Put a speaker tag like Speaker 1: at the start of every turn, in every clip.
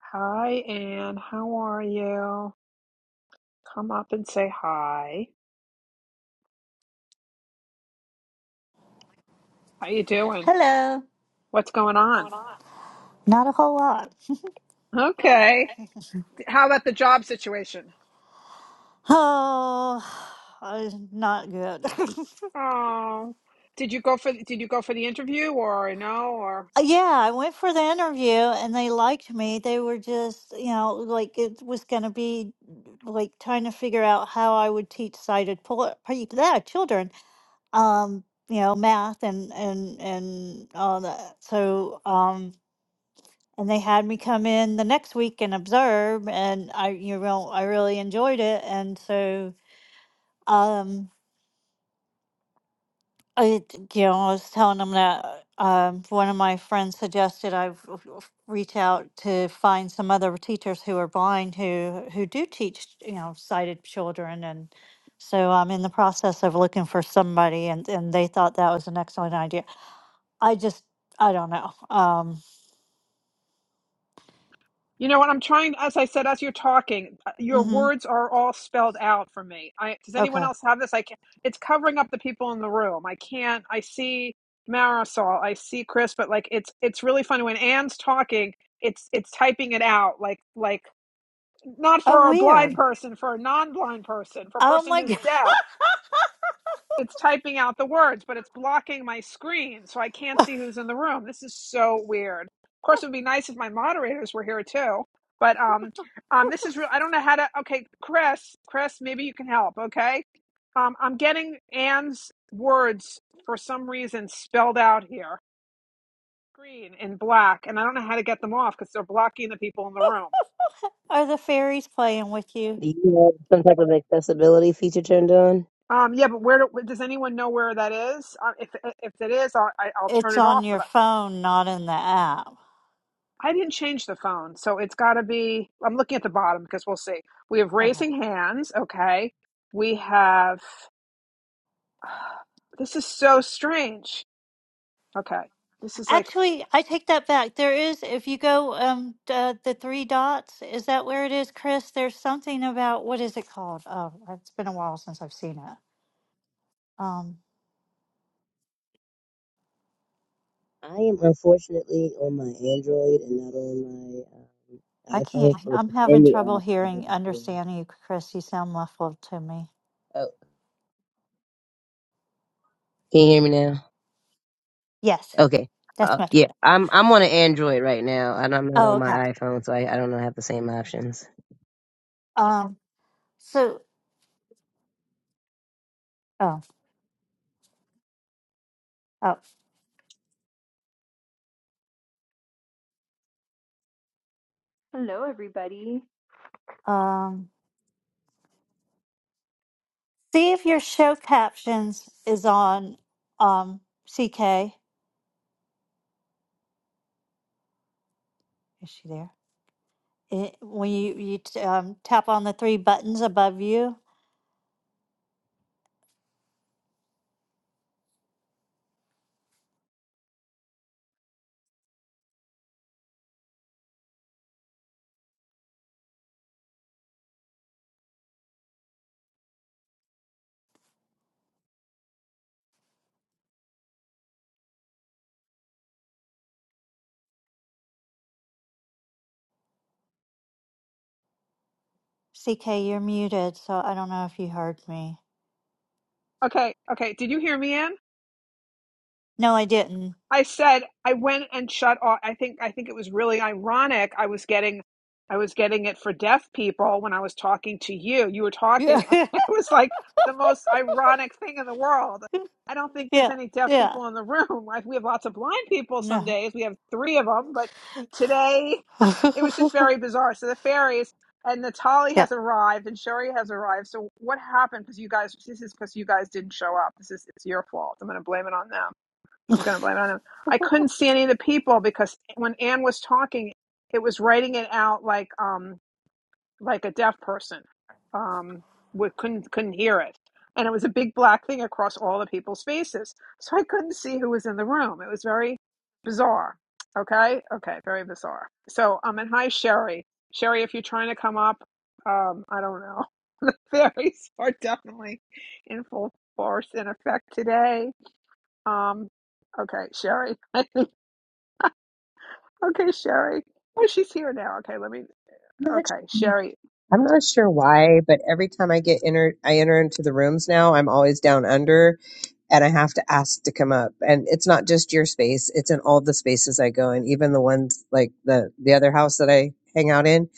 Speaker 1: Hi, Anne. How are you? Come up and say hi. How you doing?
Speaker 2: Hello.
Speaker 1: What's going on?
Speaker 2: Not a whole lot.
Speaker 1: Okay. How about the job situation?
Speaker 2: Oh, I- not good.
Speaker 1: Oh, did you go for did you go for the interview or no or
Speaker 2: yeah, I went for the interview and they liked me. They were just, you know, like it was going to be like trying to figure out how I would teach sighted pol- pe- yeah, children, um, you know, math and and and all that. So, um, and they had me come in the next week and observe, and I, you know, I really enjoyed it, and so. Um, I, you know, I was telling them that um, one of my friends suggested I v- v- reach out to find some other teachers who are blind who who do teach, you know, sighted children, and so I'm in the process of looking for somebody, and and they thought that was an excellent idea. I just, I don't know. Um,
Speaker 1: you know what I'm trying as I said as you're talking uh, your
Speaker 2: hmm
Speaker 1: words are all spelled out for me. I does anyone
Speaker 2: okay.
Speaker 1: else have this? I can not it's covering up the people in the room. I can't I see Marisol, I see Chris, but like it's it's really funny when Anne's talking it's it's typing it out like like not
Speaker 2: Oh,
Speaker 1: for a blind
Speaker 2: weird.
Speaker 1: person, for a non-blind person, for a
Speaker 2: Oh
Speaker 1: person
Speaker 2: my
Speaker 1: who's
Speaker 2: God,
Speaker 1: deaf. It's typing out the words, but it's blocking my screen, so I can't see who's in the room. This is so weird. Of course, it would be nice if my moderators were here too. But um, um, this is real. I don't know how to. Okay, Chris, Chris, maybe you can help. Okay, um, I'm getting Anne's words for some reason spelled out here, green in black, and I don't know how to get them off because they're blocking the people in the room.
Speaker 2: are the fairies playing with you?
Speaker 3: Do you have some type of accessibility feature turned on?
Speaker 1: Um, yeah, but where do, does anyone know where that is? Uh, if if it is, I'll, I, I'll turn
Speaker 2: It's
Speaker 1: it
Speaker 2: on
Speaker 1: off.
Speaker 2: your
Speaker 1: But
Speaker 2: phone, not in the app.
Speaker 1: I, I didn't change the phone, so it's got to be. I'm looking at the bottom because we'll see. We have
Speaker 2: Okay.
Speaker 1: raising hands. Okay, we have. This is so strange. Okay, this is like.
Speaker 2: Actually, I take that back. There is, if you go um d- uh, the three dots, is that where it is, Chris? There's something about what is it called? Oh, it's been a while since I've seen it. Um,
Speaker 3: I am unfortunately on my Android and not on my uh,
Speaker 2: I can't.
Speaker 3: iPhone, so if
Speaker 2: I'm
Speaker 3: it's
Speaker 2: having
Speaker 3: in the
Speaker 2: trouble
Speaker 3: app, I
Speaker 2: hearing,
Speaker 3: wouldn't hear.
Speaker 2: understanding you, Chris. You sound muffled to me.
Speaker 3: Oh, can you hear me now?
Speaker 2: Yes,
Speaker 3: Okay.
Speaker 2: that's
Speaker 3: Uh,
Speaker 2: much
Speaker 3: yeah,
Speaker 2: better.
Speaker 3: I'm I'm on an Android right now, and I'm not
Speaker 2: Oh,
Speaker 3: on
Speaker 2: okay.
Speaker 3: my iPhone, so I, I don't have the same options.
Speaker 2: Um, so oh oh
Speaker 4: Hello, everybody.
Speaker 2: um, see if your show captions is on um CK. Is she there? It, when you you t- um, tap on the three buttons above you, CK, you're muted. So I don't know if you heard me.
Speaker 1: Okay, okay. Did you hear me, Ann?
Speaker 2: No, I didn't.
Speaker 1: I said I went and shut off. I think I think it was really ironic. I was getting, I was getting it for deaf people when I was talking to you. You were
Speaker 2: Yeah,
Speaker 1: talking. It was like the most ironic thing in the world. I don't think there's
Speaker 2: yeah,
Speaker 1: any deaf
Speaker 2: yeah.
Speaker 1: people in the room. Like we have lots of blind people some
Speaker 2: No.
Speaker 1: days. We have three of them, but today it was just very bizarre. So the fairies and Natali
Speaker 2: yeah.
Speaker 1: has arrived and Sherry has arrived. So what happened? Because you guys, this is because you guys didn't show up. This is it's your fault. I'm going to blame it on them. I'm going to blame it on them. I couldn't see any of the people because when Anne was talking, it was writing it out like um like a deaf person. Um, we couldn't couldn't hear it, and it was a big black thing across all the people's faces, so I couldn't see who was in the room. It was very bizarre. Okay, okay, very bizarre. So um, and hi Sherry, Sherry, if you're trying to come up, um, I don't know. The fairies are definitely in full force and effect today um, okay, Sherry. I think okay, Sherry. Oh, she's here now. Okay, let me.
Speaker 5: not
Speaker 1: Okay, Sherry.
Speaker 5: I'm not sure why, but every time I get enter I enter into the rooms now, I'm always down under and I have to ask to come up. And it's not just your space, it's in all the spaces I go in, even the ones like the the other house that I hang out in.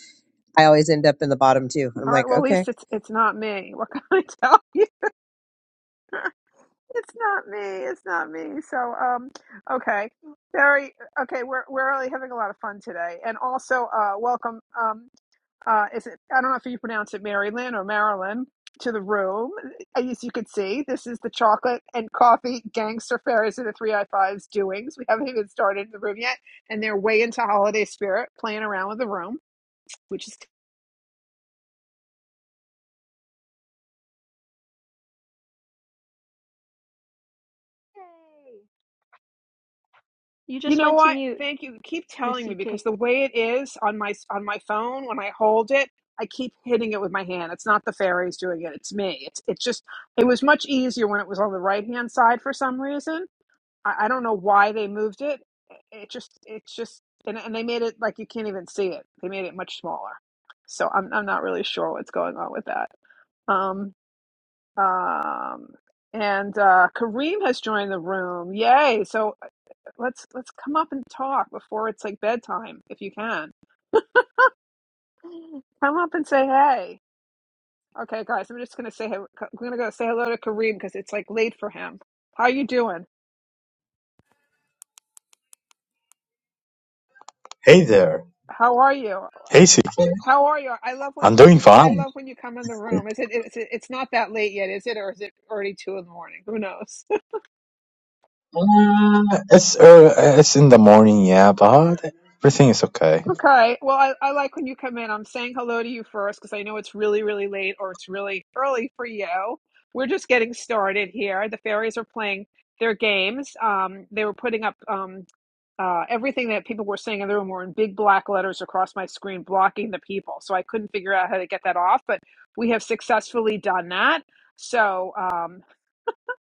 Speaker 5: I always end up in the bottom too. I'm
Speaker 1: All right.
Speaker 5: like,
Speaker 1: Well, at
Speaker 5: okay.
Speaker 1: least it's it's not me. What can I tell you? It's not me. It's not me. So, um, okay, Sherry. Okay, we're we're really having a lot of fun today, and also, uh, welcome. Um, uh, is it, I don't know if you pronounce it Maryland or Maryland, to the room. As you can see, this is the chocolate and coffee gangster fairies of the 3i5's doings. We haven't even started the room yet, and they're way into holiday spirit, playing around with the room, which is,
Speaker 4: Yay! You
Speaker 1: you
Speaker 4: just
Speaker 1: know
Speaker 4: went to
Speaker 1: what?
Speaker 4: mute,
Speaker 1: Thank you. Keep
Speaker 4: Miss
Speaker 1: telling me
Speaker 4: CK.
Speaker 1: because the
Speaker 4: Good
Speaker 1: way it is on my on my phone when I hold it, I keep hitting it with my hand. It's not the fairies doing it; it's me. It's it's just. It was much easier when it was on the right hand side for some reason I, I don't know why they moved it. It just it's just and and they made it like you can't even see it. They made it much smaller. So I'm I'm not really sure what's going on with that. Um um and uh Kareem has joined the room. Yay. So uh, let's let's come up and talk before it's like bedtime if you can. Come up and say hey. Okay guys, I'm just going to say I'm going to go say hello to Kareem because it's like late for him. How you doing?
Speaker 6: Hey there.
Speaker 1: How are you?
Speaker 6: Hey, CK.
Speaker 1: How are you? I love when
Speaker 6: am doing
Speaker 1: I
Speaker 6: fine.
Speaker 1: love when you come in the room. Is it, is it it's not that late yet, is it? Or is it already two in the morning? Who knows?
Speaker 6: Uh, it's uh, it's in the morning, yeah, but everything is okay.
Speaker 1: okay. Well, I, I like when you come in. I'm saying hello to you first because I know it's really, really late or it's really early for you. We're just getting started here. The fairies are playing their games. Um, they were putting up um, uh, everything that people were saying in the room were in big black letters across my screen, blocking the people. So I couldn't figure out how to get that off, but we have successfully done that. So, um.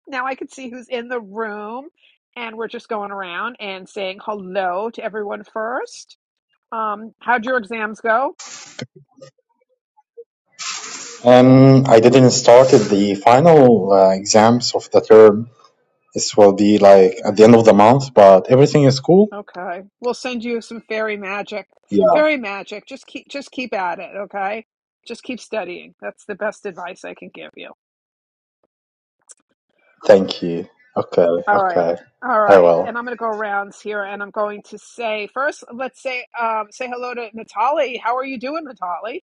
Speaker 1: Now I can see who's in the room, and we're just going around and saying hello to everyone first. Um, how'd your exams go?
Speaker 6: Um, I didn't start the final uh, exams of the term. This will be like at the end of the month, but everything is cool.
Speaker 1: Okay, we'll send you some fairy magic.
Speaker 6: Yeah,
Speaker 1: Fairy magic. Just keep, just keep at it. Okay, just keep studying. That's the best advice I can give you.
Speaker 6: thank you. Okay,
Speaker 1: All right,
Speaker 6: okay.
Speaker 1: all
Speaker 6: I
Speaker 1: right.
Speaker 6: will.
Speaker 1: And I'm going to go rounds here, and I'm going to say first. Let's say, um, say hello to Natali. How are you doing, Natali?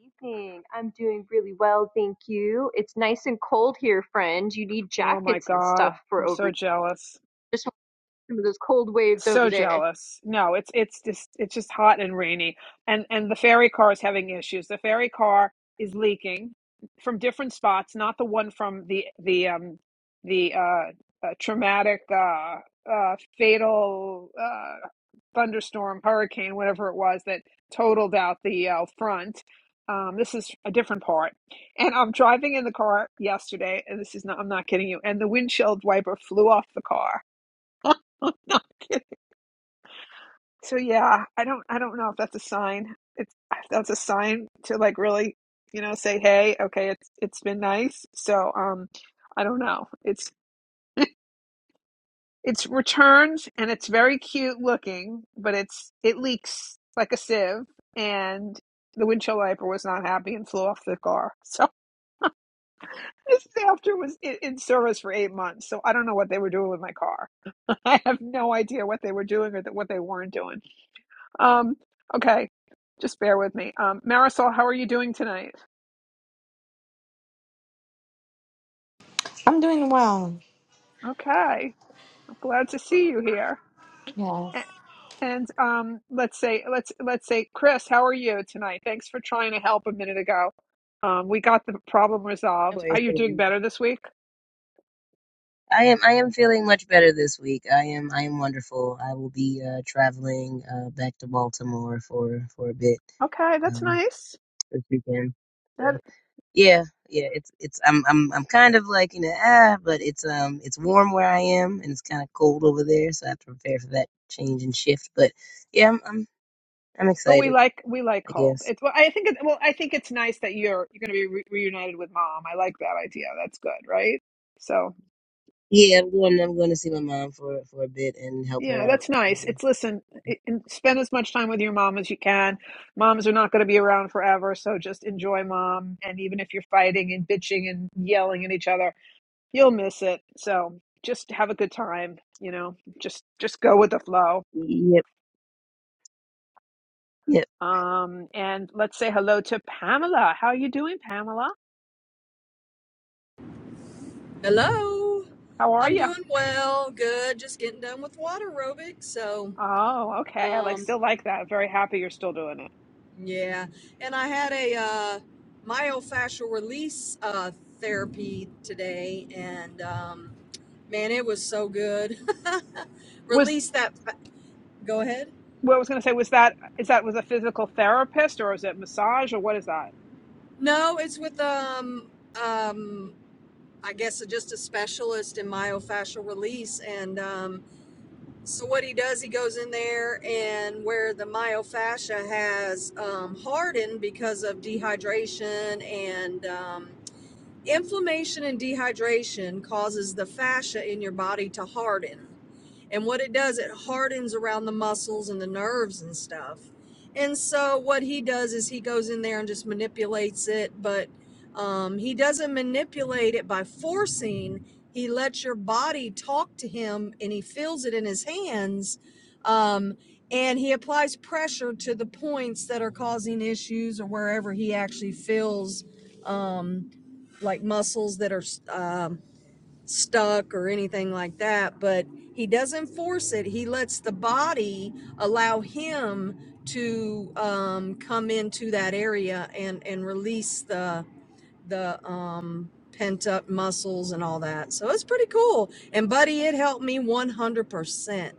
Speaker 4: evening. I'm doing really well, thank you. It's nice and cold here, friend. You need
Speaker 1: Oh my
Speaker 4: jackets and
Speaker 1: God,
Speaker 4: stuff for
Speaker 1: I'm
Speaker 4: over
Speaker 1: so
Speaker 4: here.
Speaker 1: jealous.
Speaker 4: Just want some of those cold waves over
Speaker 1: So
Speaker 4: there.
Speaker 1: jealous. No, it's it's just it's just hot and rainy. And and the ferry car is having issues. The ferry car is leaking from different spots, not the one from the the um the uh, uh traumatic uh uh fatal uh thunderstorm, hurricane, whatever it was that totaled out the uh, front. Um, this is a different part. And I'm driving in the car yesterday, and this is not, I'm not kidding you, and the windshield wiper flew off the car. I'm not kidding. So yeah, I don't I don't know if that's a sign. It's that's a sign to like really, you know, say, "Hey, okay, it's it's been nice." So, um, I don't know. It's it's returned and it's very cute looking, but it's it leaks like a sieve and the windshield wiper was not happy and flew off the car. So this after was in, in service for eight months. So I don't know what they were doing with my car. I have no idea what they were doing or that what they weren't doing. Um, okay, just bear with me. Um, Marisol, how are you doing tonight?
Speaker 7: I'm doing well.
Speaker 1: Okay, I'm glad to see you here.
Speaker 7: Yes.
Speaker 1: A- And um, let's say let's let's say Chris, how are you tonight? Thanks for trying to help a minute ago. Um, we got the problem
Speaker 3: No
Speaker 1: resolved. Are
Speaker 3: worries,
Speaker 1: you
Speaker 3: no
Speaker 1: doing
Speaker 3: worries.
Speaker 1: better this week?
Speaker 3: I am I am feeling much better this week. I am I am wonderful. I will be uh, traveling uh, back to Baltimore for for a bit
Speaker 1: Okay, that's
Speaker 3: um,
Speaker 1: nice.
Speaker 3: this weekend. so
Speaker 1: That,
Speaker 3: Yeah, yeah, it's it's I'm I'm I'm kind of like you know ah, but it's um it's warm where I am and it's kind of cold over there, so I have to prepare for that change and shift. But yeah, I'm I'm I'm
Speaker 1: but we
Speaker 3: excited,
Speaker 1: like we like
Speaker 3: I
Speaker 1: cold.
Speaker 3: guess.
Speaker 1: It's well, I think it, well, I think it's nice that you're you're going to be re- reunited with mom. I like that idea. That's good, right? So.
Speaker 3: Yeah, I'm going I'm going to see my mom for for a bit and help her
Speaker 1: Yeah,
Speaker 3: out.
Speaker 1: that's nice.
Speaker 3: Um,
Speaker 1: It's listen, it, and spend as much time with your mom as you can. Moms are not going to be around forever, so just enjoy mom. And even if you're fighting and bitching and yelling at each other, you'll miss it. So just have a good time. You know, just just go with the flow.
Speaker 3: yep, yep,
Speaker 1: Um, and let's say hello to Pamela. How are you doing, Pamela?
Speaker 8: Hello.
Speaker 1: How are
Speaker 8: I'm
Speaker 1: you?
Speaker 8: doing well. Good. Just getting done with water aerobics. So,
Speaker 1: Oh, okay. I like,
Speaker 8: um,
Speaker 1: still like that. I'm very happy you're still doing it.
Speaker 8: yeah. And I had a uh, myofascial release uh, therapy today, and um, man, it was so good.
Speaker 1: Was
Speaker 8: release that. fa- Go ahead.
Speaker 1: what I was going to say was that is that was a physical therapist or is it massage or what is that?
Speaker 8: No, it's with um um I guess just a specialist in myofascial release and um So what he does, he goes in there and where the myofascia has um, hardened because of dehydration and um, inflammation and dehydration causes the fascia in your body to harden. And what it does, it hardens around the muscles and the nerves and stuff. And so what he does is he goes in there and just manipulates it, but um, he doesn't manipulate it by forcing. He lets your body talk to him and he feels it in his hands. Um, and he applies pressure to the points that are causing issues or wherever he actually feels um, like muscles that are um, stuck or anything like that, but he doesn't force it. He lets the body allow him to um, come into that area and and release the the um, pent up muscles and all that. So it's pretty cool. And buddy, it helped me one hundred percent.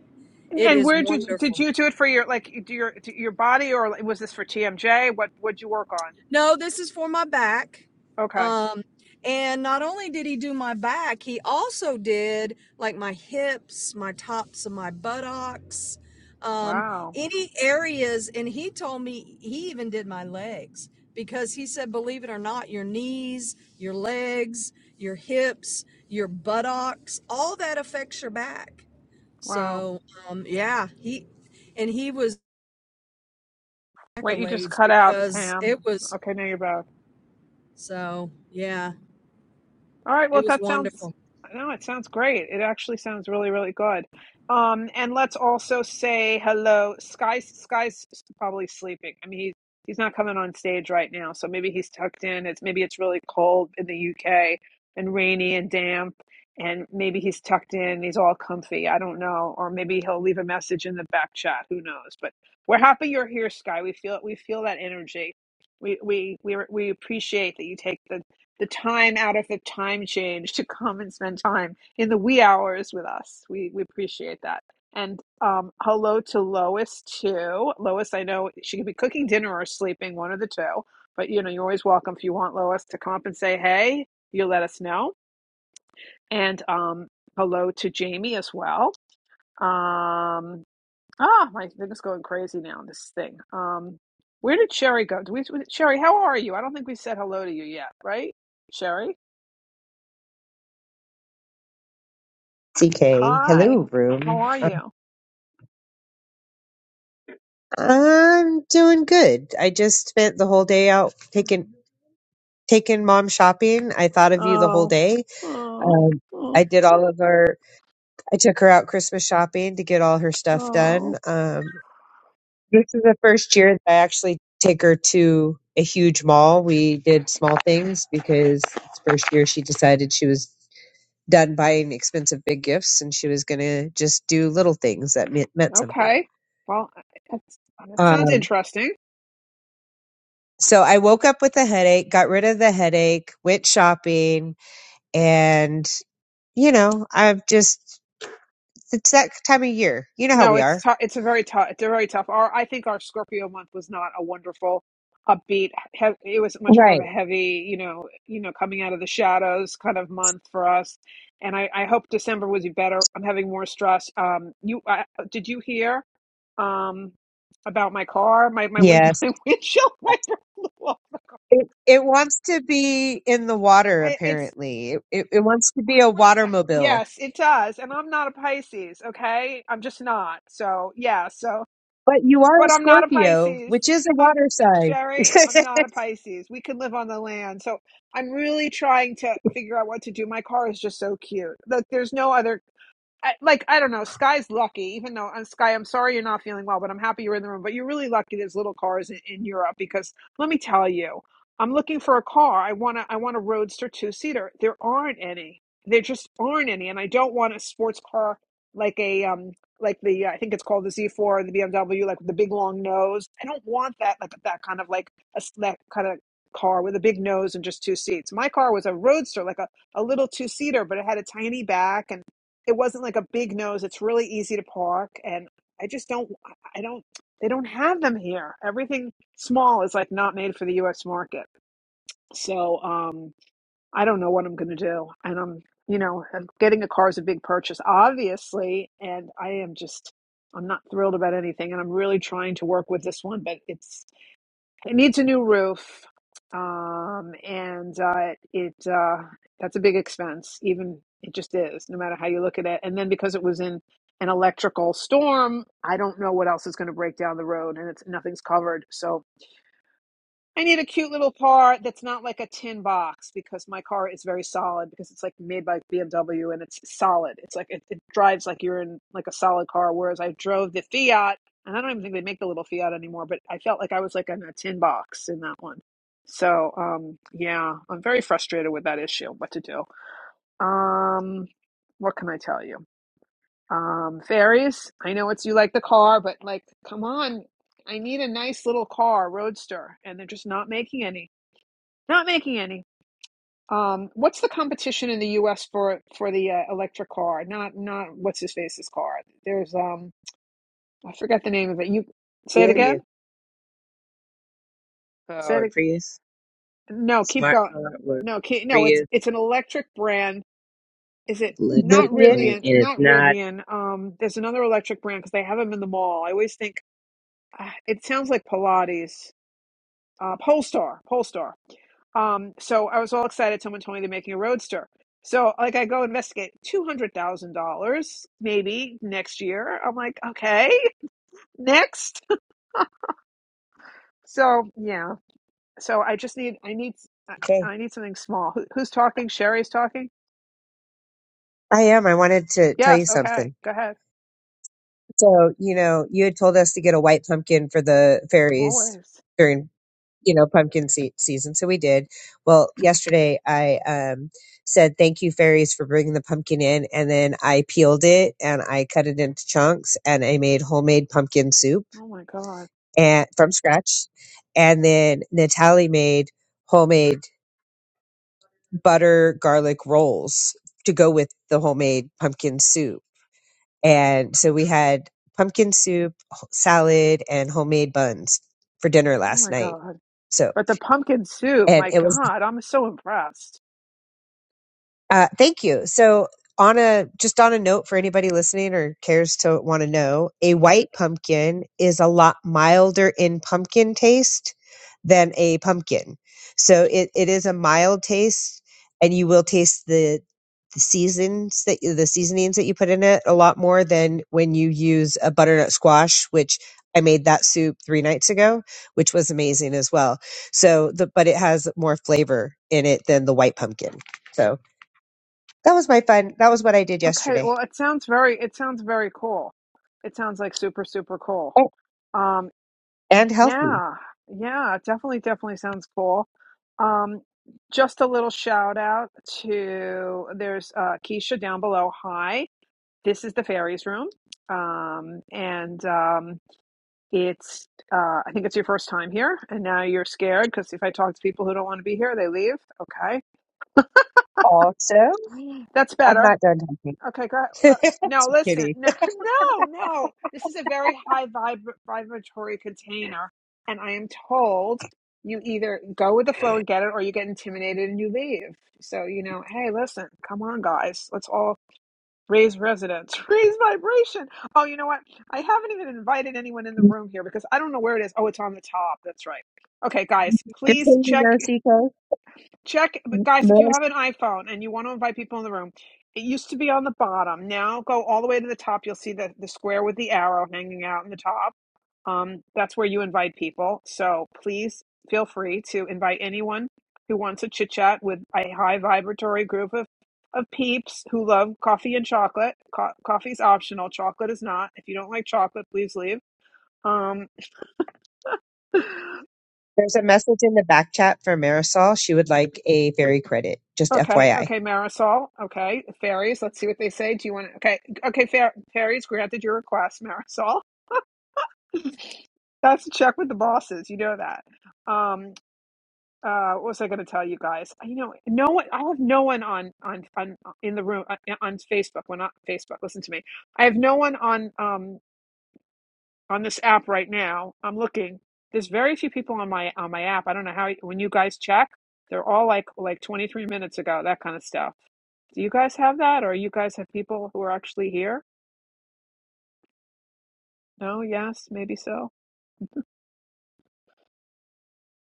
Speaker 1: And
Speaker 8: It
Speaker 1: and
Speaker 8: is
Speaker 1: where did you, did
Speaker 8: wonderful.
Speaker 1: you do it for your like do your do your body or like, was this for TMJ? What would you work on?
Speaker 8: No, this is for my back.
Speaker 1: Okay.
Speaker 8: Um, and not only did he do my back, he also did like my hips, my tops of my buttocks, um,
Speaker 1: Wow.
Speaker 8: any areas. And he told me he even did my legs because he said, believe it or not, your knees, your legs, your hips, your buttocks, all that affects your back.
Speaker 1: Wow.
Speaker 8: So, um, yeah, he and he was
Speaker 1: Wait, you just
Speaker 8: accolades
Speaker 1: cut out,
Speaker 8: because
Speaker 1: Pam.
Speaker 8: it was
Speaker 1: Okay, now you're back.
Speaker 8: so, yeah.
Speaker 1: All right. Well,
Speaker 8: It was
Speaker 1: that sounds
Speaker 8: wonderful.
Speaker 1: no, it sounds great. It actually sounds really, really good. Um, and let's also say hello. Sky's Sky's probably sleeping. I mean, he's he's not coming on stage right now, so maybe he's tucked in. It's maybe it's really cold in the UK and rainy and damp, and maybe he's tucked in. He's all comfy. I don't know, or maybe he'll leave a message in the back chat. Who knows? But we're happy you're here, Sky. We feel we feel that energy. We we we we appreciate that you take the the time out of the time change to come and spend time in the wee hours with us. We we appreciate that. And um, hello to Lois too. Lois, I know she could be cooking dinner or sleeping, one of the two. But you know, you're always welcome if you want Lois to come up and say hey. You let us know. And um, hello to Jamie as well. Um, ah, my thing is going crazy now. This thing. Um, where did Sherry go? Do we, Sherry, how are you? I don't think we said hello to you yet, right? Sherry.
Speaker 5: TK,
Speaker 1: Hi,
Speaker 5: hello
Speaker 1: how
Speaker 5: room.
Speaker 1: are you?
Speaker 5: I'm doing good. I just spent the whole day out taking taking mom shopping. I thought of you the whole
Speaker 1: Oh,
Speaker 5: day.
Speaker 1: oh,
Speaker 5: Um,
Speaker 1: oh,
Speaker 5: I did all
Speaker 1: oh.
Speaker 5: of our I took her out Christmas shopping to get all her stuff
Speaker 1: oh.
Speaker 5: done. Um, this is the first year that I actually take her to a huge mall. We did small things because it's the first year she decided she was done buying expensive big gifts and she was going to just do little things that meant, meant something.
Speaker 1: Okay. Well, it's, that sounds
Speaker 5: Um,
Speaker 1: interesting.
Speaker 5: so I woke up with a headache, got rid of the headache, went shopping, and you know, I've just it's that time of year. You know how
Speaker 1: No,
Speaker 5: we
Speaker 1: it's
Speaker 5: are.
Speaker 1: tough. It's a very tough. It's a very tough. Our, I think our Scorpio month was not a wonderful, upbeat. He- it was much more of
Speaker 5: Right.
Speaker 1: a heavy, you know, you know, coming out of the shadows kind of month for us. And I, I hope December was better. I'm having more stress. Um, you I, did you hear, um, about my car, my my wind,
Speaker 5: Yes.
Speaker 1: my windshield wiper blew off.
Speaker 5: It, it wants to be in the water,
Speaker 1: I, it's
Speaker 5: apparently. It, it, it wants to be a
Speaker 1: uh,
Speaker 5: watermobile.
Speaker 1: yes, it does. And I'm not a Pisces. Okay, I'm just not. So yeah. So
Speaker 5: But you are a
Speaker 1: But I'm not a
Speaker 5: Scorpio,
Speaker 1: Pisces.
Speaker 5: which is a
Speaker 1: I'm
Speaker 5: water sign.
Speaker 1: Sherry, I'm not a Pisces. We can live on the land. So I'm really trying to figure out what to do. My car is just so cute. Like there's no other I, like I don't know. Sky's lucky, even though uh, Sky, I'm sorry you're not feeling well, but I'm happy you're in the room. But you're really lucky. There's little cars in, in Europe because let me tell you, I'm looking for a car. I wanna I want a roadster two seater. There aren't any. There just aren't any, and I don't want a sports car like a um like the uh, I think it's called the Z4 or the BMW, like with the big long nose. I don't want that like that kind of like a s- that kind of car with a big nose and just two seats. My car was a roadster, like a a little two seater, but it had a tiny back and it wasn't like a big nose. It's really easy to park, and I just don't. I don't. They don't have them here. Everything small is like not made for the U.S. market. So um, I don't know what I'm going to do, and I'm you know getting a car is a big purchase, obviously, and I am just I'm not thrilled about anything, and I'm really trying to work with this one, but it's it needs a new roof, um, and uh, it uh, that's a big expense. Even it just is, no matter how you look at it. And then because it was in an electrical storm, I don't know what else is going to break down the road, and it's nothing's covered. So I need a cute little car that's not like a tin box because my car is very solid because it's like made by BMW and it's solid. It's like it, it drives like you're in like a solid car. Whereas I drove the Fiat and I don't even think they make the little Fiat anymore, but I felt like I was like in a tin box in that one. So um yeah, I'm very frustrated with that issue. What to do? Um, what can I tell you? Um, fairies. I know it's you like the car, but like, come on. I need a nice little car, roadster, and they're just not making any. Not making any. Um, what's the competition in the U.S. for for the uh, electric car? Not not what's his face's car. There's um I forget the name of it. You say it
Speaker 5: Yeah.
Speaker 1: again.
Speaker 3: Prius car
Speaker 1: Say it.
Speaker 3: or Prius
Speaker 1: No, keep
Speaker 3: smart
Speaker 1: going.
Speaker 3: car or
Speaker 1: No, keep, no. It's
Speaker 3: Prius
Speaker 1: it's an electric brand. Is it not
Speaker 3: electric
Speaker 5: Vivian?
Speaker 3: brand,
Speaker 1: Rivian?
Speaker 3: and it's
Speaker 1: Not
Speaker 3: not.
Speaker 1: Rivian. Um, there's another electric brand because they have them in the mall. I always think uh, it sounds like Pilates. Uh, Polestar. Polestar. Um, so I was all excited. Someone told me they're making a roadster. So like I go investigate two hundred thousand dollars maybe next year. I'm like, okay, next. So yeah. So I just need I need I
Speaker 5: Okay.
Speaker 1: I need something small. Who, who's talking? Sherry's talking.
Speaker 5: I am. I wanted to tell
Speaker 1: Yes.
Speaker 5: you
Speaker 1: Okay.
Speaker 5: something.
Speaker 1: Go ahead.
Speaker 5: So, you know, you had told us to get a white pumpkin for the fairies
Speaker 1: Always.
Speaker 5: during you know pumpkin se- season so we did well yesterday i um said thank you fairies for bringing the pumpkin in and then i peeled it and i cut it into chunks and i made homemade pumpkin soup
Speaker 1: Oh my god.
Speaker 5: and from scratch and then natalie made homemade butter garlic rolls to go with the homemade pumpkin soup and so we had pumpkin soup h- salad and homemade buns for dinner
Speaker 1: Oh
Speaker 5: last
Speaker 1: my
Speaker 5: night
Speaker 1: god.
Speaker 5: so
Speaker 1: But the pumpkin soup.
Speaker 5: and
Speaker 1: My
Speaker 5: it was
Speaker 1: god. I'm so impressed.
Speaker 5: Uh, thank you. So, on a just on a note for anybody listening or cares to want to know, a white pumpkin is a lot milder in pumpkin taste than a pumpkin. So it, it is a mild taste, and you will taste the, the seasons that you- the seasonings that you put in it a lot more than when you use a butternut squash, which I made that soup three nights ago, which was amazing as well. So, the, but it has more flavor in it than the white pumpkin. So. That was my fun. That was what I did
Speaker 1: Okay.
Speaker 5: yesterday.
Speaker 1: Well, it sounds very. It sounds very cool. It sounds like super super cool.
Speaker 5: Oh,
Speaker 1: Um.
Speaker 5: And healthy.
Speaker 1: Yeah, yeah, definitely, definitely sounds cool. Um, just a little shout out to there's uh, Keisha down below. Hi, this is the fairies room, um, and um, it's uh, I think it's your first time here, and now you're scared because if I talk to people who don't want to be here, they leave. Okay,
Speaker 5: Also,
Speaker 1: that's
Speaker 5: I'm
Speaker 1: better.
Speaker 5: not done talking.
Speaker 1: Okay, go ahead. uh, no,
Speaker 5: Just
Speaker 1: listen,
Speaker 5: kidding.
Speaker 1: no, no, no. This is a very high vib vibratory container, and I am told you either go with the flow and get it, or you get intimidated and you leave. So, you know, hey, listen, come on, guys, let's all raise resonance, raise vibration. Oh, you know what? I haven't even invited anyone in the room here because I don't know where it is. Oh, it's on the top. That's right. Okay, guys,
Speaker 5: Just so
Speaker 1: please
Speaker 5: you
Speaker 1: check
Speaker 5: know, Seiko.
Speaker 1: check but guys if
Speaker 5: more
Speaker 1: you have an iphone and you want to invite people in the room it used to be on the bottom now go all the way to the top you'll see the, the square with the arrow hanging out in the top um, that's where you invite people so please feel free to invite anyone who wants to chit chat with a high vibratory group of, of peeps who love coffee and chocolate Co- coffee's optional chocolate is not if you don't like chocolate please leave um,
Speaker 5: There's a message in the back chat for Marisol. She would like a fairy credit, just
Speaker 1: Okay,
Speaker 5: FYI.
Speaker 1: okay, Marisol. Okay, fairies. Let's see what they say. Do you want to? Okay, okay, fair, fairies. Granted your request, Marisol. That's a check with the bosses. You know that. Um, uh, what was I going to tell you guys? You know, no one. I have no one on on on in the room on, on Facebook. Well, not Facebook. Listen to me. I have no one on. Um. on this app right now. I'm looking. There's very few people on my on my app. I don't know how when you guys check, they're all like like 23 minutes ago, that kind of stuff. Do you guys have that or you guys have people who are actually here? No, yes, maybe so.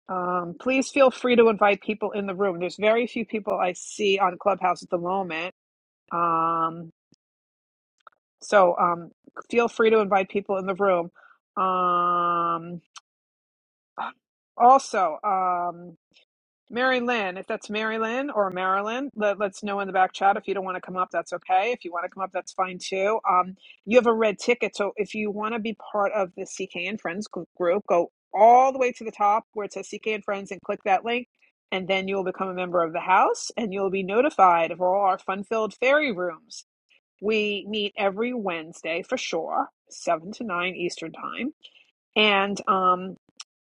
Speaker 1: Um, please feel free to invite people in the room. There's very few people I see on Clubhouse at the moment. Um, so um, feel free to invite people in the room. Um, also, um, Mary Lynn, if that's Mary Lynn or Marilyn, let, let's know in the back chat. If you don't want to come up, that's okay. If you want to come up, that's fine too. Um, you have a red ticket. So if you want to be part of the CK and Friends gr- group, go all the way to the top where it says CK and Friends and click that link. And then you'll become a member of the house and you'll be notified of all our fun filled fairy rooms. We meet every Wednesday for sure, 7 to 9 Eastern Time. And um,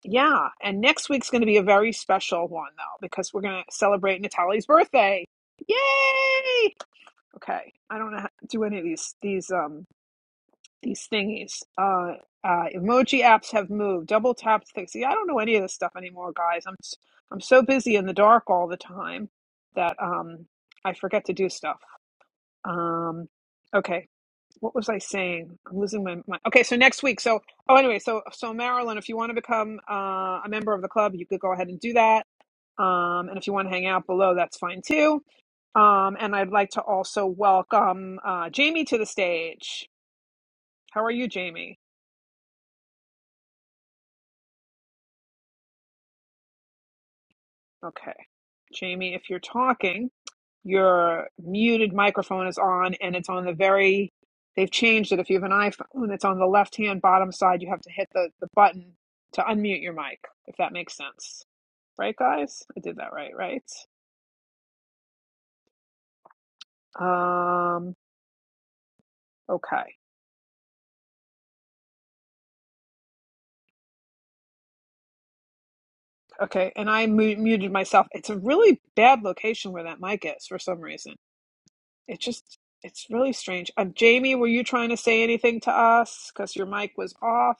Speaker 1: yeah, and next week's going to be a very special one though because we're going to celebrate Natalie's birthday. Yay! Okay, I don't know how to do any of these these um these thingies. Uh, uh, emoji apps have moved. Double tap things. See, I don't know any of this stuff anymore, guys. I'm s- I'm so busy in the dark all the time that um I forget to do stuff. Um, okay, what was I saying? I'm losing my mind. Okay, so next week. So oh, anyway, so so Marilyn, if you want to become uh, a member of the club, you could go ahead and do that. Um, and if you want to hang out below, that's fine too. Um, and I'd like to also welcome uh, Jamie to the stage. How are you, Jamie? Okay, Jamie, if you're talking, your muted microphone is on, and it's on the very. They've changed it. If you have an iPhone, it's on the left-hand bottom side. You have to hit the the button to unmute your mic, if that makes sense. Right, guys? I did that right, right? Um, okay. Okay, and I mu- muted myself. It's a really bad location where that mic is for some reason. It just, it's really strange. Um, Jamie, were you trying to say anything to us? Because your mic was off.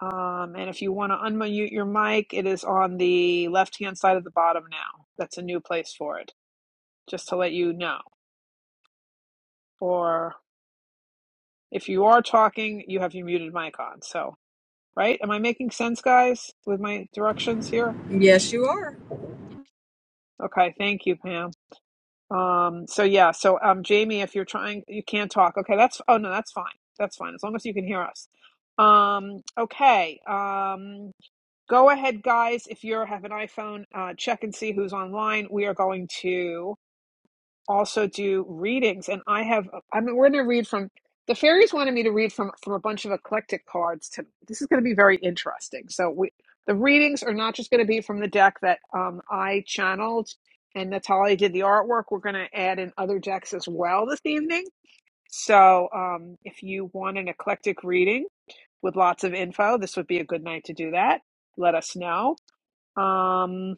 Speaker 1: Um, and if you want to unmute your mic, it is on the left-hand side of the bottom now. That's a new place for it, just to let you know. Or if you are talking, you have your muted mic on. So, right? Am I making sense, guys, with my directions here?
Speaker 8: Yes, you are.
Speaker 1: Okay, thank you, Pam. Um, so yeah, so um, Jamie, if you're trying, you can't talk. Okay, that's oh no, that's fine. That's fine as long as you can hear us. Um, okay, um, go ahead, guys. If you have an iPhone, uh, check and see who's online. We are going to also do readings and i have i mean we're going to read from the fairies wanted me to read from from a bunch of eclectic cards to this is going to be very interesting so we the readings are not just going to be from the deck that um, i channeled and natalia did the artwork we're going to add in other decks as well this evening so um, if you want an eclectic reading with lots of info this would be a good night to do that let us know um,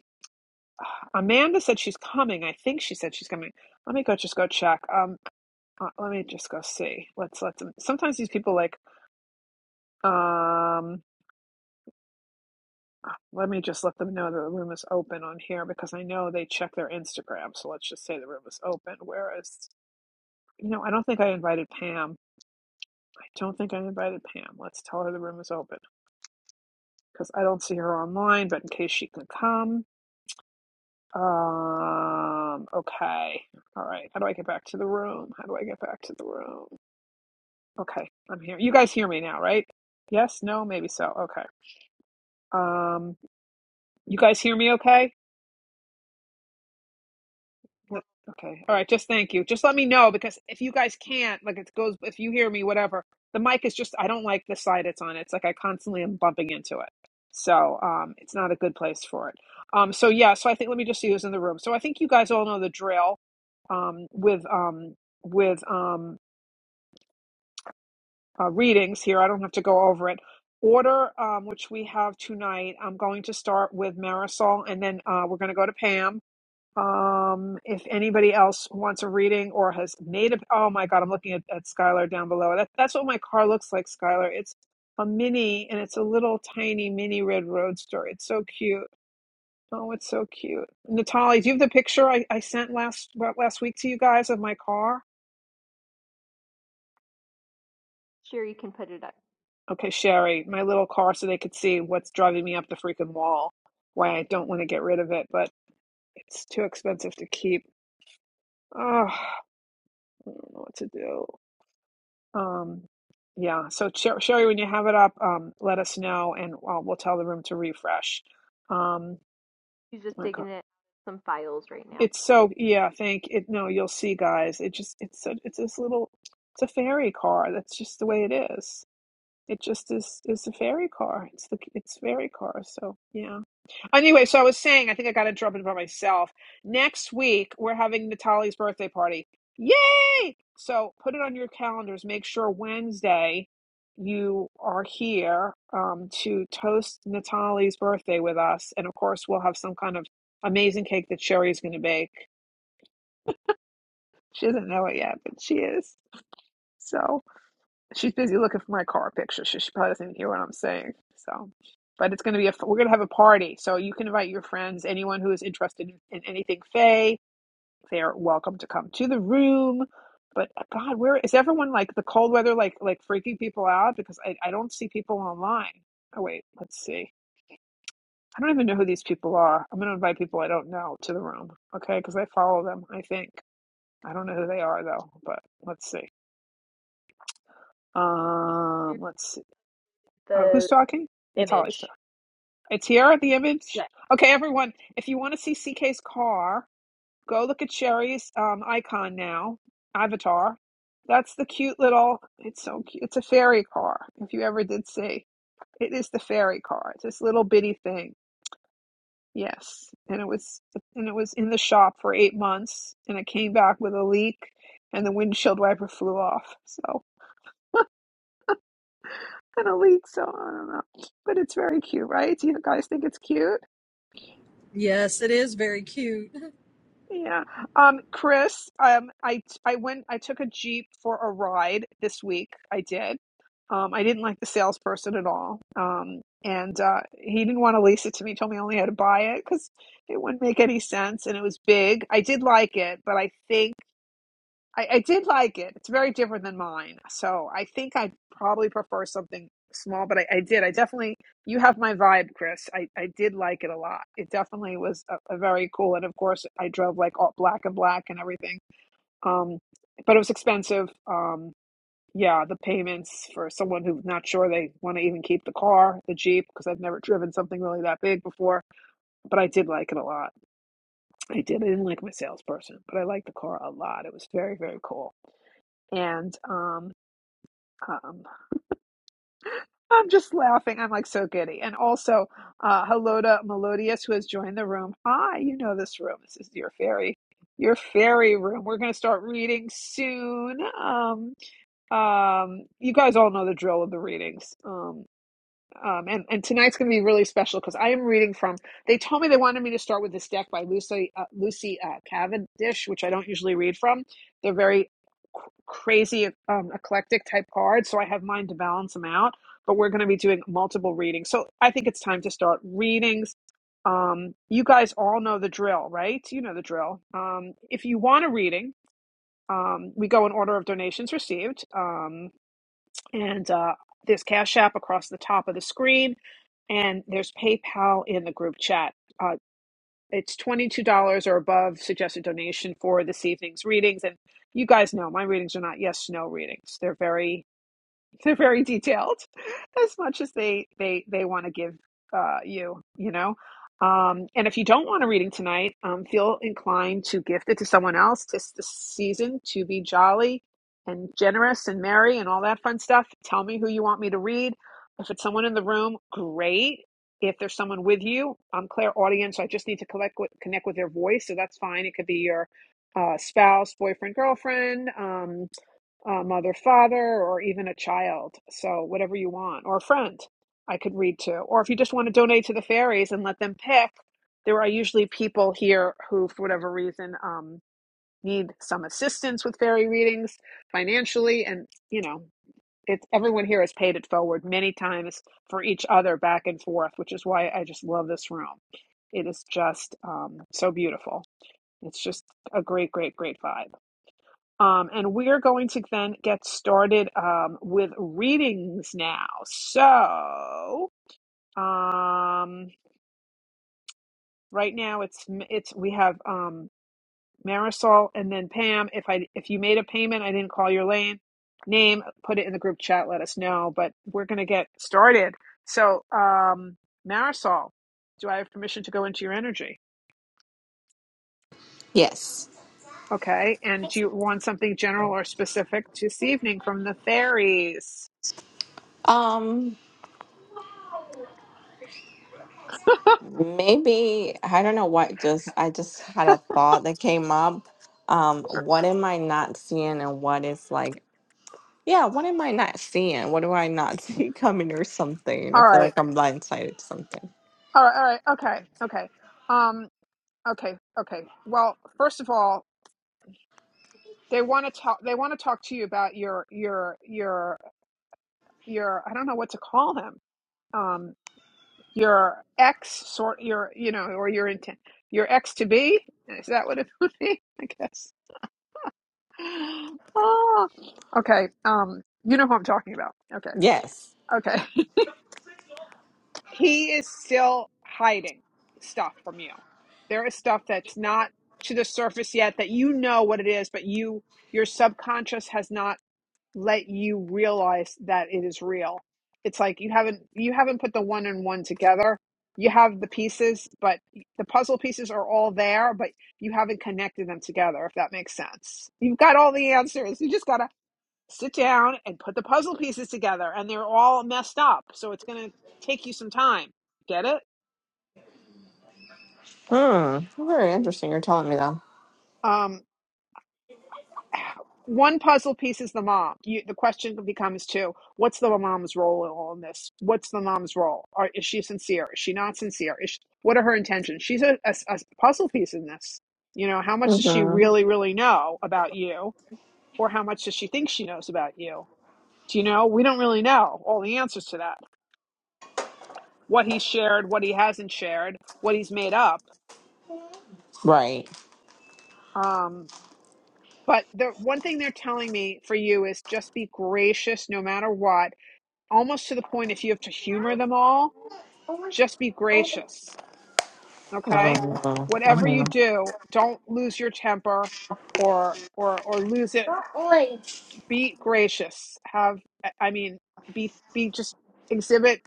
Speaker 1: amanda said she's coming i think she said she's coming let me go just go check. Um, uh, let me just go see. Let's let them. Sometimes these people like, um, let me just let them know that the room is open on here because I know they check their Instagram. So let's just say the room is open. Whereas, you know, I don't think I invited Pam. I don't think I invited Pam. Let's tell her the room is open because I don't see her online. But in case she can come, um, okay, all right. How do I get back to the room? How do I get back to the room? Okay, I'm here. You guys hear me now, right? Yes, no, maybe so. Okay. Um, You guys hear me okay?
Speaker 4: We're all
Speaker 1: Okay. All
Speaker 4: good.
Speaker 1: right. Just thank you. Just let me know because if you guys can't, like it goes, if you hear me, whatever, the mic is just, I don't like the side it's on. It's like I constantly am bumping into it. So um, it's not a good place for it. Um, so yeah, so I think, let me just see who's in the room. So I think you guys all know the drill um, with, um, with um, uh, readings here. I don't have to go over it. Order, um, which we have tonight, I'm going to start with Marisol and then uh, we're going to go to Pam Um, if anybody else wants a reading or has made a, oh my God, I'm looking at, at Skylar down below. That, that's what my car looks like, Skylar. It's a mini and it's a little tiny mini red roadster. It's so cute. Oh, it's so cute. Natalie, do you have the picture I, I sent last well, last week to you guys of my car?
Speaker 4: Sherry can put it up.
Speaker 1: Okay, Sherry, my little car so they could see what's driving me up the freaking wall. Why I don't want to get rid of it, but it's too expensive to keep. Oh, I don't know what to do. Um, yeah. So Sher- Sherry, when you have it up, um, let us know, and uh, we'll tell the room to refresh. Um, oh
Speaker 4: She's just
Speaker 1: My God.
Speaker 4: digging it some files right now.
Speaker 1: it's so yeah. Thank it. No, you'll see, guys. It just it's a, it's this little it's a fairy car. That's just the way it is. It just is is a fairy car. It's the it's fairy car. So yeah. Anyway, so I was saying, I think I got interrupted by myself. Next week we're having Natalie's birthday party. Yay! So put it on your calendars. Make sure Wednesday you are here um, to toast Natalie's birthday with us, and of course we'll have some kind of amazing cake that Sherry's going to bake. She doesn't know it yet, but she is. So she's busy looking for my car picture, so she probably doesn't even hear what I'm saying. So, but it's going to be a we're going to have a party, so you can invite your friends, anyone who is interested in, in anything Faye. They are welcome to come to the room. But uh, God, where is everyone? Like the cold weather, like like freaking people out because I I don't see people online. Oh wait, let's see. I don't even know who these people are. I'm going to invite people I don't know to the room, okay? Because I follow them. I think I don't know who they are though, but let's see.
Speaker 4: Sherry,
Speaker 1: Um, let's see. Uh, who's
Speaker 4: the
Speaker 1: talking? Natalie's talking.
Speaker 4: image.
Speaker 1: It's here at the
Speaker 4: Yeah.
Speaker 1: image. Okay, everyone, if you want to see CK's car, go look at Sherry's um, icon now, avatar. That's the cute little, it's so cute. It's a fairy car, if you ever did see. It is the fairy car. It's this little bitty thing. Yes. And it was and it was in the shop for eight months and it came back with a leak and the windshield wiper flew off. So and a leak, so I don't know. But it's very cute, right? Do you guys think it's cute?
Speaker 8: Yes, it is very cute.
Speaker 1: Yeah. Um, Chris, um, I I went I took a Jeep for a ride this week. I did. Um, I didn't like the salesperson at all. Um, and uh, he didn't want to lease it to me. He Told me I only had to buy it because it wouldn't make any sense and it was big. I did like it, but I think I, I did like it. It's very different than mine. So I think I probably prefer something small, but I, I did. I definitely, you have my vibe, Chris. I, I did like it a lot. It definitely was a, a very cool. And of course, I drove like all black and black and everything. Um, but it was expensive. Um, yeah, the payments for someone who's not sure they want to even keep the car, the Jeep, because I've never driven something really that big before. But I did like it a lot. I did. I didn't like my salesperson, but I liked the car a lot. It was very, very cool and um Um, I'm just laughing. I'm like so giddy. And also, uh, hello to Melodious who has joined the room. Hi, you know this room. This is your fairy, your fairy room. We're going to start reading soon. Um, um, you guys all know the drill of the readings. Um, um, and, and tonight's going to be really special because I am reading from. They told me they wanted me to start with this deck by Lucy uh, Lucy uh, Cavendish, which I don't usually read from. They're very c- crazy, um, eclectic type cards, so I have mine to balance them out. But we're going to be doing multiple readings, so I think it's time to start readings. Um, you guys all know the drill, right? You know the drill. Um, if you want a reading, um, we go in order of donations received. Um, and uh, there's Cash App across the top of the screen, and there's PayPal in the group chat. Uh, it's $22 or above suggested donation for this evening's readings. And you guys know my readings are not yes, no readings. They're very they're very detailed as much as they they they want to give uh, you you know um, and if you don't want a reading tonight um, feel inclined to gift it to someone else It's the season to be jolly and generous and merry and all that fun stuff tell me who you want me to read if it's someone in the room great if there's someone with you i'm claire audience so i just need to collect with, connect with their voice so that's fine it could be your uh, spouse boyfriend girlfriend um, a mother, father, or even a child. So, whatever you want, or a friend I could read to. Or if you just want to donate to the fairies and let them pick, there are usually people here who, for whatever reason, um, need some assistance with fairy readings financially. And, you know, it's everyone here has paid it forward many times for each other back and forth, which is why I just love this room. It is just um, so beautiful. It's just a great, great, great vibe. Um, and we're going to then get started um, with readings now. So, um, right now it's it's we have um, Marisol and then Pam. If I if you made a payment, I didn't call your lane name. Put it in the group chat. Let us know. But we're going to get started. So, um, Marisol, do I have permission to go into your energy?
Speaker 7: Yes.
Speaker 1: Okay. And do you want something general or specific this evening from the fairies?
Speaker 7: Um maybe I don't know what just I just had a thought that came up. Um what am I not seeing and what is like yeah, what am I not seeing? What do I not see coming or something? I
Speaker 1: All
Speaker 7: feel
Speaker 1: right.
Speaker 7: like I'm blindsided to something.
Speaker 1: All right, all right, okay, okay, um, okay, okay. Well, first of all, they want to talk. They want to talk to you about your your your your. I don't know what to call them. Um, your ex sort your you know or your intent your ex to be. Is that what it would be? I guess. Oh, okay. Um, you know who I'm talking about. Okay.
Speaker 7: Yes.
Speaker 1: Okay, he is still hiding stuff from you. There is stuff that's not to the surface yet that you know what it is, but you your subconscious has not let you realize that it is real. It's like you haven't you haven't put the one and one together. You have the pieces, but the puzzle pieces are all there, but you haven't connected them together, if that makes sense. You've got all the answers. You just got to sit down and put the puzzle pieces together and they're all messed up so it's going to take you some time get it
Speaker 7: Hmm. Very interesting. You're telling me that.
Speaker 1: um one puzzle piece is the mom you, the question becomes two what's the mom's role in all this what's the mom's role Are, is she sincere is she not sincere is she, what are her intentions she's a, a a puzzle piece in this you know how much does she
Speaker 7: Mm-hmm.
Speaker 1: really really know about you or how much does she think she knows about you do you know we don't really know all the answers to that what he shared, what he hasn't shared, what he's made up.
Speaker 7: Right.
Speaker 1: Um, but the one thing they're telling me for you is just be gracious no matter what, almost to the point if you have to humor them all, just be gracious. Okay?
Speaker 7: Mm-hmm.
Speaker 1: Whatever you do, don't lose your temper or or or lose it. Be gracious. Have I mean be be just exhibit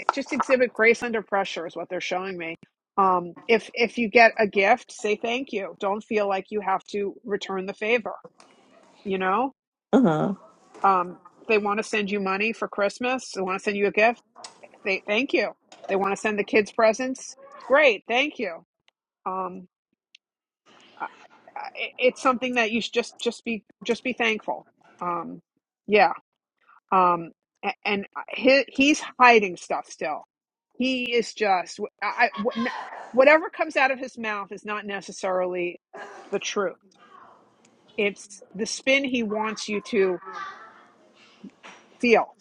Speaker 1: eh, just exhibit grace under pressure is what they're showing me um if if you get a gift say thank you don't feel like you have to return the favor you know
Speaker 7: Mm-hmm.
Speaker 1: um they want to send you money for christmas they want to send you a gift they thank you they want to send the kids presents great thank you um I- I- it's something that you should just just be just be thankful um yeah um a- and uh, he, he's hiding stuff still he is just I, I- whatever comes out of his mouth is not necessarily the truth it's the spin he wants you to feel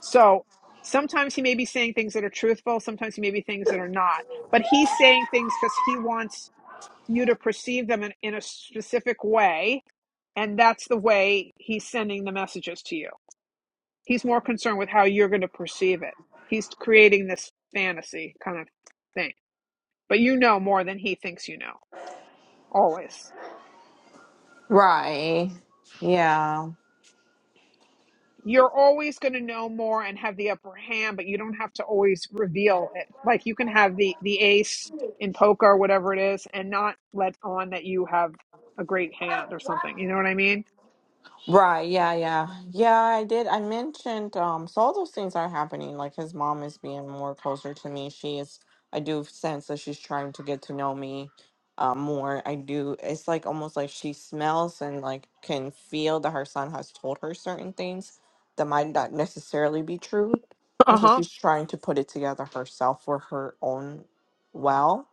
Speaker 1: so sometimes he may be saying things that are truthful sometimes he may be things that are not but he's saying things because he wants you to perceive them in, in a specific way and that's the way he's sending the messages to you He's more concerned with how you're going to perceive it. He's creating this fantasy kind of thing. But you know more than he thinks you know, always.
Speaker 7: Right. Yeah.
Speaker 1: You're always going to know more and have the upper hand, but you don't have to always reveal it. Like you can have the the ace in poker or whatever it is and not let on that you have a great hand or something. You know what I mean?
Speaker 7: Right, yeah, yeah. Yeah, I did. I mentioned um so all those things are happening. Like his mom is being more closer to me. She is I do sense that she's trying to get to know me uh, more. I do it's like almost like she smells and like can feel that her son has told her certain things that might not necessarily be true. And so
Speaker 1: Uh-huh.
Speaker 7: she's trying to put it together herself for her own well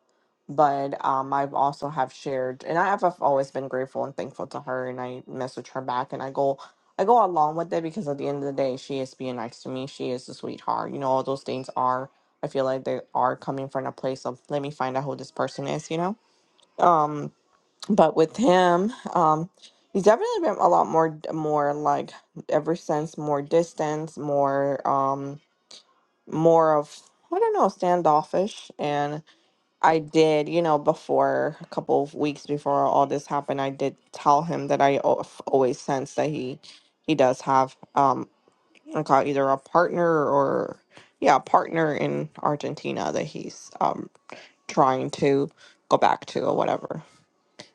Speaker 7: but um, I've also have shared, and I have I've always been grateful and thankful to her, and I message her back, and I go, I go along with it because at the end of the day, she is being nice to me. She is a sweetheart. You know, all those things are. I feel like they are coming from a place of let me find out who this person is. You know, um, but with him, um, he's definitely been a lot more, more like ever since more distance, more, um, more of I don't know, standoffish, and I did, you know, before a couple of weeks before all this happened, I did tell him that I al- always sense that he he does have um I call it either a partner or yeah, a partner in Argentina that he's um trying to go back to or whatever.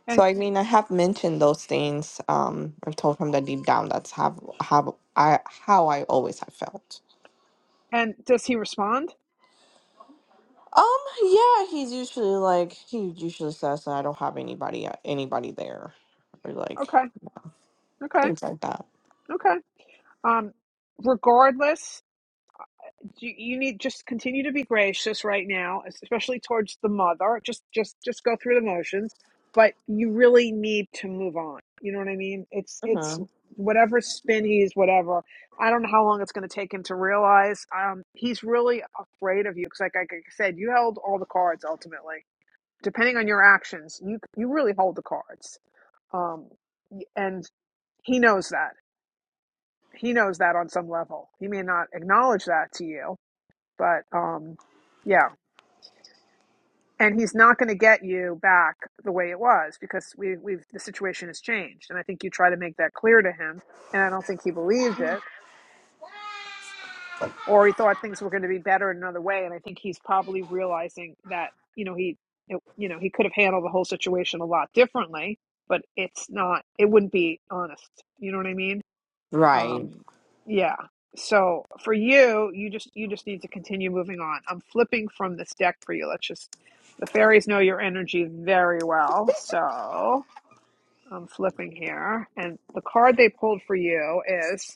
Speaker 7: So
Speaker 1: And
Speaker 7: I mean, I have mentioned those things. Um, I've told him that deep down that's have have I how I always have felt.
Speaker 1: and does he respond?
Speaker 7: Um, yeah, he's usually like he usually says I don't have anybody uh, anybody there or like
Speaker 1: Okay. Okay.
Speaker 7: things like that.
Speaker 1: Okay. Um, regardless, you, you need just continue to be gracious right now, especially towards the mother. Just, just, just go through the motions, but you really need to move on. You know what I mean? It's, it's
Speaker 7: hmm
Speaker 1: whatever spin he's whatever. I don't know how long it's going to take him to realize. Um, he's really afraid of you because, like, like like I said, you held all the cards ultimately. Depending on your actions, you you really hold the cards. Um, and he knows that he knows that on some level. He may not acknowledge that to you, but um, yeah. And he's not going to get you back the way it was because we, we've the situation has changed. And I think you try to make that clear to him, and I don't think he believed it, or he thought things were going to be better in another way. And I think he's probably realizing that you know he it, you know he could have handled the whole situation a lot differently, but it's not it wouldn't be honest. You know what I mean?
Speaker 7: Right.
Speaker 1: Um, yeah. So for you, you just you just need to continue moving on. I'm flipping from this deck for you. Let's just the fairies know your energy very well. So I'm flipping here, and the card they pulled for you is.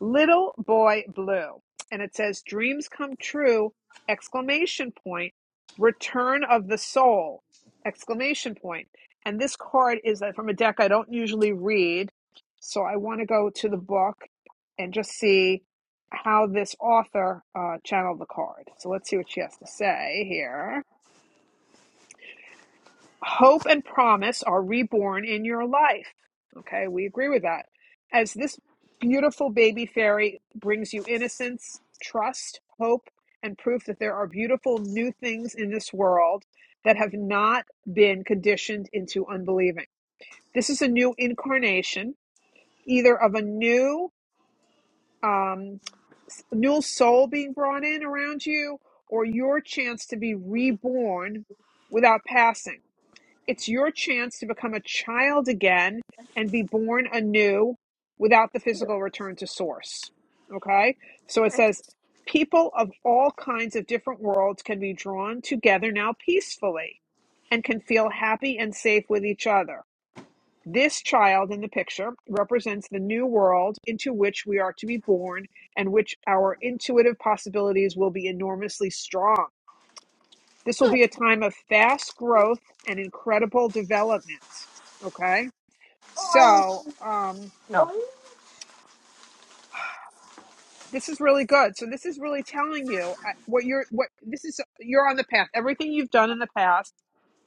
Speaker 1: Little Boy Blue. And it says, Dreams come true! Exclamation point. Return of the soul! Exclamation point. And this card is uh, from a deck I don't usually read. So I want to go to the book and just see how this author uh, channeled the card. So let's see what she has to say here hope and promise are reborn in your life. Okay, we agree with that. As this beautiful baby fairy brings you innocence, trust, hope, and proof that there are beautiful new things in this world that have not been conditioned into unbelieving. This is a new incarnation, either of a new um, new soul being brought in around you, or your chance to be reborn without passing. It's your chance to become a child again and be born anew without the physical return to source. Okay? So it says people of all kinds of different worlds can be drawn together now peacefully and can feel happy and safe with each other. This child in the picture represents the new world into which we are to be born and which our intuitive possibilities will be enormously strong. This will be a time of fast growth and incredible development. Okay. So, um,
Speaker 7: No.
Speaker 1: this is really good so this is really telling you I- what you're what this is you're on the path everything you've done in the past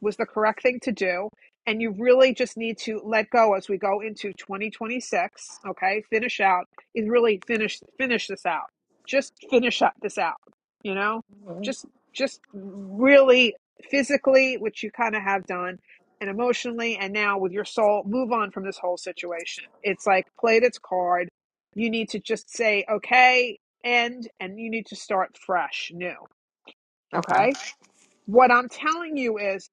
Speaker 1: was the correct thing to do and you really just need to let go as we go into 2026 okay finish out is really finish finish this out just finish up this out you know
Speaker 7: Mhm.
Speaker 1: just just really physically which you kind of have done and emotionally and now with your soul move on from this whole situation it's like played its card you need to just say, okay, end, and you need to start fresh, new.
Speaker 7: Okay.
Speaker 1: Okay. What I'm telling you is,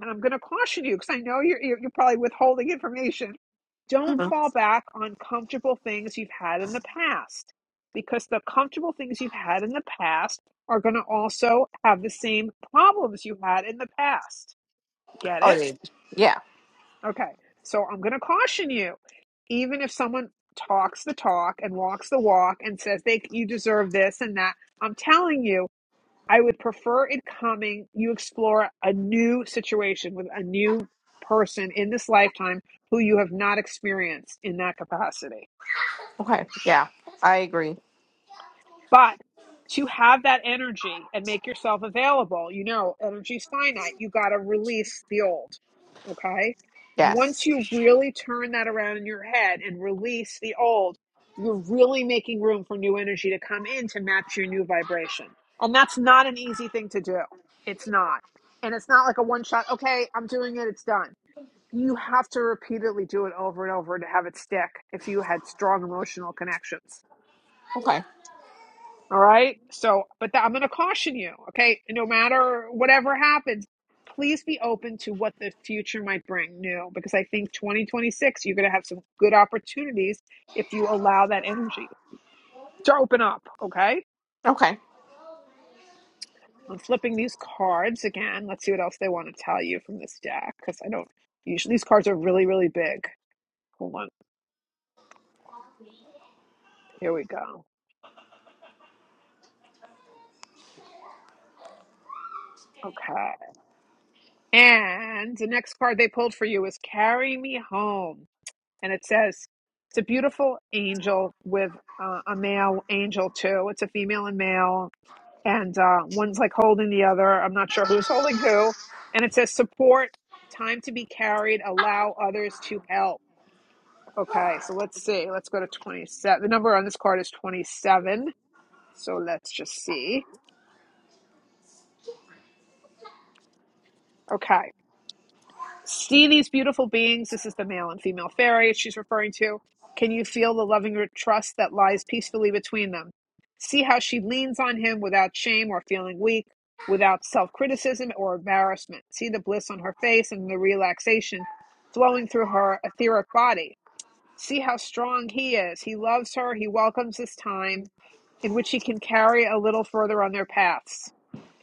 Speaker 1: and I'm going to caution you because I know you're, you're, you're probably withholding information. Don't
Speaker 7: Mhm.
Speaker 1: fall back on comfortable things you've had in the past because the comfortable things you've had in the past are going to also have the same problems you had in the past. Get
Speaker 7: Oh,
Speaker 1: it?
Speaker 7: yeah. Yeah.
Speaker 1: Okay, so I'm going to caution you. Even if someone talks the talk and walks the walk and says they you deserve this and that, I'm telling you, I would prefer it coming. You explore a new situation with a new person in this lifetime who you have not experienced in that capacity.
Speaker 7: Okay. Yeah. I agree.
Speaker 1: But to have that energy and make yourself available, you know, energy's finite. You got to release the old. Okay.
Speaker 7: Yes.
Speaker 1: Once you really turn that around in your head and release the old, you're really making room for new energy to come in to match your new vibration. And that's not an easy thing to do. It's not. And it's not like a one shot, okay, I'm doing it, it's done. You have to repeatedly do it over and over to have it stick if you had strong emotional connections
Speaker 7: Okay.
Speaker 1: all right. So, but that, I'm going to caution you. Okay. No matter whatever happens, please be open to what the future might bring new because I think 2026, you're going to have some good opportunities if you allow that energy to open up. Okay.
Speaker 7: Okay.
Speaker 1: I'm flipping these cards again. Let's see what else they want to tell you from this deck because I don't usually, these cards are really, really big. Hold on. Here we go. Okay. And the next card they pulled for you is Carry Me Home. and it says it's a beautiful angel with uh, a male angel too. It's a female and male, and uh, one's like holding the other. I'm not sure who's holding who. And it says support, time to be carried, allow others to help. Okay, so let's see. Let's go to 27. The number on this card is 27. So let's just see. Okay. See these beautiful beings. This is the male and female fairy she's referring to. Can you feel the loving trust that lies peacefully between them? See how she leans on him without shame or feeling weak, without self criticism or embarrassment. See the bliss on her face and the relaxation flowing through her etheric body. See how strong he is. He loves her. He welcomes this time and which he can carry a little further on their paths.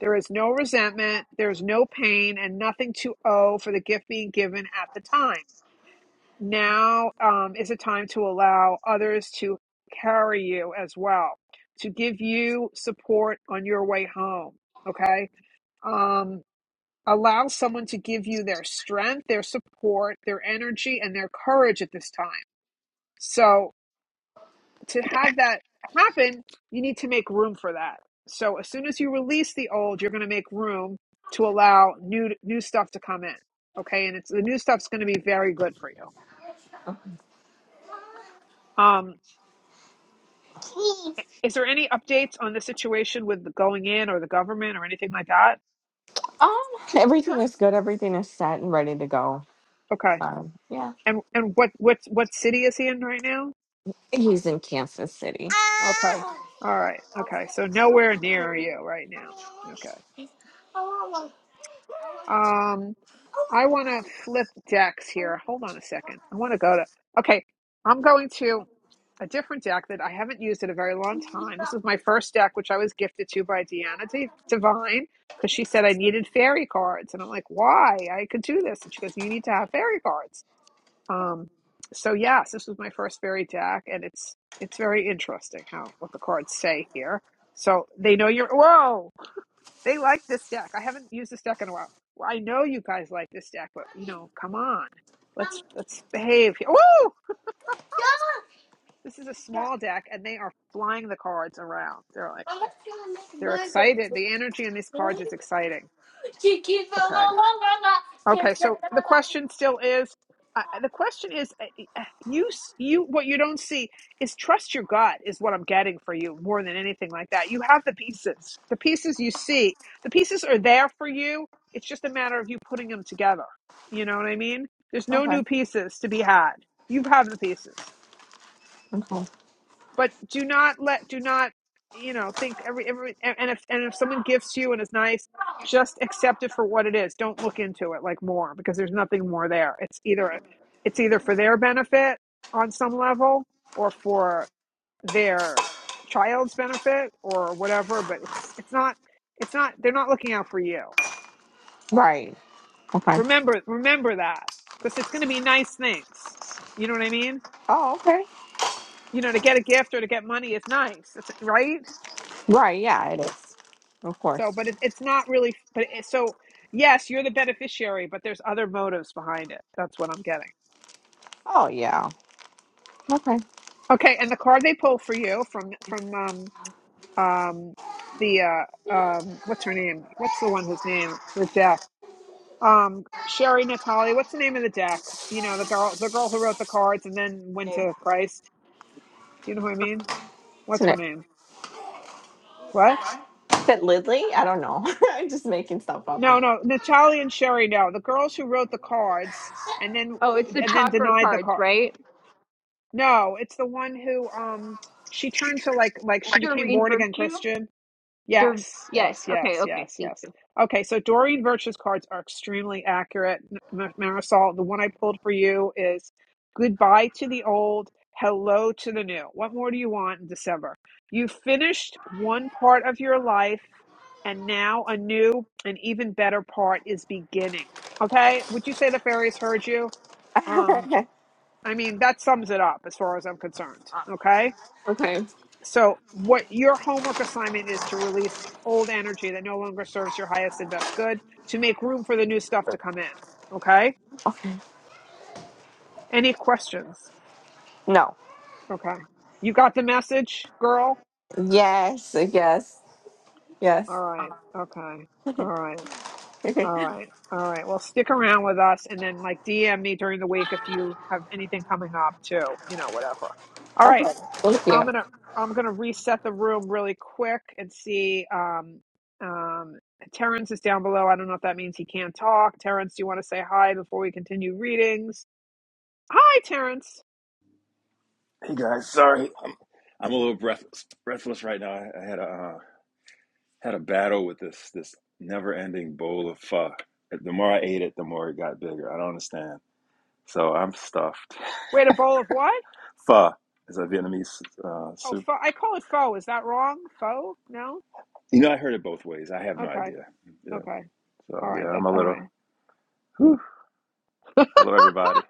Speaker 1: There is no resentment, there is no pain, and nothing to owe for the gift being given at the time. Now um, is a time to allow others to carry you as well, to give you support on your way home. Okay. Um, allow someone to give you their strength, their support, their energy, and their courage at this time. So to have that happen, you need to make room for that. So as soon as you release the old, you're going to make room to allow new new stuff to come in. Okay, and it's the new stuff's going to be very good for you. Um, is there any updates on the situation with the going in or the government or anything like that?
Speaker 7: Um, everything is good. Everything is set and ready to go.
Speaker 1: Okay,
Speaker 7: So yeah,
Speaker 1: and and what what what city is he in right now?
Speaker 7: he's in Kansas City.
Speaker 1: Okay, all right, okay, so nowhere near you right now. Okay. um. I want to flip decks here. Hold on a second. I want to go to, okay, I'm going to a different deck that I haven't used in a very long time. This is my first deck, which I was gifted to by Deanna D- Divine because she said I needed fairy cards. And I'm like, why? I could do this. And she goes, you need to have fairy cards. Um, so yes, this was my first fairy deck and it's, it's very interesting how, what the cards say here. So they know you're, whoa, they like this deck. I haven't used this deck in a while. Well, I know you guys like this deck, but you know, come on. Let's let's behave. here. Woo! This is a small deck and they are flying the cards around. They're like they're excited. The energy in these cards is exciting. Okay. Okay, so the question still is, uh, uh, the question is, uh, uh, you s- you what you don't see is trust your gut is what I'm getting for you more than anything like that. You have the pieces, the pieces you see, the pieces are there for you. It's just a matter of you putting them together. You know what I mean? There's no
Speaker 7: Okay.
Speaker 1: new pieces to be had. You have the pieces
Speaker 7: Okay.
Speaker 1: but do not let do not you know think every every and if and if someone gifts you and is nice just accept it for what it is don't look into it like more because there's nothing more there it's either it's either for their benefit on some level or for their child's benefit or whatever but it's it's not it's not they're not looking out for you
Speaker 7: Right. Okay.
Speaker 1: remember remember that because it's going to be nice things you know what i mean
Speaker 7: Oh, okay.
Speaker 1: you know to get a gift or to get money is nice it's right
Speaker 7: Right, yeah, it is. Of course.
Speaker 1: So, but it, it's not really. But it, so, yes, you're the beneficiary, but there's other motives behind it. That's what I'm getting.
Speaker 7: Oh yeah. Okay.
Speaker 1: Okay, and the card they pull for you from from um um the uh um what's her name? What's the one whose name the deck? Um, Sherry Natali? What's the name of the deck? You know, the girl the girl who wrote the cards and then went
Speaker 4: Same.
Speaker 1: to Christ. Do you know who I mean? What's
Speaker 7: Isn't
Speaker 1: her
Speaker 7: it?
Speaker 1: name? What?
Speaker 7: Is it Lidley? I don't know. I'm just making stuff up
Speaker 1: No, no, Natali and Sherry. No, the girls who wrote the cards and then
Speaker 4: Oh,
Speaker 1: uh,
Speaker 4: it's the
Speaker 1: and then
Speaker 4: chakra
Speaker 1: denied the
Speaker 4: cards,
Speaker 1: card.
Speaker 4: right?
Speaker 1: No, it's the one who um she turned to like like she became
Speaker 4: Doreen
Speaker 1: born again
Speaker 4: Virtue?
Speaker 1: Christian.
Speaker 4: Dur-
Speaker 1: Yes, yes,
Speaker 4: yes. Okay,
Speaker 1: yes,
Speaker 4: okay.
Speaker 1: yes,
Speaker 4: Thank
Speaker 1: yes.
Speaker 4: you.
Speaker 1: Okay, so Doreen Virtue's cards are extremely accurate. M- Marisol, the one I pulled for you is goodbye to the old, hello to the new. What more do you want in December? You finished one part of your life and now a new and even better part is beginning. Okay? Would you say the fairies heard you?
Speaker 7: now.
Speaker 1: Um. I mean, that sums it up as far as I'm concerned. Okay.
Speaker 7: okay.
Speaker 1: So, what your homework assignment is to release old energy that no longer serves your highest and best good to make room for the new stuff to come in. Okay.
Speaker 7: Okay.
Speaker 1: Any questions?
Speaker 7: No.
Speaker 1: Okay. You got the message, girl?
Speaker 7: Yes, yes, yes.
Speaker 1: All right. Okay. All right.
Speaker 7: okay.
Speaker 1: All right. All right. Well, stick around with us and then like DM me during the week if you have anything coming up too, you know, whatever. All right.
Speaker 7: Thank you.
Speaker 1: I'm gonna I'm gonna reset the room really quick and see. Um, um, Terrence is down below. I don't know if that means he can't talk. Terrence, do you want to say hi before we continue readings? Hi, Terrence.
Speaker 9: Hey guys, sorry, I'm, I'm a little breathless, breathless right now. I, I had a uh, had a battle with this this never ending bowl of pho. The more I ate it, the more it got bigger. I don't understand. So I'm stuffed.
Speaker 1: Wait, a bowl of what?
Speaker 9: Pho is a Vietnamese uh,
Speaker 1: Oh,
Speaker 9: soup.
Speaker 1: pho- I call it faux. Is that wrong? Faux? No.
Speaker 9: You know, I heard it both ways. I have no
Speaker 1: Okay.
Speaker 9: idea. Yeah.
Speaker 1: Okay.
Speaker 9: So
Speaker 1: All right.
Speaker 9: yeah,
Speaker 1: That's
Speaker 9: I'm a
Speaker 1: all
Speaker 9: little.
Speaker 1: right.
Speaker 9: Whew. Hello, everybody.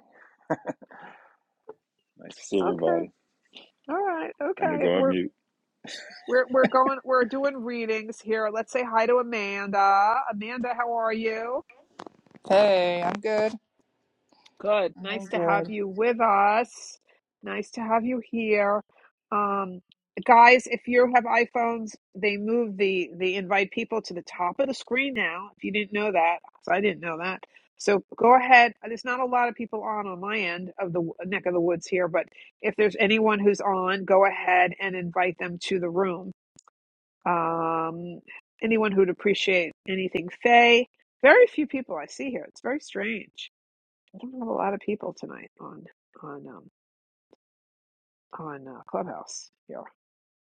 Speaker 9: Nice to see
Speaker 1: Okay.
Speaker 9: everybody.
Speaker 1: All right.
Speaker 9: I'm gonna
Speaker 1: Okay.
Speaker 9: go on
Speaker 1: We're
Speaker 9: mute.
Speaker 1: we're we're going. We're doing readings here. Let's say hi to Amanda. Amanda, how are you?
Speaker 10: Hey, I'm good.
Speaker 1: Good.
Speaker 10: I'm
Speaker 1: Nice to have
Speaker 10: good.
Speaker 1: you with us. Nice to have you here. Um, guys, if you have iPhones, they move the the invite people to the top of the screen now. If you didn't know that, 'cause I didn't know that. So go ahead. There's not a lot of people on on my end of the neck of the woods here, but if there's anyone who's on, go ahead and invite them to the room. Um, anyone who'd appreciate anything, Faye. Very few people I see here. It's very strange. I don't have a lot of people tonight on on um on uh, Clubhouse here,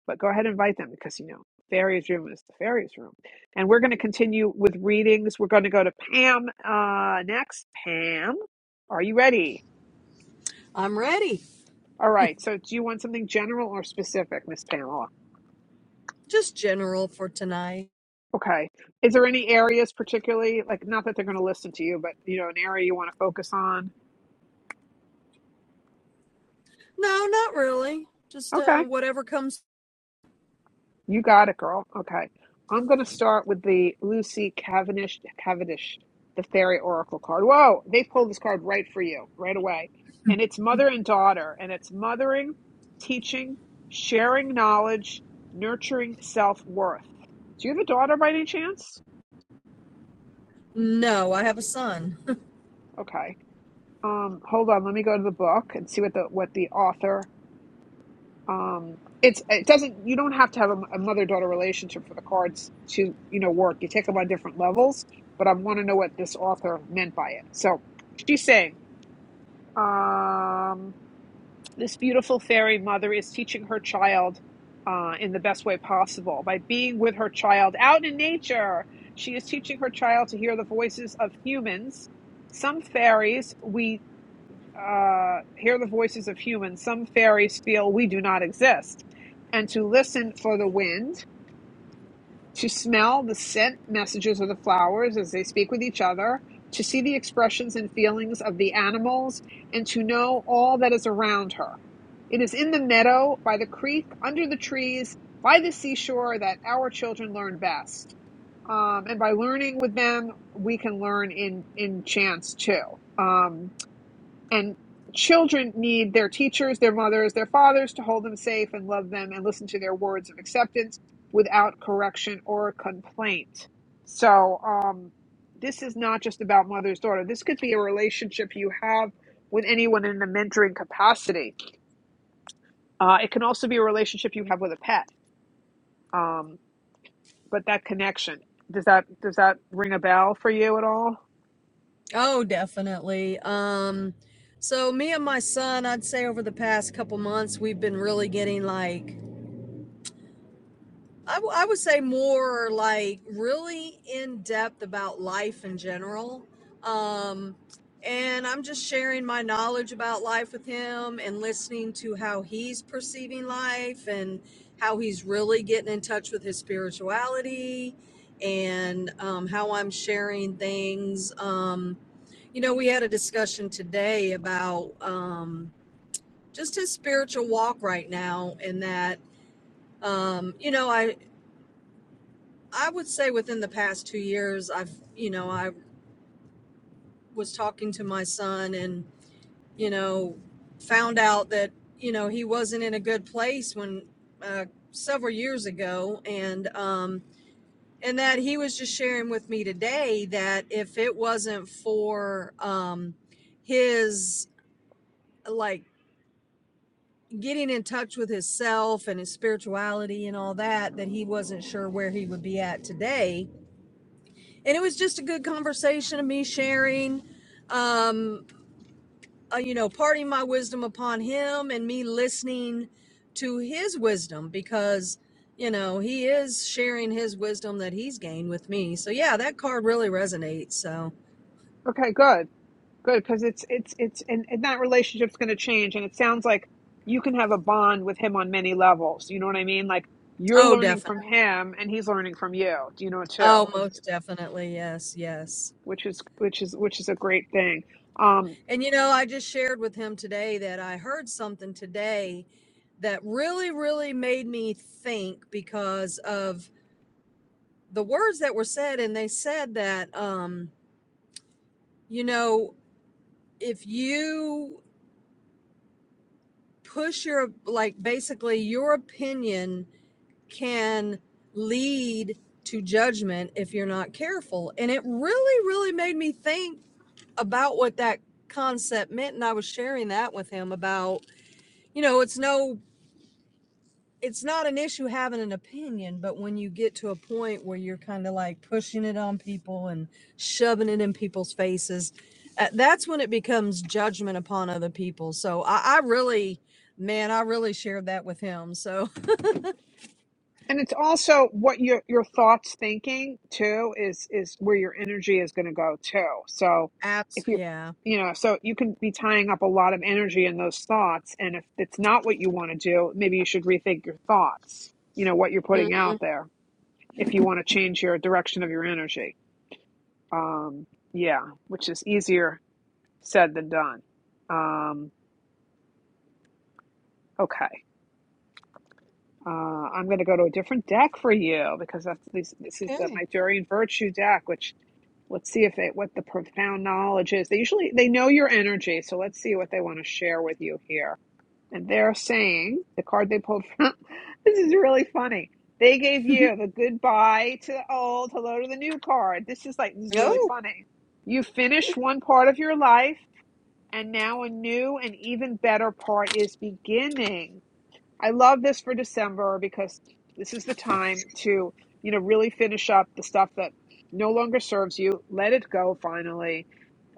Speaker 1: but go ahead and invite them because you know Fairy's room is the Fairy's room, and we're going to continue with readings. We're going to go to Pam uh next. Pam, are you ready?
Speaker 8: I'm ready.
Speaker 1: All right. So, do you want something general or specific, Miss Pamela?
Speaker 8: Just general for tonight.
Speaker 1: Okay. Is there any areas particularly like not that they're going to listen to you, but you know an area you want to focus on?
Speaker 8: No, not really. Just
Speaker 1: Okay.
Speaker 8: uh, whatever comes.
Speaker 1: You got it, girl. Okay. I'm going to start with the Lucy Cavendish, Cavendish, the Fairy Oracle card. Whoa, they pulled this card right for you, right away. And it's mother and daughter, and it's mothering, teaching, sharing knowledge, nurturing self worth. Do you have a daughter by any chance?
Speaker 8: No, I have a son.
Speaker 1: Okay. Um, hold on. Let me go to the book and see what the what the author um it's it doesn't you don't have to have a, a mother daughter relationship for the cards to you know work you take them on different levels but i want to know what this author meant by it so she's saying um this beautiful fairy mother is teaching her child uh, in the best way possible by being with her child out in nature she is teaching her child to hear the voices of humans some fairies we uh, hear the voices of humans. Some fairies feel we do not exist. And to listen for the wind, to smell the scent messages of the flowers as they speak with each other, to see the expressions and feelings of the animals, and to know all that is around her. It is in the meadow, by the creek, under the trees, by the seashore that our children learn best. Um, and by learning with them, we can learn in, in chance too. Um, and children need their teachers, their mothers, their fathers to hold them safe and love them and listen to their words of acceptance without correction or complaint. So, um, this is not just about mother's daughter. This could be a relationship you have with anyone in a mentoring capacity. Uh, it can also be a relationship you have with a pet. Um, but that connection does that does that ring a bell for you at all?
Speaker 8: Oh, definitely. Um, so me and my son, I'd say over the past couple months, we've been really getting like I, w- I would say more like really in depth about life in general. Um, and I'm just sharing my knowledge about life with him and listening to how he's perceiving life and how he's really getting in touch with his spirituality and um, how I'm sharing things. Um, you know, we had a discussion today about um, just his spiritual walk right now, and that um, you know, I I would say within the past two years, I've, you know, I was talking to my son and, you know, found out that, you know, he wasn't in a good place when uh, several years ago. And, um, and that he was just sharing with me today that if it wasn't for um, his, like, getting in touch with himself and his spirituality and all that, that he wasn't sure where he would be at today and it was just a good conversation of me sharing um uh, you know parting my wisdom upon him and me listening to his wisdom because you know he is sharing his wisdom that he's gained with me so yeah that card really resonates so
Speaker 1: Okay, good. Good, because it's it's it's and, and that relationship's going to change. And it sounds like you can have a bond with him on many levels. You know what I mean? Like you're
Speaker 8: oh
Speaker 1: learning
Speaker 8: definitely
Speaker 1: from him, and he's learning from you. You know
Speaker 8: oh
Speaker 1: too,
Speaker 8: most definitely yes yes
Speaker 1: which is which is which is a great thing. Um,
Speaker 8: and you know i just shared with him today that i heard something today that really really made me think because of the words that were said and they said that um you know if you push your like basically your opinion can lead to judgment if you're not careful and it really really made me think about what that concept meant and I was sharing that with him about you know it's no it's not an issue having an opinion, but when you get to a point where you're kind of like pushing it on people and shoving it in people's faces, uh, that's when it becomes judgment upon other people. So I, I really, man, I really shared that with him. So,
Speaker 1: And it's also what your your thoughts thinking too is is where your energy is going to go too. So
Speaker 8: abs-
Speaker 1: if you
Speaker 8: yeah.
Speaker 1: you know, so you can be tying up a lot of energy in those thoughts and if it's not what you want to do, maybe you should rethink your thoughts. You know what you're putting out there if you want to change your direction of your energy. Um yeah, which is easier said than done. Um okay. Uh, I'm going to go to a different deck for you because that's this, this is the
Speaker 8: Okay.
Speaker 1: my Durian Virtue deck, which let's see if it what the profound knowledge is they usually they know your energy so let's see what they want to share with you here and they're saying the card they pulled from this is really funny they gave you the goodbye to the old hello to the new card this is like this is really
Speaker 8: Oh,
Speaker 1: funny you finished one part of your life and now a new and even better part is beginning I love this for December because this is the time to, you know, really finish up the stuff that no longer serves you. Let it go finally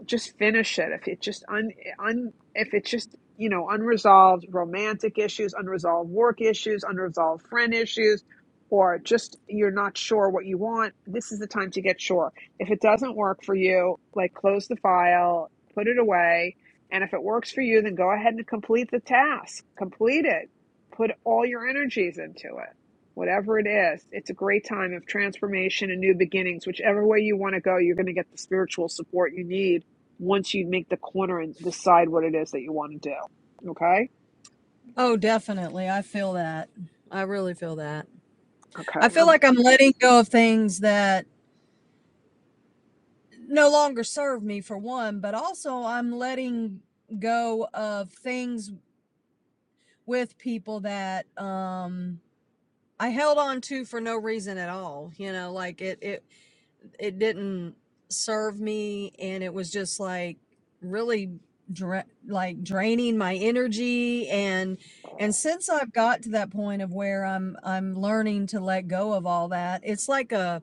Speaker 1: just finish it if it just un, un if it's just you know unresolved romantic issues unresolved work issues unresolved friend issues or just you're not sure what you want this is the time to get sure if it doesn't work for you like close the file put it away and if it works for you then go ahead and complete the task complete it put all your energies into it whatever it is it's a great time of transformation and new beginnings whichever way you want to go you're going to get the spiritual support you need once you make the corner and decide what it is that you want to do. Okay.
Speaker 8: Oh, definitely. I feel that. I really feel that.
Speaker 1: Okay.
Speaker 8: I feel
Speaker 1: Um,
Speaker 8: like I'm letting go of things that no longer serve me for one, but also I'm letting go of things with people that um I held on to for no reason at all. You know, like it it it didn't serve me and it was just like really dra- like draining my energy and and since I've got to that point of where I'm I'm learning to let go of all that, it's like a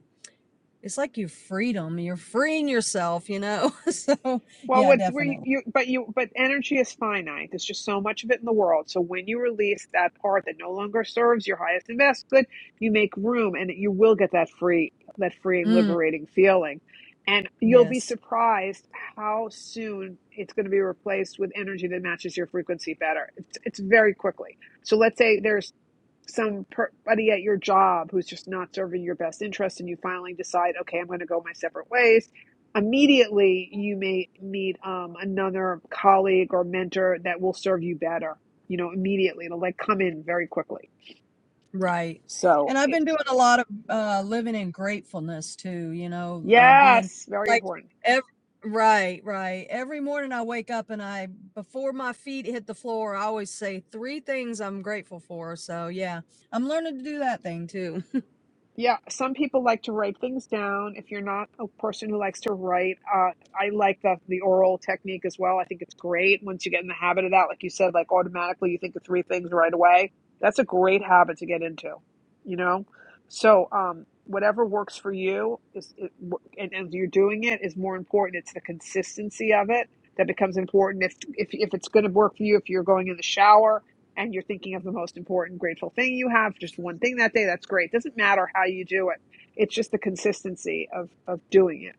Speaker 8: it's like you freedom. You're freeing yourself, you know. so
Speaker 1: well,
Speaker 8: yeah,
Speaker 1: what were you,
Speaker 8: definitely.
Speaker 1: you? But you. But energy is finite. There's just so much of it in the world. So when you release that part that no longer serves your highest and best good, you make room, and you will get that free, that freeing,
Speaker 8: Mm,
Speaker 1: liberating feeling. And you'll be
Speaker 8: yes.
Speaker 1: surprised how soon it's going to be replaced with energy that matches your frequency better. It's, it's very quickly. So let's say there's somebody at your job who's just not serving your best interest and you finally decide okay i'm going to go my separate ways immediately you may meet um, another colleague or mentor that will serve you better you know immediately it'll like come in very quickly
Speaker 8: Right.
Speaker 1: so
Speaker 8: And I've
Speaker 1: it,
Speaker 8: been doing a lot of uh, living in gratefulness too, you know, uh, being
Speaker 1: yes very
Speaker 8: like,
Speaker 1: important
Speaker 8: ev- right, right. Every morning I wake up and I, before my feet hit the floor, I always say three things I'm grateful for. So yeah, I'm learning to do that thing too.
Speaker 1: Yeah, some people like to write things down. If you're not a person who likes to write, uh, I like the the oral technique as well. I think it's great once you get in the habit of that. Like you said, like automatically you think of three things right away. That's a great habit to get into, you know? So, um, whatever works for you is, it, wo- and, and you're doing it is more important. It's the consistency of it that becomes important. If if if it's going to work for you, if you're going in the shower, and you're thinking of the most important grateful thing you have, just one thing that day, that's great. It Doesn't matter how you do it. It's just the consistency of of doing it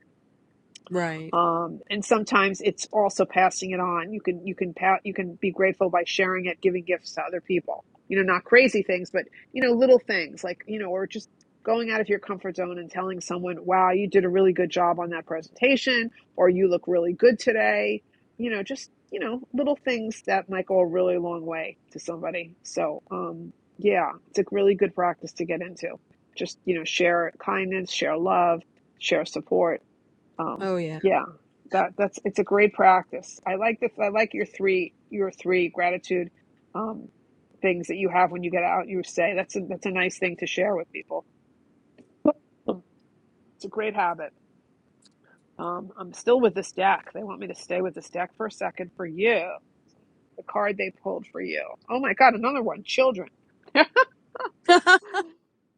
Speaker 8: Right.
Speaker 1: um, and sometimes it's also passing it on you can you can pa- you can be grateful by sharing it giving gifts to other people you know not crazy things but you know little things like you know or just going out of your comfort zone and telling someone wow you did a really good job on that presentation or you look really good today you know just you know little things that might go a really long way to somebody so um yeah it's a really good practice to get into just you know share kindness share love share support um
Speaker 8: Oh, yeah.
Speaker 1: yeah that that's it's a great practice i like the i like your three your three gratitude um things that you have when you get out you say that's a that's a nice thing to share with people Um, it's a great habit um i'm still with this deck they want me to stay with this deck for a second for you the card they pulled for you oh my god another one children
Speaker 8: Uh,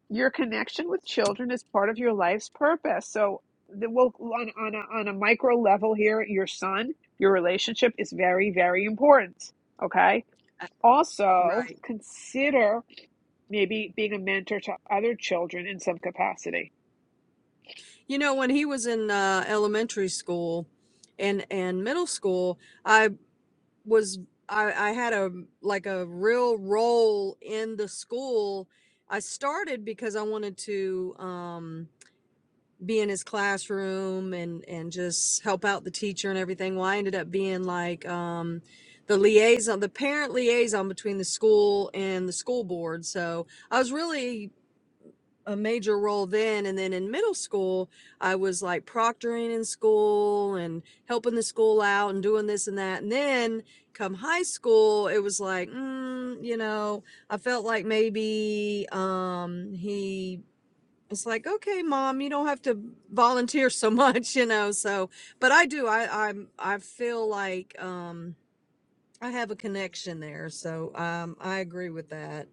Speaker 1: your connection with children is part of your life's purpose. So the, well, on, on, a, on a micro level here, your son, your relationship is very, very important. Okay. Also
Speaker 8: Right.
Speaker 1: consider maybe being a mentor to other children in some capacity.
Speaker 8: You know, when he was in uh, elementary school and and middle school, I was I, I had a like a real role in the school. I started because I wanted to um, be in his classroom and and just help out the teacher and everything. Well, I ended up being like um, the liaison, the parent liaison between the school and the school board. So I was really a major role then and then in middle school i was like proctoring in school and helping the school out and doing this and that and then come high school it was like mm, you know i felt like maybe um he it's like okay mom you don't have to volunteer so much you know so but i do i i i feel like um i have a connection there so um i agree with that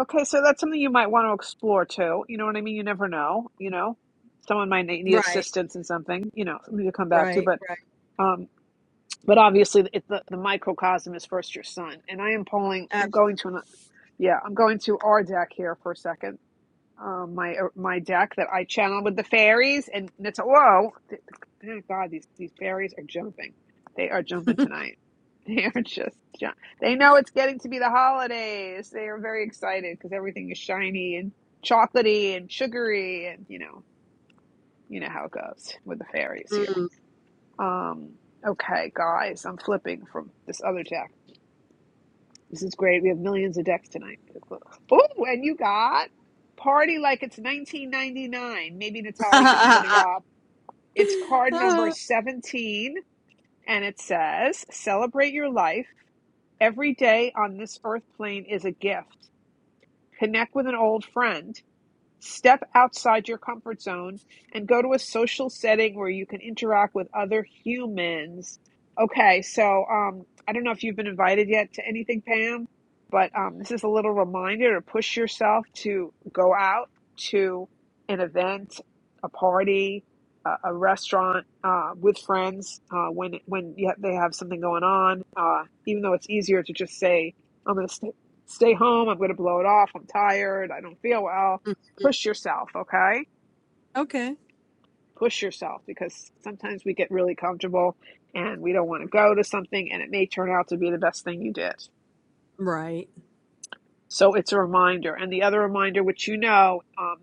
Speaker 1: Okay. So that's something you might want to explore too. You know what I mean? You never know, you know, someone might need need
Speaker 8: right
Speaker 1: assistance in something, you know, something to come back to,
Speaker 8: right
Speaker 1: but, um, But obviously, it, the, the microcosm is first your son. And I am pulling, I'm
Speaker 8: right
Speaker 1: going to an, yeah, I'm going to our deck here for a second. Um, my uh, my deck that I channel with the fairies and it's whoa! Thank God these these fairies are jumping. They are jumping tonight. They are just jump. They know it's getting to be the holidays. They are very excited because everything is shiny and chocolatey and sugary and you know you know how it goes with the fairies here.
Speaker 8: absolutely
Speaker 1: Um, okay, guys, I'm flipping from this other deck. This is great. We have millions of decks tonight. Oh, and you got Party Like It's 1999. Maybe Natalie could put it up. It's card number
Speaker 8: Ah,
Speaker 1: 17, and it says Celebrate your life. Every day on this earth plane is a gift. Connect with an old friend. Step outside your comfort zone and go to a social setting where you can interact with other humans. Okay, so um, I don't know if you've been invited yet to anything, Pam, but um, this is a little reminder to push yourself to go out to an event, a party, a, a restaurant uh, with friends uh, when when you ha- they have something going on. Uh, even though it's easier to just say, "I'm going to stay, stay home. I'm going to blow it off. I'm tired. I don't feel well." push yourself, okay?
Speaker 8: okay.
Speaker 1: Push yourself because sometimes we get really comfortable and we don't want to go to something and it may turn out to be the best thing you did.
Speaker 8: Right.
Speaker 1: So it's a reminder. And the other reminder, which you know, um,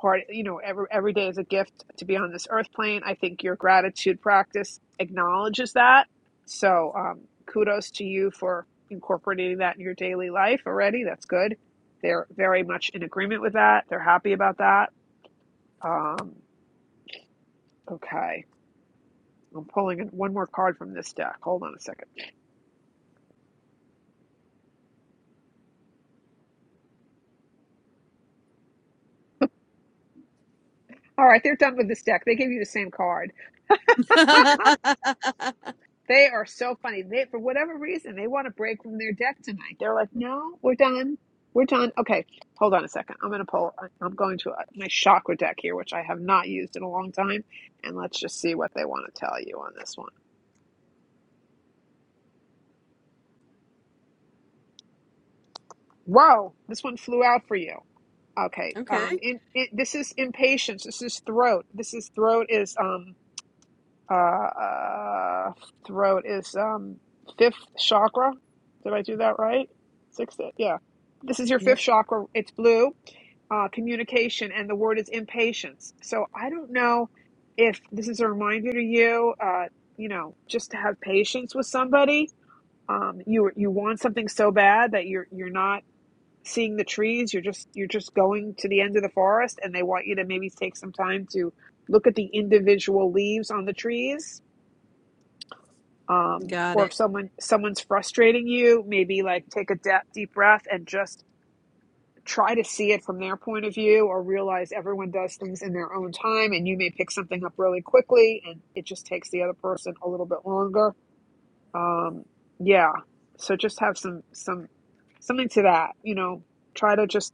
Speaker 1: part, you know, every, every day is a gift to be on this earth plane. I think your gratitude practice acknowledges that. So um, kudos to you for incorporating that in your daily life already. That's good. They're very much in agreement with that. They're happy about that. Um, okay. I'm pulling in one more card from this deck. Hold on a second. All right, they're done with this deck. They gave you the same card. They are so funny. They, for whatever reason, they want to break from their deck tonight. They're like, no, we're done. We're done. Okay, hold on a second. I'm going to pull, I'm going to uh, my chakra deck here, which I have not used in a long time. And let's just see what they want to tell you on this one. Whoa, this one flew out for you. Okay,
Speaker 8: okay.
Speaker 1: um, in, in, this is impatience. This is throat. This is throat is um uh, uh throat is um fifth chakra. Did I do that right? Sixth, yeah. This is your fifth
Speaker 8: Yep.
Speaker 1: chakra. It's blue. Uh, communication, and the word is impatience. So I don't know if this is a reminder to you. Uh, you know, just to have patience with somebody. Um, you you want something so bad that you're you're not seeing the trees. You're just you're just going to the end of the forest, and they want you to maybe take some time to look at the individual leaves on the trees um,
Speaker 8: Got
Speaker 1: or
Speaker 8: it.
Speaker 1: if someone someone's frustrating you, maybe like take a de- deep breath and just try to see it from their point of view, or realize everyone does things in their own time, and you may pick something up really quickly, and it just takes the other person a little bit longer. Um, yeah, so just have some some something to that, you know. Try to just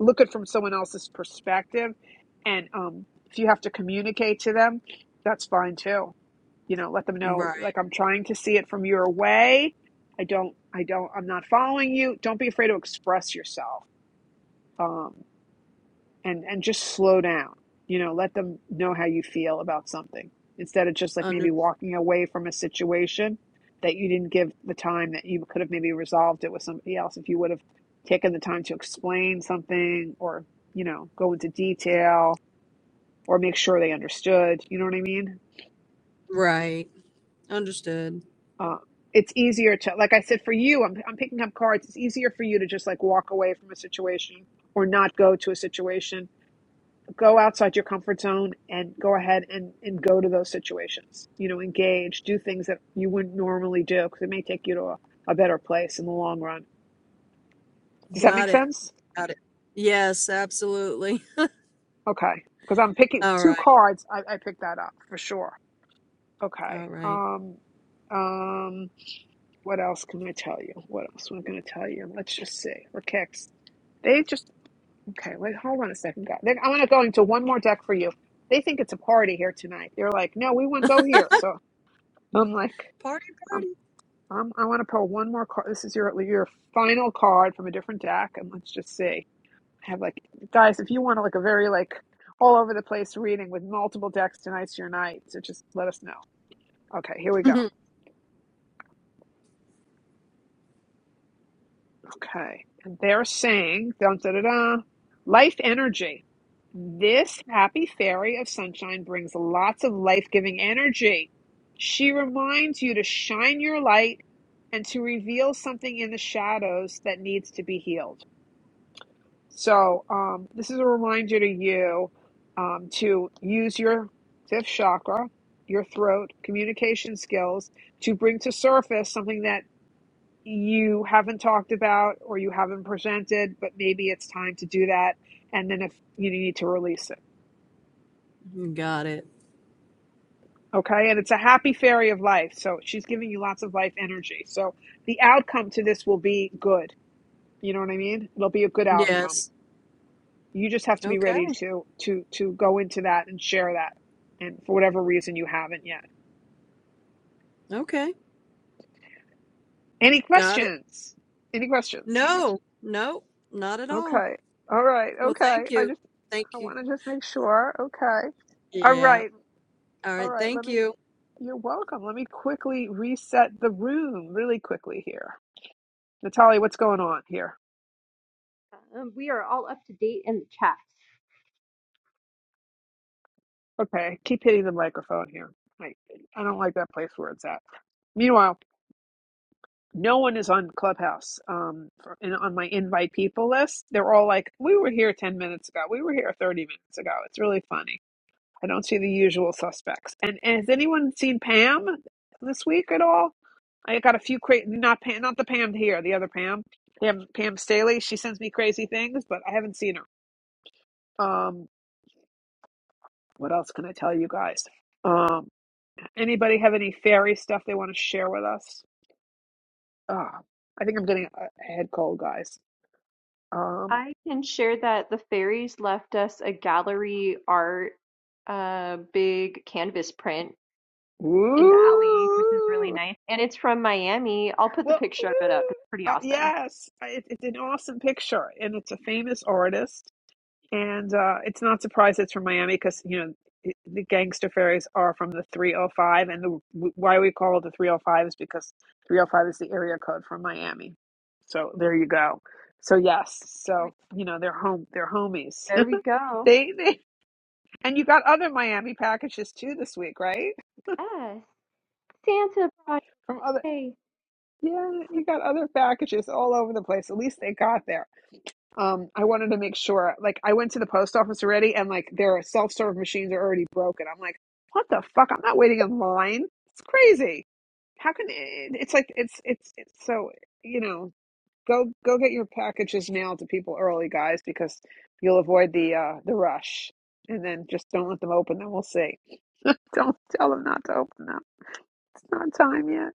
Speaker 1: look at it from someone else's perspective, and um, if you have to communicate to them, that's fine too you know let them know
Speaker 8: Right.
Speaker 1: like i'm trying to see it from your way i don't i don't i'm not following you don't be afraid to express yourself um and and just slow down you know let them know how you feel about something instead of just like
Speaker 8: Under-
Speaker 1: maybe walking away from a situation that you didn't give the time that you could have maybe resolved it with somebody else if you would have taken the time to explain something or you know go into detail or make sure they understood you know what i mean
Speaker 8: right. Understood.
Speaker 1: um, it's easier to like i said for you I'm, I'm picking up cards it's easier for you to just like walk away from a situation or not go to a situation go outside your comfort zone and go ahead and and go to those situations you know engage do things that you wouldn't normally do because it may take you to a, a better place in the long run does that make
Speaker 8: Got it.
Speaker 1: sense
Speaker 8: Got it. Yes, absolutely.
Speaker 1: okay because i'm picking
Speaker 8: All
Speaker 1: two
Speaker 8: right.
Speaker 1: cards I, I picked that up for sure okay
Speaker 8: All right.
Speaker 1: um um What else can I tell you? What else am I going to tell you? Let's just see. For kicks, they just okay. Wait, hold on a second, guys. Then I'm going to go into one more deck for you. They think it's a party here tonight. They're like, no, we won't go here. So I'm like,
Speaker 8: Party,
Speaker 1: I'm, I'm, I want to pull one more card. This is your your final card from a different deck, and let's just see. I have like, guys, if you want to like a very like all over the place reading with multiple decks tonight's your night. So just let us know. Okay, here we go.
Speaker 8: party.
Speaker 1: Okay. And they're saying, dun, da, da, da, life energy. This happy fairy of sunshine brings lots of life giving energy. She reminds you to shine your light and to reveal something in the shadows that needs to be healed. So, um, this is a reminder to you um, to use your fifth chakra, your throat, communication skills to bring to surface something that you haven't talked about or you haven't presented, but maybe it's time to do that. And then if you need to release it.
Speaker 8: Got it.
Speaker 1: Okay. And it's a happy fairy of life. So she's giving you lots of life energy. So the outcome to this will be good. You know what I mean? It'll be a good outcome.
Speaker 8: Yes.
Speaker 1: You just have to be
Speaker 8: Okay.
Speaker 1: ready to to to go into that and share that. And for whatever reason you haven't yet.
Speaker 8: Okay.
Speaker 1: Any
Speaker 8: Got it.
Speaker 1: questions? Any questions?
Speaker 8: No, no, not at all.
Speaker 1: Okay. All right.
Speaker 8: Well,
Speaker 1: Okay.
Speaker 8: thank
Speaker 1: I
Speaker 8: you.
Speaker 1: just I
Speaker 8: Thank you.
Speaker 1: want to just make sure. Okay. All right.
Speaker 8: Yeah. All
Speaker 1: All
Speaker 8: right.
Speaker 1: right, let
Speaker 8: Thank
Speaker 1: me,
Speaker 8: you.
Speaker 1: you're welcome. Let me quickly reset the room really quickly here. Natalia, what's going on here?
Speaker 4: Um, we are all up to date in the chat.
Speaker 1: Okay, keep hitting the microphone here. I, I don't like that place where it's at. Meanwhile, no one is on Clubhouse um, for, in, on my invite people list. They're all like, we were here 10 minutes ago. We were here 30 minutes ago. It's really funny. I don't see the usual suspects. And, and has anyone seen Pam this week at all? I got a few crazy, not Pam, not the Pam here, the other Pam, Pam, Pam Staley. She sends me crazy things, but I haven't seen her. Um, what else can I tell you guys? Um, anybody have any fairy stuff they want to share with us? Ah, I think I'm getting a a head cold, guys. Um,
Speaker 4: I can share that the fairies left us a gallery art, uh, big canvas print in the alley, which is really
Speaker 1: ooh,
Speaker 4: nice. And it's from Miami. I'll put the
Speaker 1: well,
Speaker 4: picture of it up.
Speaker 1: ooh,
Speaker 4: It's pretty
Speaker 1: uh,
Speaker 4: awesome.
Speaker 1: yes, it, it's an awesome picture, and it's a famous artist And uh, it's not surprised it's from Miami because, you know, it- the gangster ferries are from the 305. And the why we call it the 305 is because 305 is the area code from Miami. So there you go. So yes, so you know they're home, they're homies.
Speaker 4: There we go.
Speaker 1: they, they and you got other Miami packages too this week, right?
Speaker 4: Yes. Santa brought
Speaker 1: From other,
Speaker 4: it.
Speaker 1: yeah, you got other packages all over the place. At least they got there. Um, I wanted to make sure, like, I went to the post office already and, like, their self serve machines are already broken. I'm like, what the fuck? I'm not waiting in line. It's crazy. How can it, it's like, it's, it's, it's so, you know, go, go get your packages mailed to people early, guys, because you'll avoid the, uh, the rush. And then just don't let them open them. We'll see. Don't tell them not to open them not time yet.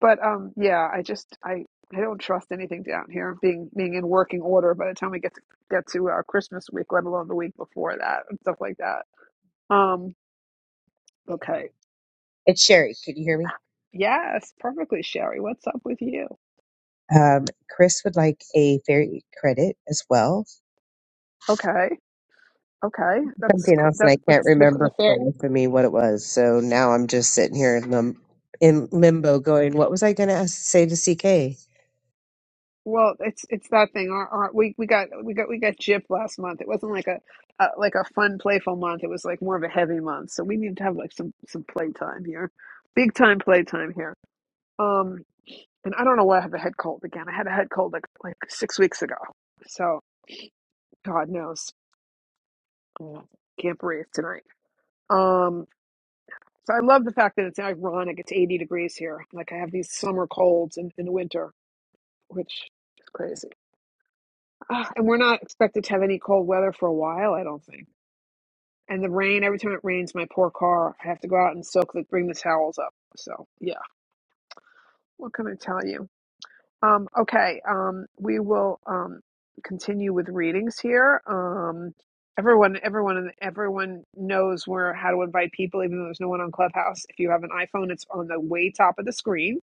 Speaker 1: But um, yeah, I just I I don't trust anything down here being being in working order by the time we get to get to uh, Christmas week, let alone the week before that and stuff like that. Um, okay,
Speaker 5: It's Sherry. Can you hear me?
Speaker 1: yes, perfectly, Sherry. What's up with you?
Speaker 5: Um, Chris would like a fairy credit as well.
Speaker 1: Okay, okay, that's
Speaker 5: Something
Speaker 1: cool.
Speaker 5: else, and
Speaker 1: That,
Speaker 5: I can't
Speaker 1: that's the the
Speaker 5: remember for
Speaker 1: fair.
Speaker 5: the life of me what it was. So now I'm just sitting here in, lim- in limbo, going, "What was I going to say to CK?"
Speaker 1: Well, it's it's that thing. Our, our we we got we got we got gypped last month. It wasn't like a, a like a fun, playful month. It was like more of a heavy month. So we need to have like some some playtime here, big time playtime here. Um, and I don't know why I have a head cold again. I had a head cold like, like six weeks ago. So God knows. Yeah. Can't breathe tonight. Um, so I love the fact that it's ironic. It's 80 degrees here. Like I have these summer colds in, in winter, which is crazy. Ah, and we're not expected to have any cold weather for a while, I don't think. And the rain, every time it rains, my poor car, I have to go out and soak the, bring the towels up. So yeah, what can I tell you? Um, okay, um, we will um, continue with readings here. Um, everyone, everyone, everyone knows where how to invite people, even though there's no one on Clubhouse. If you have an iPhone, it's on the way top of the screen.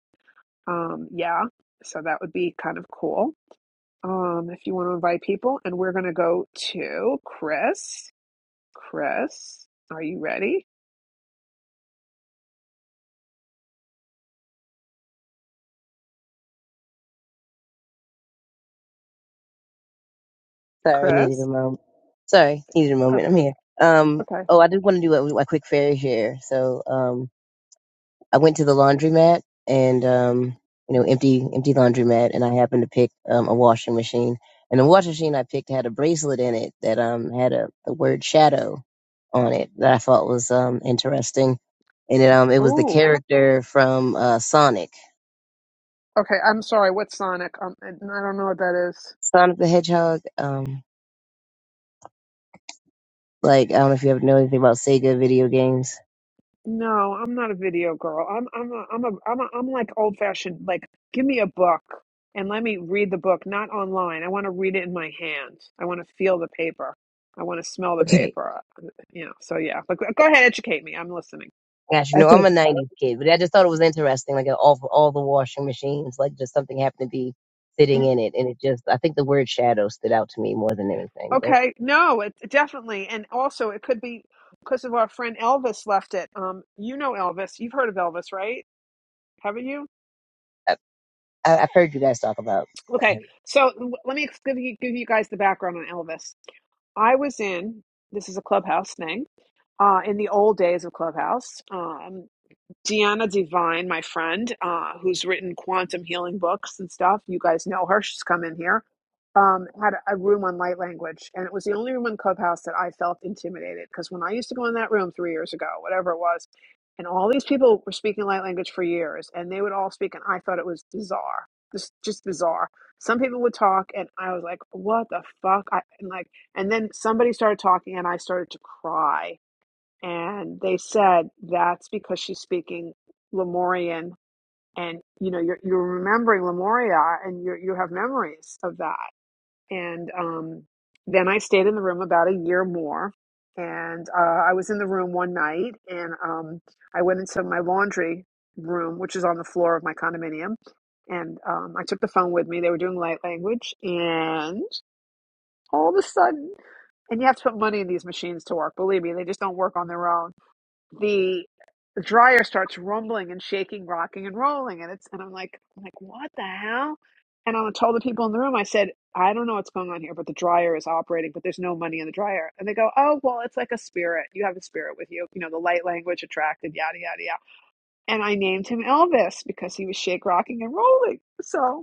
Speaker 1: Um, yeah, so that would be kind of cool um, if you want to invite people. And we're going to go to Chris. Chris, are you ready,
Speaker 3: Sorry, needed a
Speaker 1: Chris?
Speaker 3: moment. Sorry, needed a moment.
Speaker 1: Okay,
Speaker 3: I'm here. Um,
Speaker 1: okay.
Speaker 3: oh, I did want to do a, a quick fair share, so um. I went to the laundromat and um, you know, empty empty laundromat, and I happened to pick um, a washing machine. And the washing machine I picked had a bracelet in it that um had a the word shadow on it that I thought was um interesting. And it, um, it was the
Speaker 1: Ooh,
Speaker 3: character from uh, Sonic,
Speaker 1: okay. I'm sorry. What's Sonic? Um, I don't know what that is.
Speaker 3: Sonic the Hedgehog. Um, like I don't know if you ever know anything about Sega video games
Speaker 1: No, I'm not a video girl. I'm I'm a, I'm a I'm a, I'm like old fashioned. Like, give me a book and let me read the book, not online. I want to read it in my hand. I want to feel the paper. I want to smell the
Speaker 5: Okay.
Speaker 1: paper. uh, You know. So yeah, but go go ahead, educate me. I'm listening.
Speaker 3: Gosh, you know,
Speaker 5: Okay.
Speaker 3: I'm a '90s kid, but I just thought it was interesting, like uh, all all the washing machines, like just something happened to be sitting in it, and it just I think the word shadow stood out to me more than anything. But
Speaker 1: Okay. No, it definitely, and also it could be because of our friend Elvis left it. Um, you know Elvis. You've heard of Elvis, right? Haven't you?
Speaker 3: I, I, I've heard you guys talk about.
Speaker 1: Okay.
Speaker 3: Uh,
Speaker 1: So w- let me give you give you guys the background on Elvis. I was in. This is a clubhouse thing. uh, in the old days of Clubhouse. Um, Deanna Divine, my friend, uh, who's written quantum healing books and stuff. You guys know her. She's come in here. Um, had a room on light language, and it was the only room in Clubhouse that I felt intimidated because when I used to go in that room three years ago, whatever it was, and all these people were speaking light language for years, and they would all speak, and I thought it was bizarre, just just bizarre. Some people would talk, and I was like, "What the fuck?" I, and like, and then somebody started talking, and I started to cry and they said that's because she's speaking Lemurian, and you know you're you're remembering Lemuria, and you you have memories of that. And um, then I stayed in the room about a year more, and uh, I was in the room one night, and um, I went into my laundry room, which is on the floor of my condominium, and um, I took the phone with me. They were doing light language, and all of a sudden, and you have to put money in these machines to work. Believe me, they just don't work on their own the dryer starts rumbling and shaking, rocking and rolling, and it's and I'm like, I'm like, what the hell? And I told the people in the room, I said, I don't know what's going on here, but the dryer is operating, but there's no money in the dryer. And they go, Oh, well, it's like a spirit. You have a spirit with you. You know, the light language attracted, yada yada yada. And I named him Elvis because he was shake, rocking, and rolling. So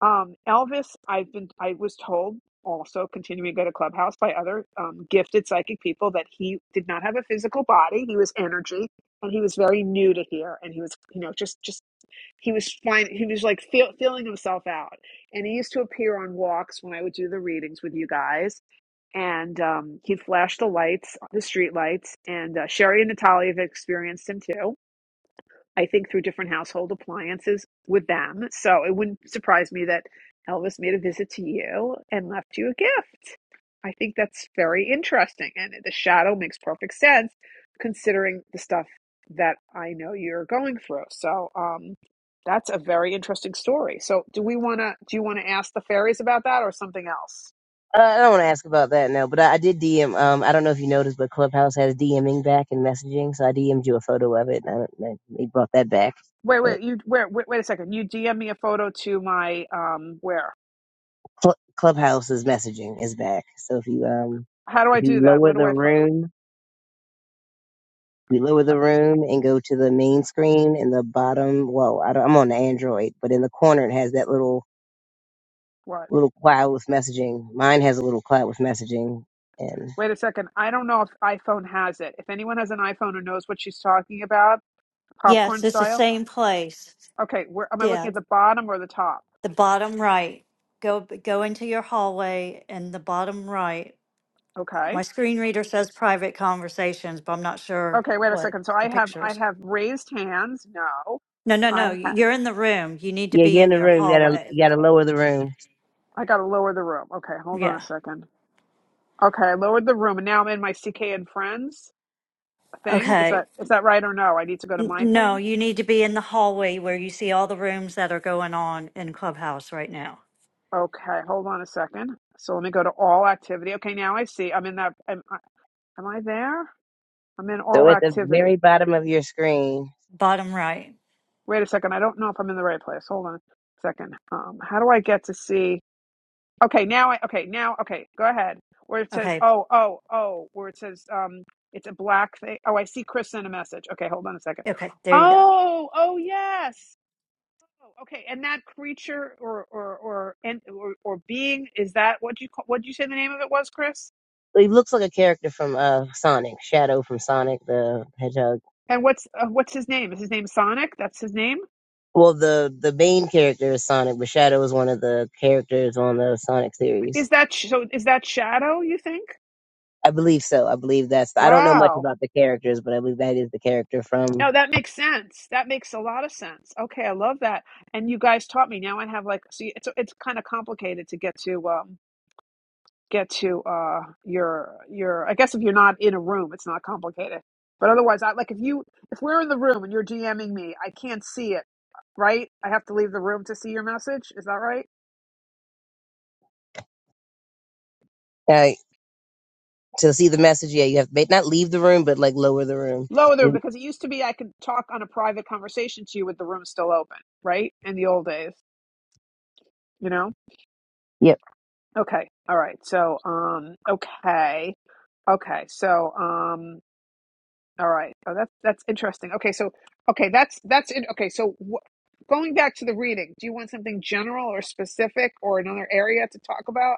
Speaker 1: um, Elvis, I've been I was told also continuing to go to Clubhouse by other um, gifted psychic people that he did not have a physical body. He was energy, and he was very new to here, and he was you know just just he was fine. He was like feel, feeling himself out, and he used to appear on walks when I would do the readings with you guys, and um, he'd flash the lights, the street lights, and uh, Sherry and Natalia have experienced him too I think through different household appliances with them. So it wouldn't surprise me that Elvis made a visit to you and left you a gift. I think that's very interesting. And the shadow makes perfect sense considering the stuff that I know you're going through. So um, that's a very interesting story. So do we want to, do you want to ask the fairies about that or something else?
Speaker 3: I don't want to ask about that now, but I, I did DM. Um, I don't know if you noticed, but Clubhouse has DMing back and messaging, so I DM'd you a photo of it, and I, don't- they they brought that back.
Speaker 1: Wait,
Speaker 3: But
Speaker 1: wait, you, where, wait, wait a second. You DM me a photo to my, um, where?
Speaker 3: Cl- Clubhouse's messaging is back, so if you um
Speaker 1: How do I
Speaker 3: if you
Speaker 1: do that? Where
Speaker 3: lower
Speaker 1: do
Speaker 3: the
Speaker 1: I find,
Speaker 3: room, you lower the room and go to the main screen in the bottom. Well, I don't, I'm on the Android, but in the corner it has that little
Speaker 1: what?
Speaker 3: little cloud with messaging. Mine has a little cloud with messaging, and
Speaker 1: Wait a second. I don't know if iPhone has it. If anyone has an iPhone who knows what she's talking about,
Speaker 2: Yes,
Speaker 1: popcorn
Speaker 2: it's the
Speaker 1: style.
Speaker 2: same place.
Speaker 1: Okay, where am I looking
Speaker 2: Yeah,
Speaker 1: at the bottom or the top?
Speaker 2: the bottom right. Go go into your hallway and the bottom right.
Speaker 1: Okay.
Speaker 2: My screen reader says private conversations, but I'm not sure
Speaker 1: Okay, wait a
Speaker 2: what
Speaker 1: second. So
Speaker 2: the
Speaker 1: I have
Speaker 2: picture
Speaker 1: I
Speaker 2: is.
Speaker 1: have raised hands. No.
Speaker 2: No, no, no.
Speaker 1: I ha-
Speaker 2: You're in the room. You need to
Speaker 3: yeah,
Speaker 2: be
Speaker 3: you're in
Speaker 2: in
Speaker 3: the
Speaker 2: your
Speaker 3: room. You gotta
Speaker 2: hallway.
Speaker 3: you gotta lower the room.
Speaker 1: I got to lower the room. Okay, hold on a
Speaker 2: Yeah.
Speaker 1: second. Okay, I lowered the room and now I'm in my CK and friends thing. Is
Speaker 2: Okay.
Speaker 1: that is that right or no? I need to go to
Speaker 2: N-
Speaker 1: my
Speaker 2: No,
Speaker 1: thing.
Speaker 2: you need to be in the hallway where you see all the rooms that are going on in Clubhouse right now.
Speaker 1: Okay, hold on a second. So let me go to all activity. Okay, now I see. I'm in that am I, am I there? I'm in
Speaker 3: So
Speaker 1: all
Speaker 3: at the
Speaker 1: activity.
Speaker 3: very bottom of your screen,
Speaker 2: Bottom right.
Speaker 1: Wait a second. I don't know if I'm in the right place. Hold on a second. Um, how do I get to see? Okay, now I okay now okay. Go ahead. Where it says
Speaker 2: Okay.
Speaker 1: oh oh oh, where it says um, it's a black thing. Oh, I see. Chris sent a message. Okay, hold on a second.
Speaker 2: Okay. There you go.
Speaker 1: Oh oh yes. Okay, and that creature or or or and or, or being is that what you call, what did you say the name of it was, Chris?
Speaker 3: he looks like a character from uh Sonic, Shadow from Sonic the Hedgehog.
Speaker 1: And what's uh, what's his name? Is his name Sonic? That's his name.
Speaker 3: Well, the the main character is Sonic, but Shadow is one of the characters on the Sonic series.
Speaker 1: Is that sh- so? Is that Shadow? You think?
Speaker 3: I believe so. I believe that's. I don't know much
Speaker 1: Wow.
Speaker 3: about the characters, but I believe that is the character from
Speaker 1: No, that makes sense. That makes a lot of sense. Okay, I love that. And you guys taught me. Now I have like see it's it's kind of complicated to get to um get to uh your your I guess if you're not in a room, it's not complicated. But otherwise, I like if you if we're in the room and you're DMing me, I can't see it, right? I have to leave the room to see your message. Is that right?
Speaker 3: uh, to see the message. Yeah, you have to not leave the room, but like lower the room.
Speaker 1: Lower the room because it used to be I could talk on a private conversation to you with the room still open, right? In the old days, you know?
Speaker 3: Yep.
Speaker 1: Okay. All right. So, um okay. Okay, so um, all right. Oh, that's that's interesting. Okay, so okay, that's that's it. Okay, so wh- going back to the reading, do you want something general or specific or another area to talk about?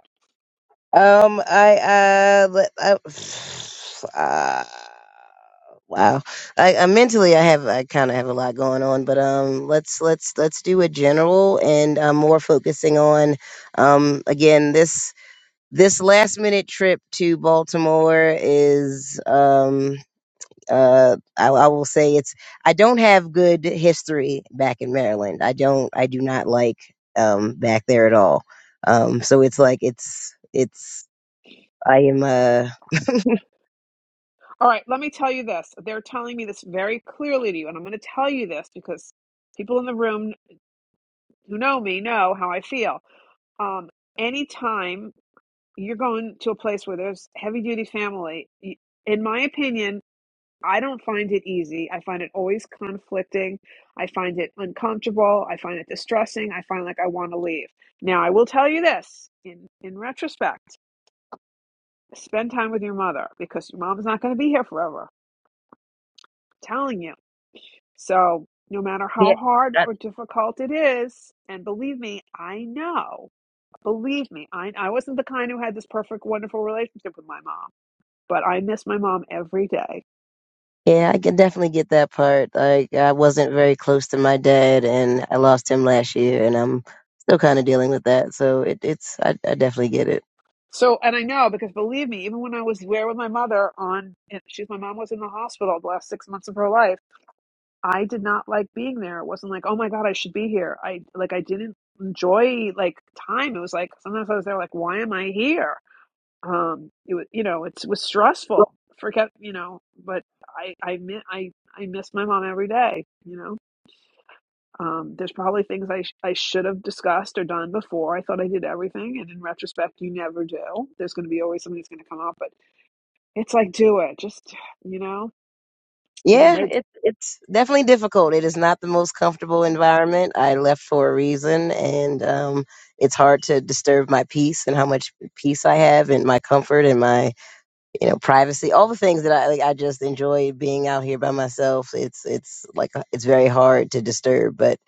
Speaker 3: Um, I uh, let- I, uh wow. I, I mentally, I have, I kind of have a lot going on, but um, let's let's let's do a general and um, more focusing on um, again this this last minute trip to Baltimore is um. uh, I, I will say it's I don't have good history back in Maryland. I don't I do not like um, back there at all. Um, so it's like it's it's I am uh
Speaker 1: All right, let me tell you this. They're telling me this very clearly to you, and I'm going to tell you this because people in the room who know me know how I feel. Um, anytime you're going to a place where there's heavy duty family, y- in my opinion, I don't find it easy. I find it always conflicting. I find it uncomfortable. I find it distressing. I find like I want to leave. Now, I will tell you this in, in retrospect, spend time with your mother because your mom's not going to be here forever. I'm telling you. So, no matter how
Speaker 3: yeah
Speaker 1: hard or difficult it is, and believe me, I know, believe me, I, I wasn't the kind who had this perfect, wonderful relationship with my mom, but I miss my mom every day.
Speaker 3: Yeah, I can definitely get that part. I I wasn't very close to my dad, and I lost him last year, and I'm still kind of dealing with that. So it, it's I, I definitely get it.
Speaker 1: So, and I know because believe me, even when I was there with my mother on, and she's my mom was in the hospital the last six months of her life. I did not like being there. It wasn't like, oh my god, I should be here. I like I didn't enjoy like time. It was like sometimes I was there like, why am I here? Um, it was you know it was stressful. Forget you know, but I I mi- I I miss my mom every day. You know. Um, there's probably things I, sh- I should have discussed or done before. I thought I did everything. And in retrospect, you never do. There's going to be always something that's going to come up, but it's like, do it. Just, you know, it'll
Speaker 3: Yeah,
Speaker 1: make,
Speaker 3: it, it's definitely difficult. It is not the most comfortable environment. I left for a reason, and um, it's hard to disturb my peace and how much peace I have, and my comfort, and my you know privacy. All the things that I like, I just enjoy being out here by myself. It's it's like uh, it's very hard to disturb, but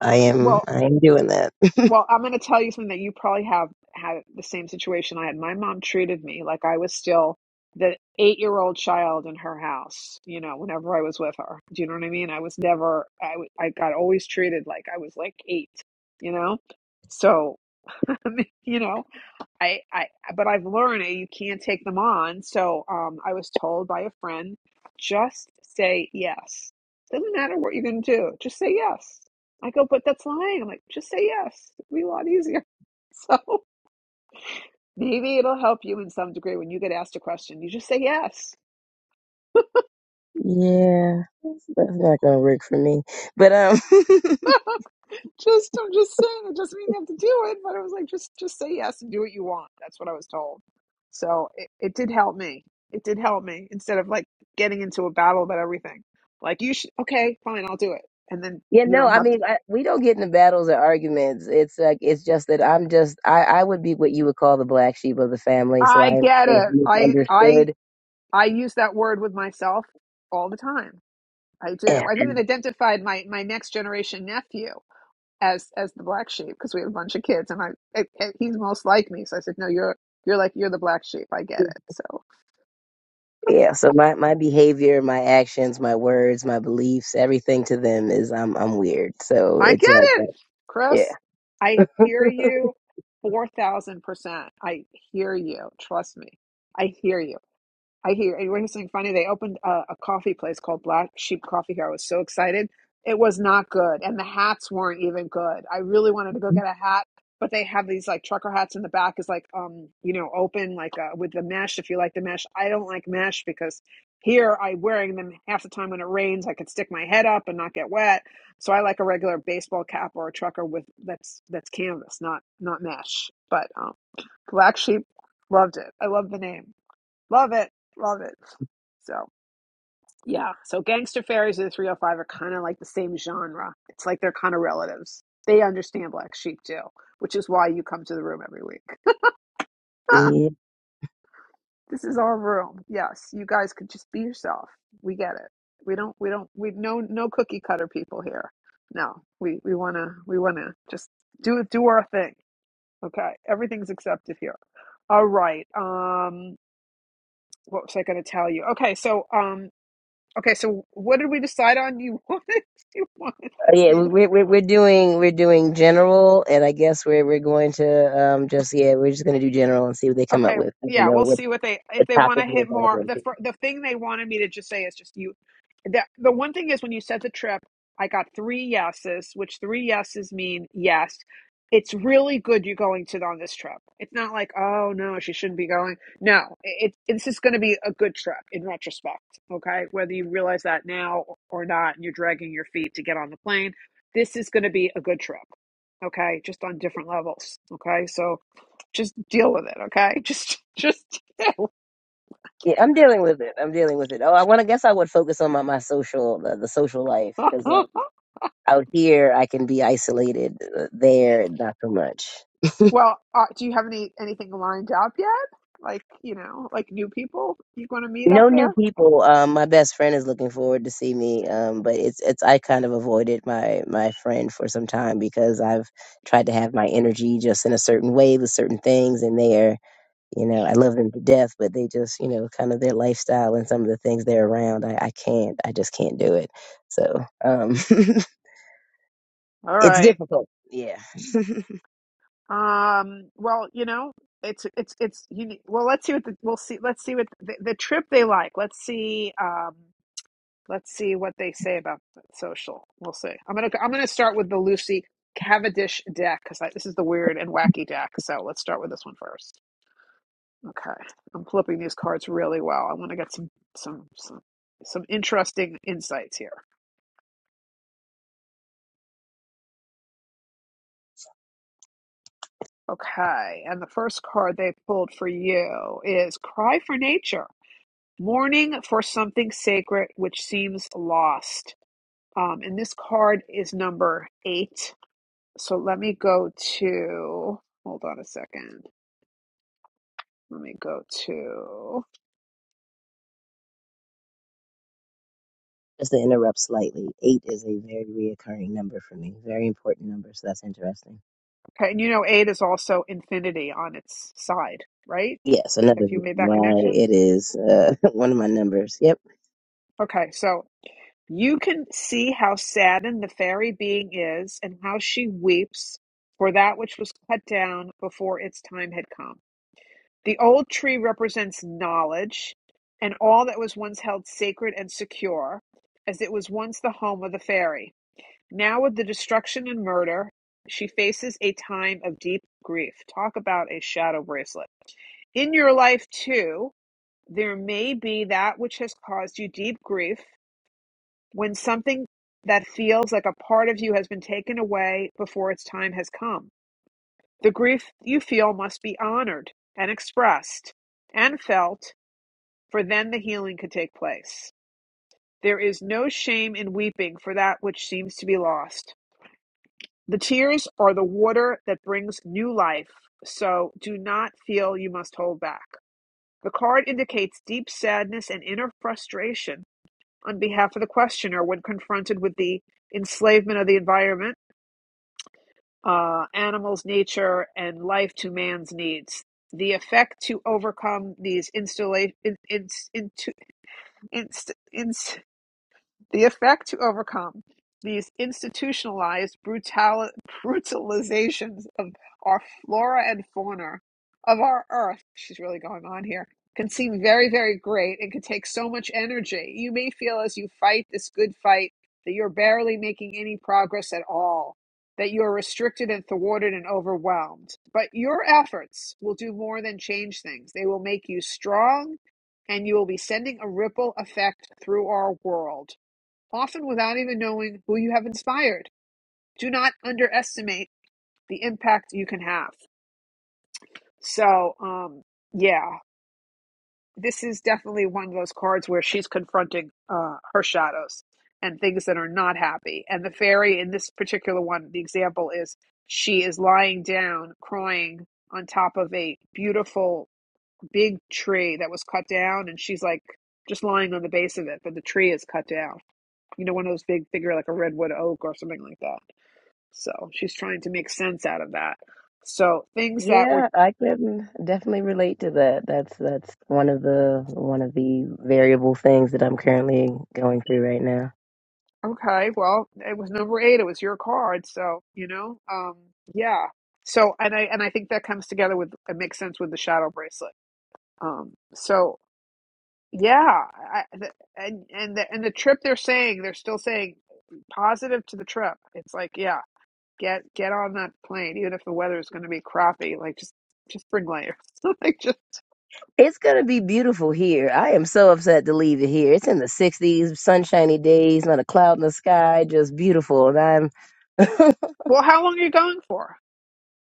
Speaker 3: I am
Speaker 1: well,
Speaker 3: I am doing that.
Speaker 1: well, I'm going to tell you something that you probably have had the same situation I had. My mom treated me like I was still the eight year old child in her house, you know, whenever I was with her. Do you know what I mean? I was never, I, w- I got always treated like I was like eight, you know? So, you know, I, I but I've learned that you can't take them on. So um, I was told by a friend, just say yes. Doesn't matter what you're going to do, just say yes. I go, but that's lying. I'm like, just say yes. It'll be a lot easier. So maybe it'll help you in some degree when you get asked a question. You just say yes.
Speaker 3: Yeah, that's not gonna work for me. But um,
Speaker 1: Just I'm just saying it doesn't mean you have to do it, but it was like just just say yes and do what you want. That's what I was told. So it, it did help me. It did help me instead of like getting into a battle about everything. Like you should okay, fine, I'll do it. And then
Speaker 3: yeah,
Speaker 1: you
Speaker 3: no,
Speaker 1: don't
Speaker 3: I
Speaker 1: have to
Speaker 3: mean, I, we don't get into battles or arguments. It's like it's just that I'm just I I would be what you would call the black sheep of the family, so
Speaker 1: I
Speaker 3: I am
Speaker 1: get
Speaker 3: sort of
Speaker 1: it. I I
Speaker 3: misunderstood.
Speaker 1: I use that word with myself all the time. I do.
Speaker 3: Yeah,
Speaker 1: I've even identified my my next generation nephew as as the black sheep because we have a bunch of kids and I, I he's most like me. So I said, "No, you're you're like you're the black sheep. I get it. So
Speaker 3: yeah. So my my behavior, my actions, my words, my beliefs, everything to them is I'm I'm weird. So
Speaker 1: I
Speaker 3: it's
Speaker 1: get
Speaker 3: like
Speaker 1: it,
Speaker 3: that. Yeah.
Speaker 1: Chris. I hear you 4,000%. I hear you. Trust me. I hear you. I hear and here's something funny. They opened a, a coffee place called Black Sheep Coffee here. I was so excited. It was not good, and the hats weren't even good. I really wanted to go get a hat, but they have these like trucker hats in the back is like um you know open like uh, with the mesh. If you like the mesh, I don't like mesh because here I'm wearing them half the time when it rains. I could stick my head up and not get wet. So I like a regular baseball cap or a trucker with that's that's canvas, not not mesh. But um, Black Sheep loved it. I love the name. Love it. Love it. So, yeah. So, Gangster Fairies and the 305 are kind of like the same genre. It's like they're kind of relatives. They understand Black Sheep too, which is why you come to the room every week. this is our room. Yes, you guys could just be yourself. We get it. We don't, we don't, we no, no cookie cutter people here. No, we, we want to, we want to just do, do our thing. Okay. Everything's accepted here. All right. Um, what was I going to tell you? Okay. So, um, Okay, so what did we decide on? You wanted you wanted to
Speaker 3: But yeah,
Speaker 1: read
Speaker 3: we- are we're we're doing we're doing general, and I guess we're we're going to um just yeah we're just gonna do general and see what they come up
Speaker 1: Okay,
Speaker 3: with. I don't
Speaker 1: yeah,
Speaker 3: know
Speaker 1: we'll
Speaker 3: what
Speaker 1: see what they if
Speaker 3: what
Speaker 1: they want
Speaker 3: topic
Speaker 1: to
Speaker 3: we'll
Speaker 1: hit
Speaker 3: dive
Speaker 1: more. The
Speaker 3: into.
Speaker 1: fir- the thing they wanted me to just say is just you. The the one thing is when you said the trip, I got three yeses, which three yeses mean yes. It's really good you're going to on this trip. It's not like oh no, she shouldn't be going. No, it, it this is going to be a good trip in retrospect. Okay, whether you realize that now or not, and you're dragging your feet to get on the plane, this is going to be a good trip. Okay, just on different levels. Okay, so just deal with it okay just just deal.
Speaker 3: Yeah, I'm dealing with it. I'm dealing with it. Oh, I want to guess I would focus on my my social the, the social life because um, out here I can be isolated. Uh, there, not so much.
Speaker 1: well uh, do you have any anything lined up yet like you know like new people you going to meet up
Speaker 3: No new
Speaker 1: there
Speaker 3: people. Um, my best friend is looking forward to see me. Um, but it's it's I kind of avoided my my friend for some time because I've tried to have my energy just in a certain way with certain things, and they are, you know, I love them to death, but they just, you know, kind of their lifestyle and some of the things they're around. I, I can't. I just can't do it. So um,
Speaker 1: all
Speaker 3: it's
Speaker 1: right
Speaker 3: difficult. Yeah.
Speaker 1: um well you know it's it's it's you need, well let's see what the, we'll see let's see what the, the trip they like let's see um let's see what they say about the social we'll see i'm gonna i'm gonna start with the lucy cavendish deck because this is the weird and wacky deck so let's start with this one first Okay, I'm flipping these cards really well. I want to get some some some some interesting insights here. Okay, and the first card they pulled for you is Cry for Nature, mourning for something sacred which seems lost. Um, and this card is number eight. So let me go to, hold on a second. Let me go to,
Speaker 3: just to interrupt slightly, eight is a very reoccurring number for me. Very important number. So that's interesting.
Speaker 1: okay, and you know, eight is also infinity on its side, right?
Speaker 3: Yes, another
Speaker 1: Have you
Speaker 3: reason
Speaker 1: made that
Speaker 3: why
Speaker 1: connection?
Speaker 3: it is uh, one of my numbers. Yep.
Speaker 1: Okay, so You can see how saddened the fairy being is and how she weeps for that which was cut down before its time had come. The old tree represents knowledge and all that was once held sacred and secure, as it was once the home of the fairy. Now, with the destruction and murder, she faces a time of deep grief. Talk about a shadow bracelet. In your life, too, there may be that which has caused you deep grief when something that feels like a part of you has been taken away before its time has come. The grief you feel must be honored and expressed and felt, for then the healing could take place. There is no shame in weeping for that which seems to be lost. The tears are the water that brings new life, so do not feel you must hold back. The card indicates deep sadness and inner frustration on behalf of the questioner when confronted with the enslavement of the environment uh, animals' nature, and life to man's needs. The effect to overcome these installa- in, in, intu- inst- the effect to overcome these institutionalized brutal, brutalizations of our flora and fauna of our earth, she's really going on here, can seem very, very great and can take so much energy. You may feel as you fight this good fight that you're barely making any progress at all, that you're restricted and thwarted and overwhelmed. But your efforts will do more than change things, they will make you strong and you will be sending a ripple effect through our world often without even knowing who you have inspired. Do not underestimate the impact you can have. So, um, yeah, this is definitely one of those cards where she's confronting uh, her shadows and things that are not happy. And the fairy in this particular one, the example is she is lying down, crying on top of a beautiful big tree that was cut down, and she's like just lying on the base of it, but the tree is cut down. You know, one of those big, bigger, like a redwood oak or something like that So she's trying to make sense out of that. So things that were
Speaker 3: Yeah, I can definitely relate to that. That's that's one of the one of the variable things that I'm currently going through right now.
Speaker 1: okay, well, it was number eight, it was your card. So, you know, um, yeah. So and I and I think that comes together with it makes sense with the shadow bracelet. Um, so yeah, I, the, and and the and the trip they're saying they're still saying positive to the trip. It's like yeah, get get on that plane, even if the weather is going to be crappy. Like just just bring layers. like just
Speaker 3: It's gonna be beautiful here. I am so upset to leave it here. It's in the 60s, sunshiny days, not a cloud in the sky, just beautiful. And I'm
Speaker 1: well, how long are you going for?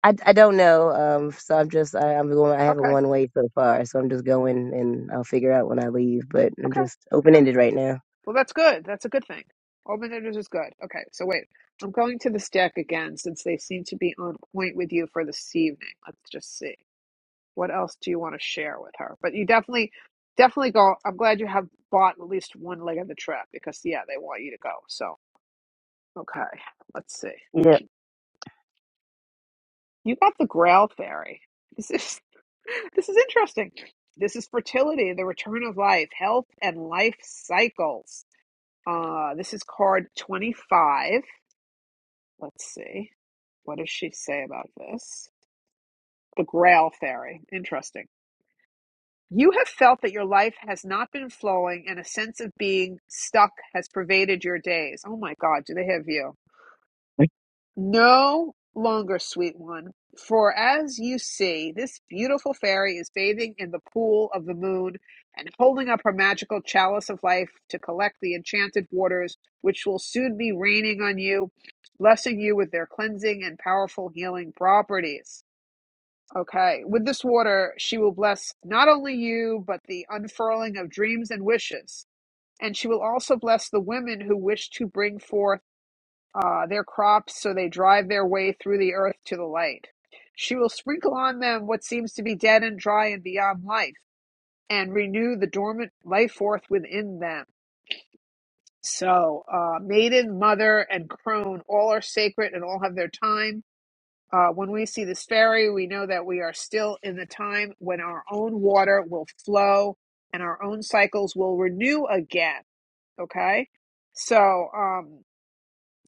Speaker 3: I, I don't know. Um, so I'm just I, I'm going. I have a
Speaker 1: Okay,
Speaker 3: one way so far, so I'm just going, and I'll figure out when I leave. But I'm
Speaker 1: okay.
Speaker 3: just open ended right now.
Speaker 1: Well, that's good. That's a good thing. Open enders is good. Okay, so wait. I'm going to this deck again since they seem to be on point with you for this evening. Let's just see. What else do you want to share with her? But you definitely, definitely go. I'm glad you have bought at least one leg of the trip because, yeah, they want you to go. So, okay, let's see.
Speaker 3: Yeah.
Speaker 1: You got the Grail Fairy. This is, this is interesting. This is fertility, the return of life, health, and life cycles. Uh, this is card 25 Let's see. What does she say about this? The Grail Fairy. Interesting. You have felt that your life has not been flowing and a sense of being stuck has pervaded your days. Oh my God, do they have you? No longer, sweet one, for as you see, this beautiful fairy is bathing in the pool of the moon and holding up her magical chalice of life to collect the enchanted waters, which will soon be raining on you, blessing you with their cleansing and powerful healing properties. Okay, with this water, she will bless not only you, but the unfurling of dreams and wishes. And she will also bless the women who wish to bring forth uh, their crops so they drive their way through the earth to the light. She will sprinkle on them what seems to be dead and dry and beyond life, and renew the dormant life forth within them. So, uh, maiden, mother, and crone all are sacred and all have their time. Uh, when we see this fairy, we know that we are still in the time when our own water will flow and our own cycles will renew again. Okay? So, um,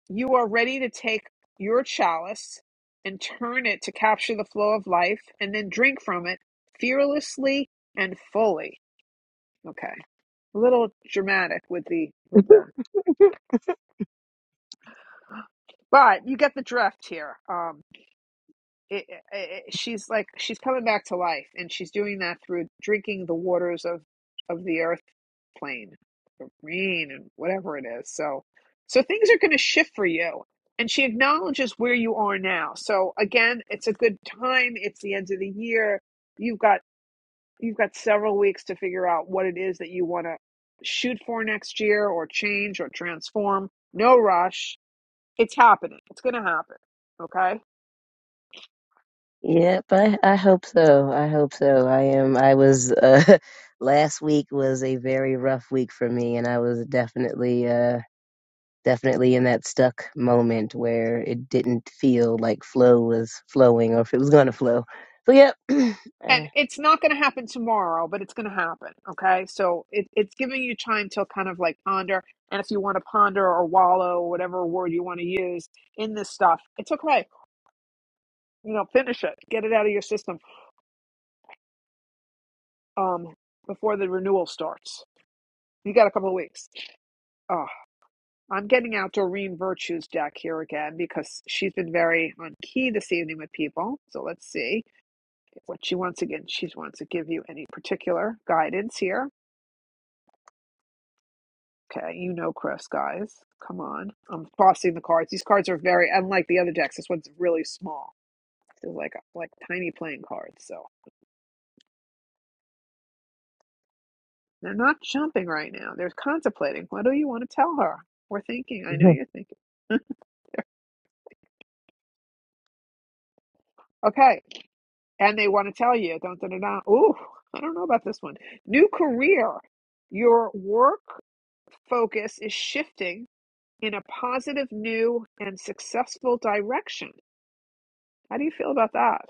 Speaker 1: You are ready to take your chalice and turn it to capture the flow of life and then drink from it fearlessly and fully. Okay. A little dramatic with the with the but you get the drift here. Um. it, it, it- she's like she's coming back to life and she's doing that through drinking the waters of of the earth plane the rain and whatever it is so so things are going to shift for you and she acknowledges where you are now so again it's a good time it's the end of the year you've got you've got several weeks to figure out what it is that you want to shoot for next year or change or transform no rush it's happening it's going to happen okay
Speaker 3: Yep, I, I hope so. I hope so. I am. I was uh, last week was a very rough week for me, and I was definitely uh, definitely in that stuck moment where it didn't feel like flow was flowing or if it was going to flow. So yep.
Speaker 1: and
Speaker 3: Eh.
Speaker 1: it's not going to happen tomorrow but it's going to happen okay so it, it's giving you time to kind of like ponder and if you want to ponder or wallow or whatever word you want to use in this stuff it's okay you know finish it get it out of your system um before the renewal starts you got a couple of weeks oh i'm getting out doreen virtues deck here again because she's been very on key this evening with people so let's see what she wants again she wants to give you any particular guidance here Okay, you know Chris, guys. Come on. I'm crossing the cards. These cards are very unlike the other decks. This one's really small. They're like like tiny playing cards. So they're not jumping right now. They're contemplating. What do you want to tell her? We're thinking. I know you're thinking. Okay. And they want to tell you. Dun, dun, dun, dun. Ooh, I don't know about this one. New career. Your work focus is shifting in a positive, new, and successful direction. How do you feel about that?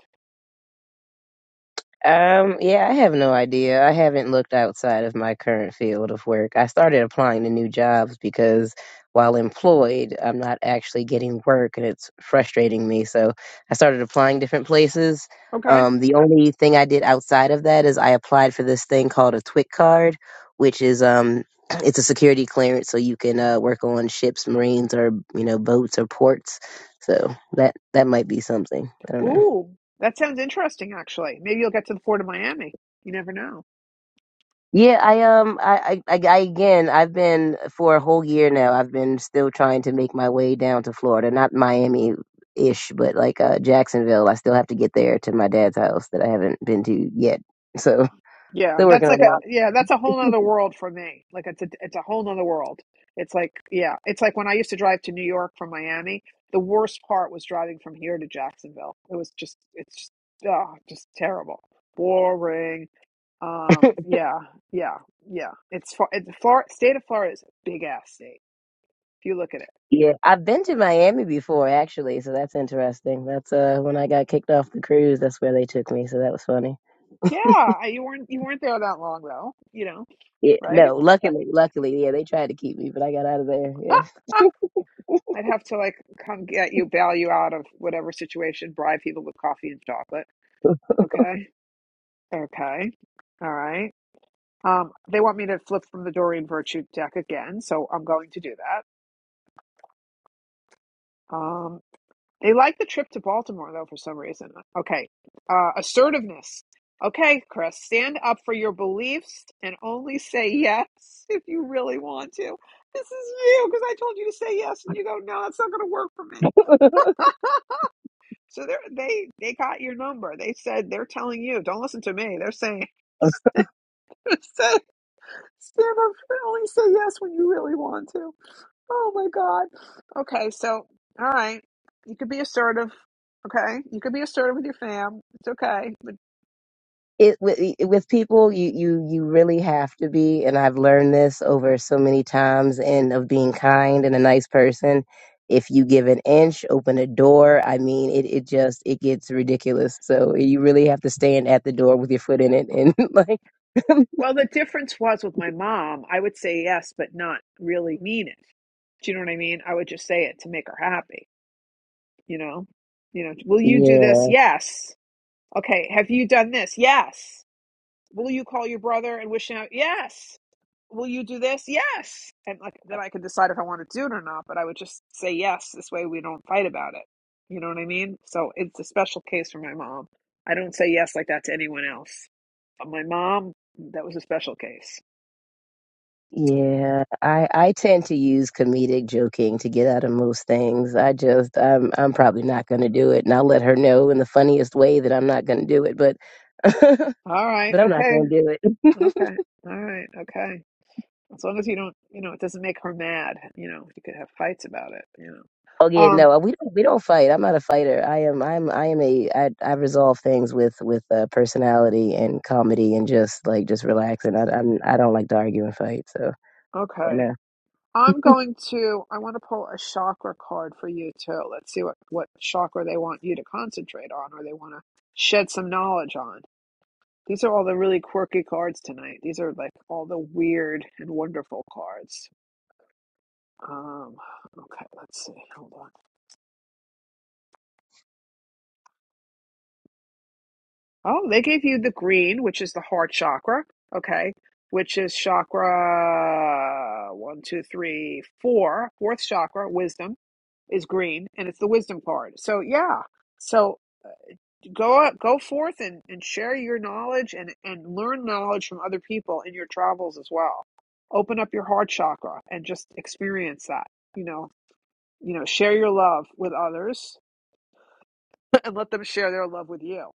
Speaker 3: Um, yeah, I have no idea. I haven't looked outside of my current field of work. I started applying to new jobs because while employed, I'm not actually getting work and it's frustrating me. So I started applying different places.
Speaker 1: Okay.
Speaker 3: Um, the only thing I did outside of that is I applied for this thing called a TWIC card, which is um it's a security clearance so you can uh, work on ships, marines or you know, boats or ports. So that that might be something. I don't know.
Speaker 1: Ooh, that sounds interesting, actually. Maybe you'll get to the Port of Miami. You never know.
Speaker 3: Yeah, I um, I, I, I I- again, I've been for a whole year now. I've been still trying to make my way down to Florida, not Miami ish, but like uh, Jacksonville. I still have to get there to my dad's house that I haven't been to yet. So
Speaker 1: Yeah,
Speaker 3: still
Speaker 1: that's
Speaker 3: working
Speaker 1: like a
Speaker 3: on
Speaker 1: yeah, that's a whole nother world for me. Like it's a it's a whole nother world. It's like yeah, it's like when I used to drive to New York from Miami. The worst part was driving from here to Jacksonville. It was just it's just ah, just terrible, boring.
Speaker 3: that.
Speaker 1: Um, yeah, yeah, yeah. It's far. It's Florida. State of Florida is a big ass state if you look at it.
Speaker 3: Yeah, I've been to Miami before, actually, so that's interesting. That's uh when I got kicked off the cruise, that's where they took me, so that was funny.
Speaker 1: Yeah, you weren't you weren't there that long though. You know,
Speaker 3: Yeah,
Speaker 1: right?
Speaker 3: no, luckily, luckily, yeah, they tried to keep me, but I got out of there. Yeah.
Speaker 1: I'd have to like come get you, bail you out of whatever situation, bribe people with coffee and chocolate. Okay. Okay. All right. Um, they want me to flip from the Dorian Virtue deck again, so I'm going to do that. Um, they like the trip to Baltimore though for some reason. Okay. Uh, assertiveness. Okay, Chris, stand up for your beliefs and only say yes if you really want to. This is you because I told you to say yes and you go, no, it's not going to work for me. So they they they got your number. They said they're telling you, don't listen to me. They're saying stand up only say yes when you really want to. Oh my God. Okay, so all right. You could be assertive. Okay. You could be assertive with your fam. It's okay. But
Speaker 3: it with, with people you you you really have to be and i've learned this over so many times and of being kind and a nice person if you give an inch open a door i mean it, it just it gets ridiculous so you really have to stand at the door with your foot in it and like
Speaker 1: well the difference was with my mom, I would say yes, but not really mean it. Do you know what I mean? I would just say it to make her happy, you know? You know, will you do this?
Speaker 3: yeah
Speaker 1: Yes. Okay, have you done this? Yes. Will you call your brother and wish him? Yes. Will you do this? Yes. And like then I could decide if I want to do it or not. But I would just say yes. This way we don't fight about it. You know what I mean? So it's a special case for my mom. I don't say yes like that to anyone else. But my mom, that was a special case.
Speaker 3: yeah i i tend to use comedic joking to get out of most things i just i'm i'm probably not going to do it and i'll let her know in the funniest way that i'm not going to do it but
Speaker 1: All right.
Speaker 3: but I'm not
Speaker 1: Okay.
Speaker 3: gonna do it.
Speaker 1: Okay. All right. Okay. As long as you don't, you know, it doesn't make her mad. You know, you could have fights about it. You
Speaker 3: oh
Speaker 1: know.
Speaker 3: yeah,
Speaker 1: Um.
Speaker 3: no, we don't we don't fight. I'm not a fighter. I am I'm I am a I I resolve things with with uh, personality and comedy and just like just relaxing. I I'm, I don't like to argue and fight. So you
Speaker 1: Okay.
Speaker 3: know,
Speaker 1: I'm going to, I want to pull a chakra card for you too. Let's see what, what chakra they want you to concentrate on or they want to shed some knowledge on. These are all the really quirky cards tonight. These are like all the weird and wonderful cards. Um, okay, let's see. Hold on. Oh, they gave you the green, which is the heart chakra. Okay, which is chakra one, two, three, four. Fourth chakra, wisdom, is green, and it's the wisdom card. So, yeah. So go up, go forth and, and share your knowledge and, and learn knowledge from other people in your travels as well. Open up your heart chakra and just experience that. You know, you know, share your love with others and let them share their love with you.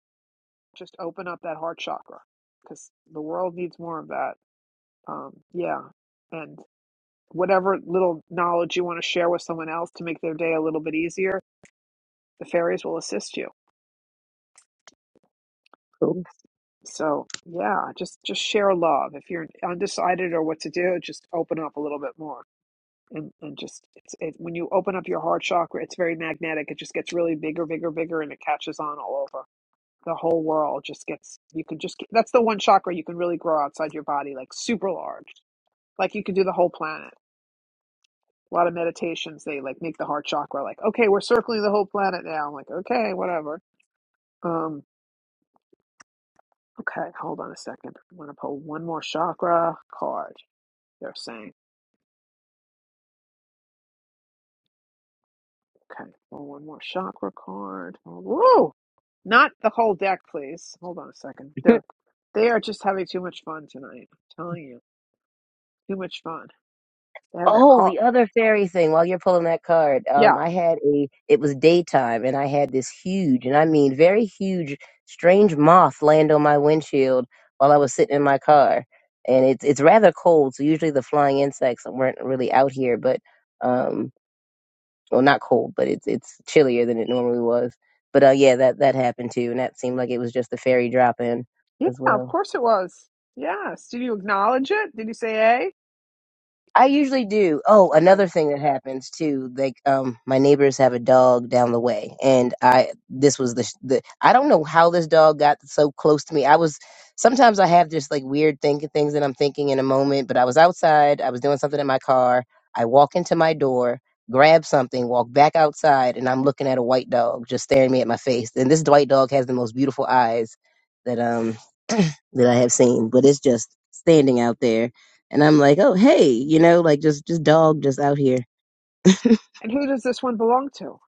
Speaker 1: Just open up that heart chakra because the world needs more of that. Um, yeah, and whatever little knowledge you want to share with someone else to make their day a little bit easier, the fairies will assist you
Speaker 3: cool.
Speaker 1: So yeah, just just share love. If you're undecided or what to do, just open up a little bit more. And and just it's it, when you open up your heart chakra, it's very magnetic. It just gets really bigger, bigger, bigger, and it catches on all over. The whole world just gets. You can just. get, That's the one chakra you can really grow outside your body, like super large. Like you can do the whole planet. A lot of meditations they like make the heart chakra like, okay, we're circling the whole planet now. I'm like, okay, whatever. Um, okay, hold on a second. I'm gonna pull one more chakra card. They're saying, okay, well, one more chakra card. Well, Whoa! Not the whole deck, please. Hold on a second. They're they are just having too much fun tonight. I'm telling you, too much fun. They have their
Speaker 3: Oh,
Speaker 1: call.
Speaker 3: the other fairy thing while you're pulling that card. Um,
Speaker 1: Yeah,
Speaker 3: I had a, it was daytime and I had this huge, and I mean very huge, strange moth land on my windshield while I was sitting in my car. And it's, it's rather cold. So usually the flying insects weren't really out here, but, um, well, not cold, but it's, it's chillier than it normally was. But, uh, yeah, that, that happened too. And that seemed like it was just the fairy drop in
Speaker 1: yeah.
Speaker 3: as well.
Speaker 1: Of course it was. Yes. Did you acknowledge it? Did you say
Speaker 3: I usually do. Oh,
Speaker 1: a? Okay.
Speaker 3: another thing that happens too, like um, my neighbors have a dog down the way, and I this was the, sh- the I don't know how this dog got so close to me. I was sometimes I have just like weird thinking things that I'm thinking in a moment, but I was outside, I was doing something in my car. I walk into my door, grab something, walk back outside, and I'm looking at a white dog just staring me at my face. And this white dog has the most beautiful eyes that um that I have seen, but it's just standing out there. And I'm like, oh hey, you know, like just just dog just out here.
Speaker 1: And who does this one belong to?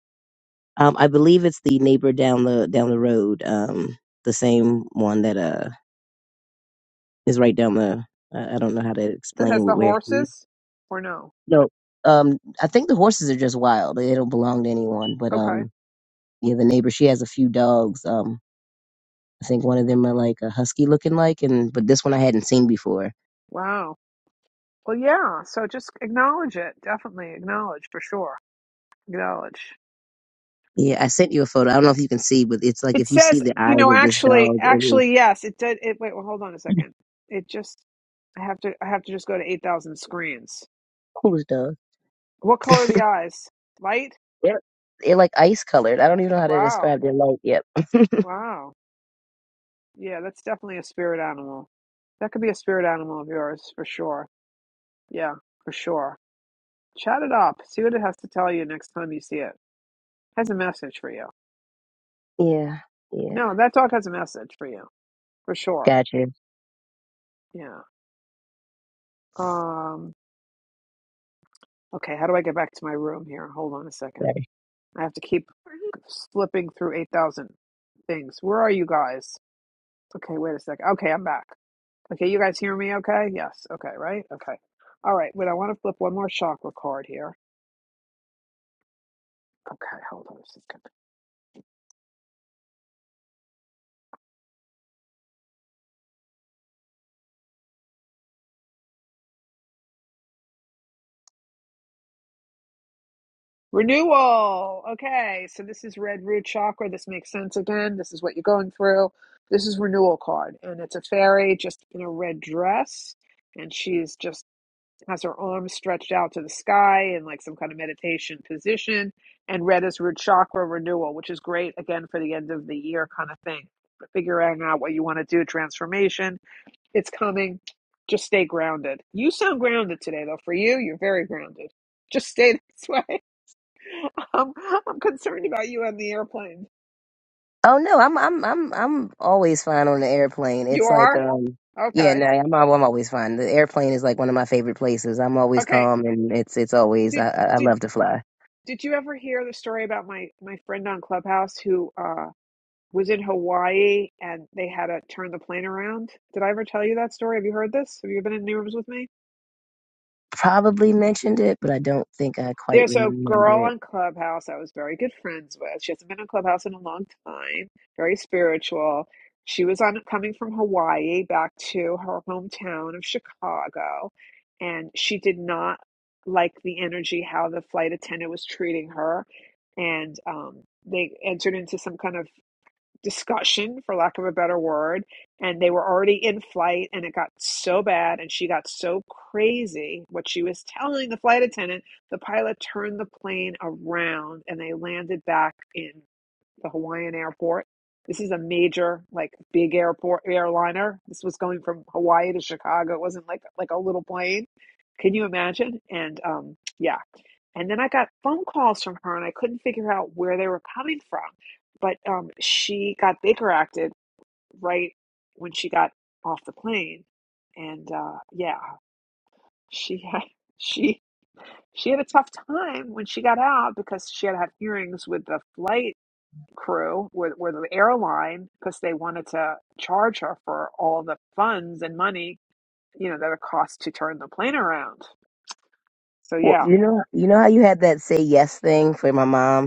Speaker 3: Um, I believe it's the neighbor down the down the road, um, the same one that uh is right down the. I I don't know how to
Speaker 1: That
Speaker 3: explain
Speaker 1: has the
Speaker 3: where she.
Speaker 1: horses, or no?
Speaker 3: No, um, I think the horses are just wild. They don't belong to anyone. But
Speaker 1: Okay.
Speaker 3: um, yeah, the neighbor she has a few dogs. Um, I think one of them are like a husky looking like, and but this one I hadn't seen before.
Speaker 1: Wow. Well, yeah. So just acknowledge it. Definitely acknowledge for sure. Acknowledge.
Speaker 3: Yeah, I sent you a photo. I don't know if you can see, but it's like
Speaker 1: It
Speaker 3: if you see
Speaker 1: says,
Speaker 3: the
Speaker 1: you
Speaker 3: eyes
Speaker 1: know,
Speaker 3: of this
Speaker 1: actually,
Speaker 3: dog, it is.
Speaker 1: actually, yes, it did. It wait, well, hold on a second. It just, I have to, I have to just go to eight thousand screens.
Speaker 3: Who's those?
Speaker 1: What color are the eyes? Light.
Speaker 3: They're, they're like ice colored. I don't even know how to
Speaker 1: Wow,
Speaker 3: describe their light. Yep.
Speaker 1: wow. Yeah, that's definitely a spirit animal. That could be a spirit animal of yours for sure. Yeah, for sure. Chat it up. See what it has to tell you next time you see it. Has a message for you.
Speaker 3: yeah. Yeah.
Speaker 1: No, that dog has a message for you for sure.
Speaker 3: Gotcha.
Speaker 1: Yeah. Um. Okay. How do I get back to my room here? Hold on a second.
Speaker 3: Sorry.
Speaker 1: I have to keep
Speaker 4: Great.
Speaker 1: slipping through 8,000 things. Where are you guys? Okay, wait a sec. Okay, I'm back. Okay, you guys hear me okay? Yes. Okay, right? Okay. All right, wait, I want to flip one more chakra card here. Okay, hold on a second. Renewal. Okay, so this is red root chakra. This makes sense again. This is what you're going through. This is renewal card, and it's a fairy just in a red dress, and she's just has her arms stretched out to the sky in like some kind of meditation position, and red is root chakra renewal, which is great again for the end of the year kind of thing. But figuring out what you want to do, transformation, it's coming. Just stay grounded. You sound grounded today, though. For you, you're very grounded. Just stay this way. Um, I'm concerned about you on the airplane.
Speaker 3: Oh no, I'm I'm I'm I'm always fine on the airplane.
Speaker 1: You
Speaker 3: It's like
Speaker 1: are
Speaker 3: um yeah,
Speaker 1: okay.
Speaker 3: no, I'm al- I'm always fine. The airplane is like one of my favorite places. I'm always
Speaker 1: Okay.
Speaker 3: calm and it's it's always
Speaker 1: Did
Speaker 3: I I I
Speaker 1: did
Speaker 3: love to fly.
Speaker 1: did you ever hear the story about my my friend on Clubhouse who uh was in Hawaii and they had to turn the plane around. Did I ever tell you that story? Have you heard this? Have you been in any rooms with me?
Speaker 3: Probably mentioned it, but I don't think I quite
Speaker 1: There's a girl
Speaker 3: remember it.
Speaker 1: on Clubhouse I was very good friends with. She hasn't been on Clubhouse in a long time, very spiritual. She was on coming from Hawaii back to her hometown of Chicago, and she did not like the energy how the flight attendant was treating her. And um, they entered into some kind of discussion, for lack of a better word, and they were already in flight, and it got so bad, and she got so crazy what she was telling the flight attendant. The pilot turned the plane around, and they landed back in the Hawaiian airport. This is a major, like, big airport airliner. This was going from Hawaii to Chicago. It wasn't like like a little plane. Can you imagine? And um, yeah, and then I got phone calls from her, and I couldn't figure out where they were coming from. But um, she got Baker acted right when she got off the plane, and uh, yeah, she had she she had a tough time when she got out because she had to have hearings with the flight crew with with the airline because they wanted to charge her for all the funds and money you know that it costs to turn the plane around. So
Speaker 3: Well,
Speaker 1: yeah,
Speaker 3: you know you know how you had that say yes thing for my mom?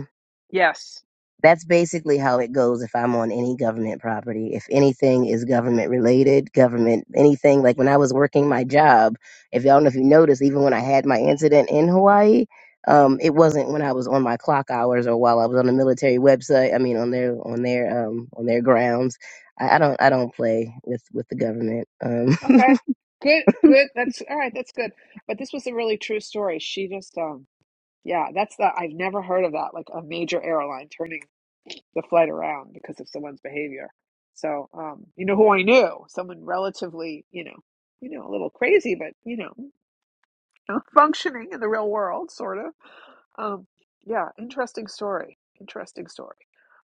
Speaker 1: yes,
Speaker 3: That's basically how it goes if I'm on any government property. If anything is government related, government, anything, like when I was working my job, if y'all know if you noticed, even when I had my incident in Hawaii, um, it wasn't when I was on my clock hours or while I was on the military website. I mean, on their on their um, on their grounds. I, I don't I don't play with with the government. Um,
Speaker 1: Okay. Good, good. That's all right, that's good. But this was a really true story. She just um yeah, that's the I've never heard of that, like a major airline turning the flight around because of someone's behavior. So, um, you know who I knew? Someone relatively, you know, you know, a little crazy, but you know, you know, functioning in the real world, sort of. Um, yeah, interesting story. Interesting story.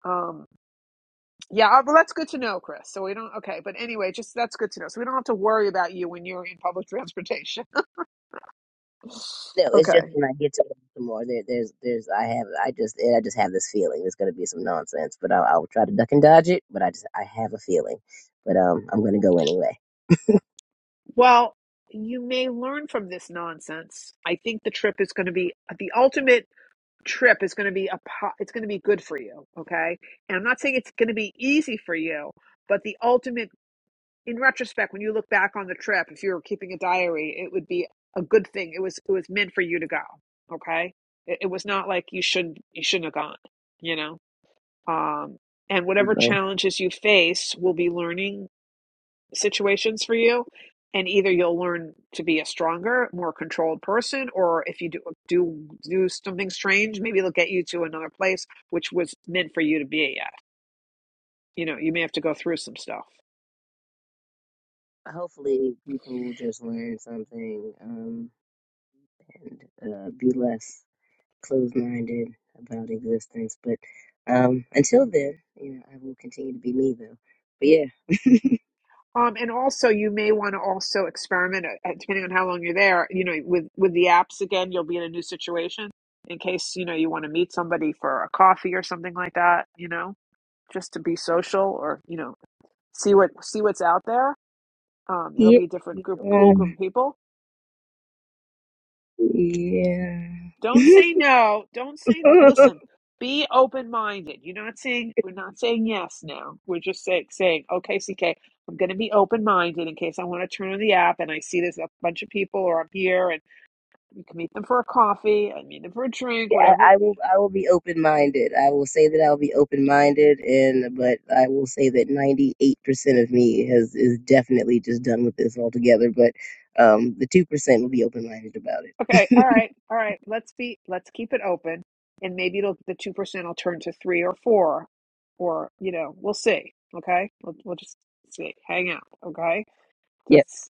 Speaker 1: Um, yeah, uh, well, that's good to know, Chris. So we don't, okay, but anyway, just that's good to know. So we don't have to worry about you when you're in public transportation.
Speaker 3: No, it's just
Speaker 1: Okay.
Speaker 3: when I get to it some more. There, there's, there's. I have. I just, I just have this feeling there's going to be some nonsense, but I'll, I'll try to duck and dodge it. But I just, I have a feeling. But um, I'm going to go anyway.
Speaker 1: Well, you may learn from this nonsense. I think the trip is going to be the ultimate trip is going to be a po- it's going to be good for you, okay? And I'm not saying it's going to be easy for you, but the ultimate in retrospect when you look back on the trip, if you were keeping a diary, it would be a good thing. It was it was meant for you to go, okay? It, it was not like you should not you shouldn't have gone, you know? Um and whatever
Speaker 3: Anyway,
Speaker 1: challenges you face will be learning situations for you and either you'll learn to be a stronger more controlled person or if you do do do something strange maybe they'll get you to another place which was meant for you to be at you know you may have to go through some stuff
Speaker 3: hopefully people will just learn something um and uh, be less closed-minded about existence. But um, until then, you know, I will continue to be me though. But yeah,
Speaker 1: um, and also you may want to also experiment uh, depending on how long you're there you know with with the apps again you'll be in a new situation in case you know you want to meet somebody for a coffee or something like that you know just to be social or you know see what see what's out there um, it'll be a
Speaker 3: yeah,
Speaker 1: different group pool
Speaker 3: um,
Speaker 1: group of people don't
Speaker 3: yeah.
Speaker 1: say no don't say n- listen be open-minded you're not saying we're not saying yes now we're just say, saying okay C am going to be open-minded in case i want to turn on the app and i see there's a bunch of people or i'm here and you can meet them for a coffee i meet them for a drink
Speaker 3: Yeah,
Speaker 1: whatever
Speaker 3: I, I will I will be open minded. I will say that I'll be open minded and but I will say that ninety eight percent of me has is definitely just done with this altogether. But um the two percent will be open minded about
Speaker 1: okay all
Speaker 3: it.
Speaker 1: right all right let's be let's keep it open and maybe it'll the 2% will turn to 3 or 4 or you know we'll see okay we'll, we'll just see hang out okay
Speaker 3: yep.
Speaker 1: that's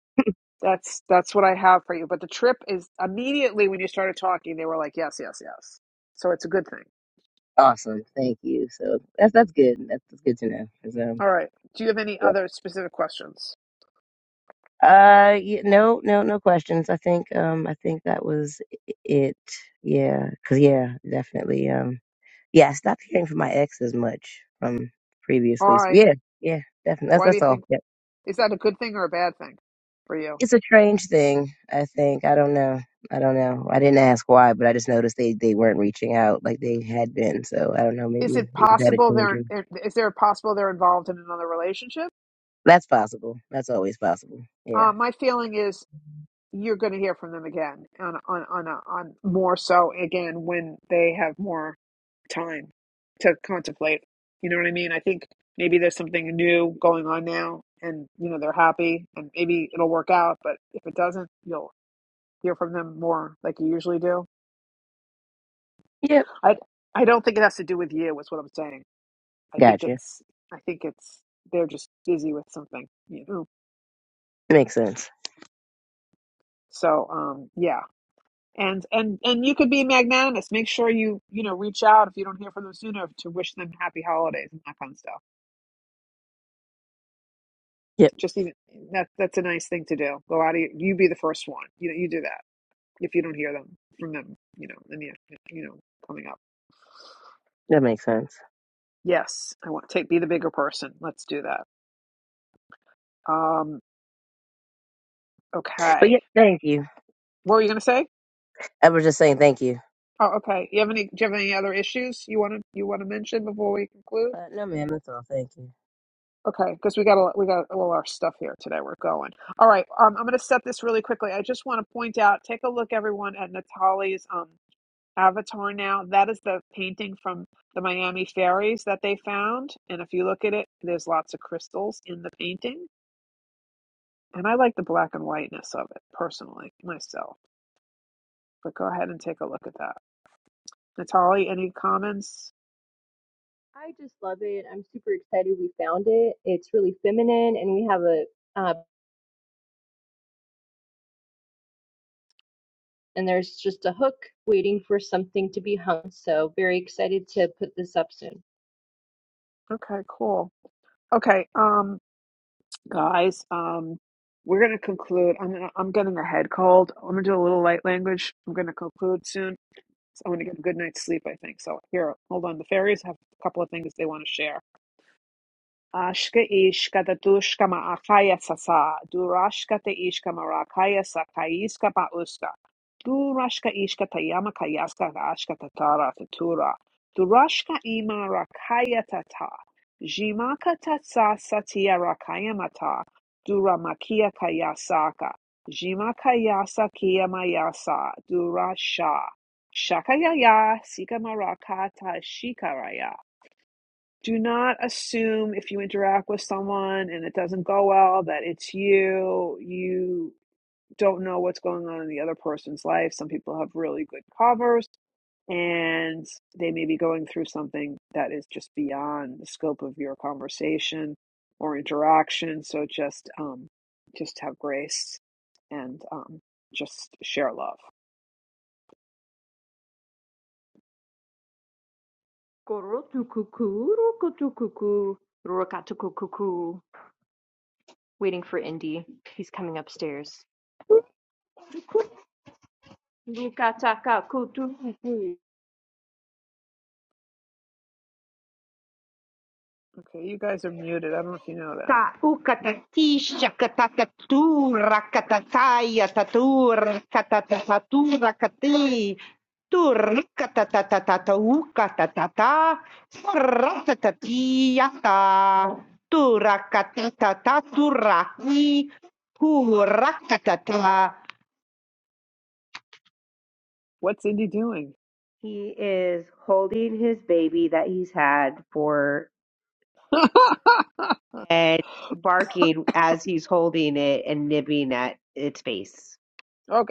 Speaker 1: That's that's what I have for you. But the trip is immediately when you started talking, they were like, yes, yes, yes. So it's a good thing.
Speaker 3: Awesome. Thank you. So that's that's good. That's, that's good to know. 'cause, um
Speaker 1: All right. Do you have any
Speaker 3: yeah.
Speaker 1: other specific questions?
Speaker 3: Uh yeah, no no no questions. I think um I think that was it. Yeah. Cause yeah, definitely. Um. yeah, I stopped hearing from my ex as much from previously. So
Speaker 1: Why?
Speaker 3: yeah, yeah, definitely. That's
Speaker 1: Why do
Speaker 3: that's
Speaker 1: you
Speaker 3: all.
Speaker 1: think
Speaker 3: Yep.
Speaker 1: is that a good thing or a bad thing for you?
Speaker 3: It's a strange thing, I think. I don't know. I don't know. I didn't ask why, but I just noticed they, they weren't reaching out like they had been. So I don't know.
Speaker 1: Is
Speaker 3: Maybe
Speaker 1: it
Speaker 3: they just had a
Speaker 1: possible
Speaker 3: change.
Speaker 1: they're
Speaker 3: In.
Speaker 1: is there possible they're involved in another relationship?
Speaker 3: That's possible. That's always possible. Yeah.
Speaker 1: Uh, my feeling is you're going to hear from them again on on on a, on more so again when they have more time to contemplate. You know what I mean? I think maybe there's something new going on now, and you know they're happy, and maybe it'll work out. But if it doesn't, you'll hear from them more like you usually do.
Speaker 3: Yep.
Speaker 1: I I don't think it has to do with you. Is what I'm saying. I think
Speaker 3: Gotcha.
Speaker 1: it's I think it's they're just busy with something. You know.
Speaker 3: That makes sense.
Speaker 1: So um yeah, and and and you could be magnanimous make sure you you know reach out if you don't hear from them soon enough to wish them happy holidays and that kind of stuff
Speaker 3: Yep.
Speaker 1: just even that that's a nice thing to do go out of your, you be the first one you know you do that if you don't hear them from them you know and the you know coming up
Speaker 3: That makes sense.
Speaker 1: yes i want to take be the bigger person let's do that um
Speaker 3: But yeah,
Speaker 1: okay
Speaker 3: thank you.
Speaker 1: what were you going to say
Speaker 3: I was just saying thank you.
Speaker 1: oh okay you have any do you have any other issues you want to you want to mention before we conclude
Speaker 3: Uh, no, ma'am. That's all. Thank you.
Speaker 1: Okay, because we got a, we got all our stuff here today. We're going. All right, um, I'm going to set this really quickly. I just want to point out, take a look, everyone, at Natalie's um, avatar now. That is the painting from the Miami ferries that they found, and if you look at it, there's lots of crystals in the painting, and I like the black and whiteness of it personally myself. But go ahead and take a look at that, Natalie. Any comments?
Speaker 4: I just love it. I'm super excited we found it. It's really feminine and we have a uh, and there's just a hook waiting for something to be hung. So very excited to put this up soon.
Speaker 1: Okay, cool. Okay, um, guys. Um, we're gonna conclude. I'm gonna, I'm getting a head cold. I'm gonna do a little light language. I'm gonna conclude soon. So I'm gonna get a good night's sleep, I think. So here, hold on. The fairies have a couple of things they want to share. Ashka ishka da dushka ma akaya sasa, durashka te ishka ma rakaya sakaiska pa uska, durashka ishka tayama kayaska ga ashka tatara tatura, durashka ima rakaya tata, jimaka tatsa satia rakaya mata, duramakia kayasaka, jimakayasa kia mayasa, durasha, shakayaya sika marakata shikaraya do not assume if you interact with someone and it doesn't go well that it's you. You don't know what's going on in the other person's life. Some people have really good covers and they may be going through something that is just beyond the scope of your conversation or interaction. So just um, just have grace and um, just share love.
Speaker 4: Korotukuku, rokotukuku, rokatukukuku. Waiting for Indy. He's coming upstairs. Lukatakakutukuku.
Speaker 1: Okay, you guys are muted. I don't know if you know that.
Speaker 4: Taukatatisha katakatura katataya tatur katatatatura kati tur katatatatau katatata saratatatiata tura katatataturaki hura katata
Speaker 1: What's Indy doing?
Speaker 4: He is holding his baby that he's had for
Speaker 1: okay.
Speaker 4: and barking as he's holding it and nibbing at its face.
Speaker 1: All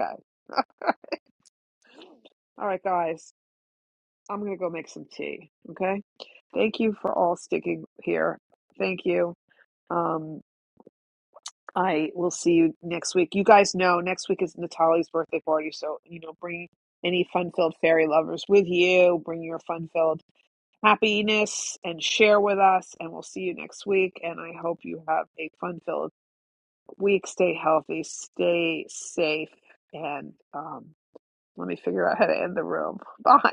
Speaker 1: right, guys. I'm gonna go make some tea. Okay. Thank you for all sticking here. Thank you. Um, I will see you next week. You guys know next week is Natalie's birthday party, so you know, bring any fun-filled fairy lovers with you. Bring your fun-filled happiness and share with us. And we'll see you next week. And I hope you have a fun-filled week. Stay healthy, stay safe, and um, let me figure out how to end the room. Bye.